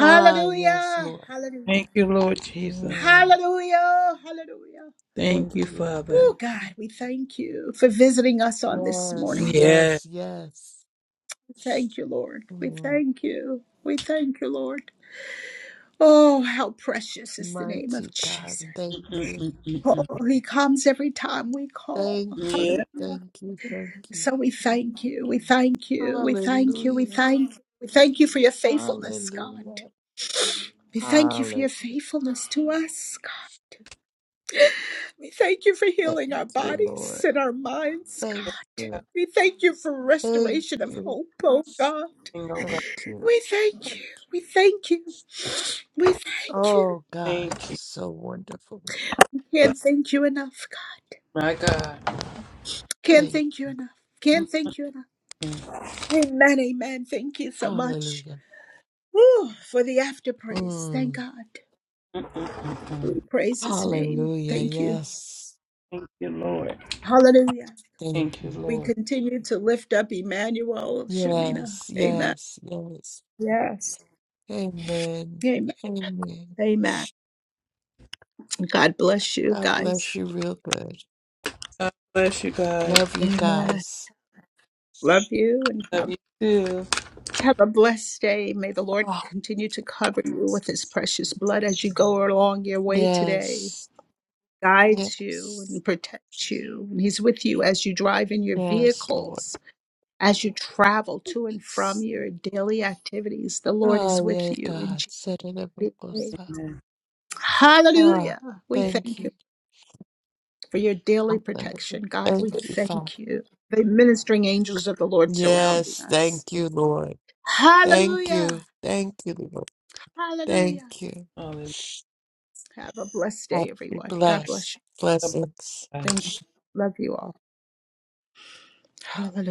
Speaker 12: Ah, yes, Lord.
Speaker 4: Thank
Speaker 1: Hallelujah.
Speaker 4: you, Lord Jesus.
Speaker 12: Mm,
Speaker 1: Hallelujah. Hallelujah.
Speaker 4: Thank
Speaker 12: thank
Speaker 4: you,
Speaker 12: you.
Speaker 4: Father.
Speaker 1: Oh,
Speaker 12: Thank you.
Speaker 1: God, we thank you for visiting us on this
Speaker 12: Yes,
Speaker 1: morning.
Speaker 4: Yeah.
Speaker 12: yes, yes.
Speaker 1: Thank you, Lord. We
Speaker 12: Mm,
Speaker 1: thank you. We thank you, Lord. Oh, how precious is the name of
Speaker 12: mighty God.
Speaker 1: Jesus.
Speaker 12: Thank you.
Speaker 4: Mm-mm-mm-mm-mm.
Speaker 1: Oh, he comes every time we call.
Speaker 12: Thank you.
Speaker 4: Yeah.
Speaker 12: Thank you. Thank you.
Speaker 1: So we thank you. We thank you. We thank you. We
Speaker 12: Hallelujah.
Speaker 1: thank you. We thank you for your faithfulness, God.
Speaker 12: Hallelujah.
Speaker 1: We thank you for your
Speaker 12: Hallelujah.
Speaker 1: faithfulness to us, God. We thank you for
Speaker 12: Thank
Speaker 1: healing our
Speaker 12: you,
Speaker 1: bodies
Speaker 12: Lord.
Speaker 1: and our minds,
Speaker 4: Yes,
Speaker 12: Thank
Speaker 1: God.
Speaker 4: God.
Speaker 12: you.
Speaker 1: We thank you for
Speaker 12: Thank
Speaker 1: restoration of
Speaker 12: you.
Speaker 1: hope, oh God.
Speaker 4: Thank you, oh God.
Speaker 12: Thank you.
Speaker 1: We thank you. We thank you. We thank you.
Speaker 12: Oh, God,
Speaker 4: Thank
Speaker 12: you're
Speaker 4: you,
Speaker 12: so wonderful.
Speaker 1: Can't thank you enough, God.
Speaker 4: my God.
Speaker 1: Can't
Speaker 12: Thank
Speaker 1: thank you enough. Can't thank you enough.
Speaker 4: Mm-mm-mm-mm-mm.
Speaker 1: Amen. Amen. Thank you so much.
Speaker 12: Hallelujah.
Speaker 1: Ooh, for the after praise.
Speaker 12: Mm.
Speaker 1: Thank God. We praise his name.
Speaker 12: Hallelujah.
Speaker 1: Thank you.
Speaker 12: Yes.
Speaker 4: Thank you, Lord.
Speaker 1: Hallelujah.
Speaker 12: Thank
Speaker 4: Thank you,
Speaker 12: you.
Speaker 1: We
Speaker 4: Lord.
Speaker 1: continue to lift up Emmanuel Shamina.
Speaker 12: Yes,
Speaker 1: Amen.
Speaker 12: yes, yes. Amen.
Speaker 1: Amen.
Speaker 12: Amen.
Speaker 1: Amen. God bless you
Speaker 12: God
Speaker 1: guys.
Speaker 12: bless you real good.
Speaker 4: God bless you guys.
Speaker 12: Love you
Speaker 1: Amen.
Speaker 12: guys.
Speaker 1: Love you and have
Speaker 4: Love you too.
Speaker 1: Have a blessed day. May the Lord
Speaker 12: Oh,
Speaker 1: continue to cover you with his precious blood as you go along your way today.
Speaker 12: yes.
Speaker 1: Guides you
Speaker 12: Yes.
Speaker 1: and protects you. And he's with you as you drive in your
Speaker 12: Yes, Lord.
Speaker 1: vehicles, as you travel to and from
Speaker 12: Yes.
Speaker 1: your daily activities. The Lord is
Speaker 12: Oh,
Speaker 1: with
Speaker 12: yeah,
Speaker 1: you in
Speaker 12: God. Set it up.
Speaker 1: Jesus' name.
Speaker 4: Amen.
Speaker 12: Ah,
Speaker 1: Hallelujah. We
Speaker 12: thank
Speaker 1: thank
Speaker 12: you.
Speaker 1: you for your daily
Speaker 12: Hallelujah.
Speaker 1: protection, God.
Speaker 12: Thank
Speaker 1: We
Speaker 12: you, Father.
Speaker 1: thank you. The ministering angels of the Lord surrounding
Speaker 12: Yes,
Speaker 1: us.
Speaker 12: thank you, Lord. Thank you.
Speaker 1: Hallelujah.
Speaker 12: Thank you, Lord.
Speaker 1: Hallelujah.
Speaker 12: Thank you.
Speaker 4: Hallelujah.
Speaker 1: Have a blessed
Speaker 12: Oh,
Speaker 1: day,
Speaker 12: be
Speaker 1: everyone. God
Speaker 12: blessed.
Speaker 1: bless you.
Speaker 4: God bless
Speaker 12: Blessings.
Speaker 4: you guys.
Speaker 1: Thank you. Love you all. Hallelujah.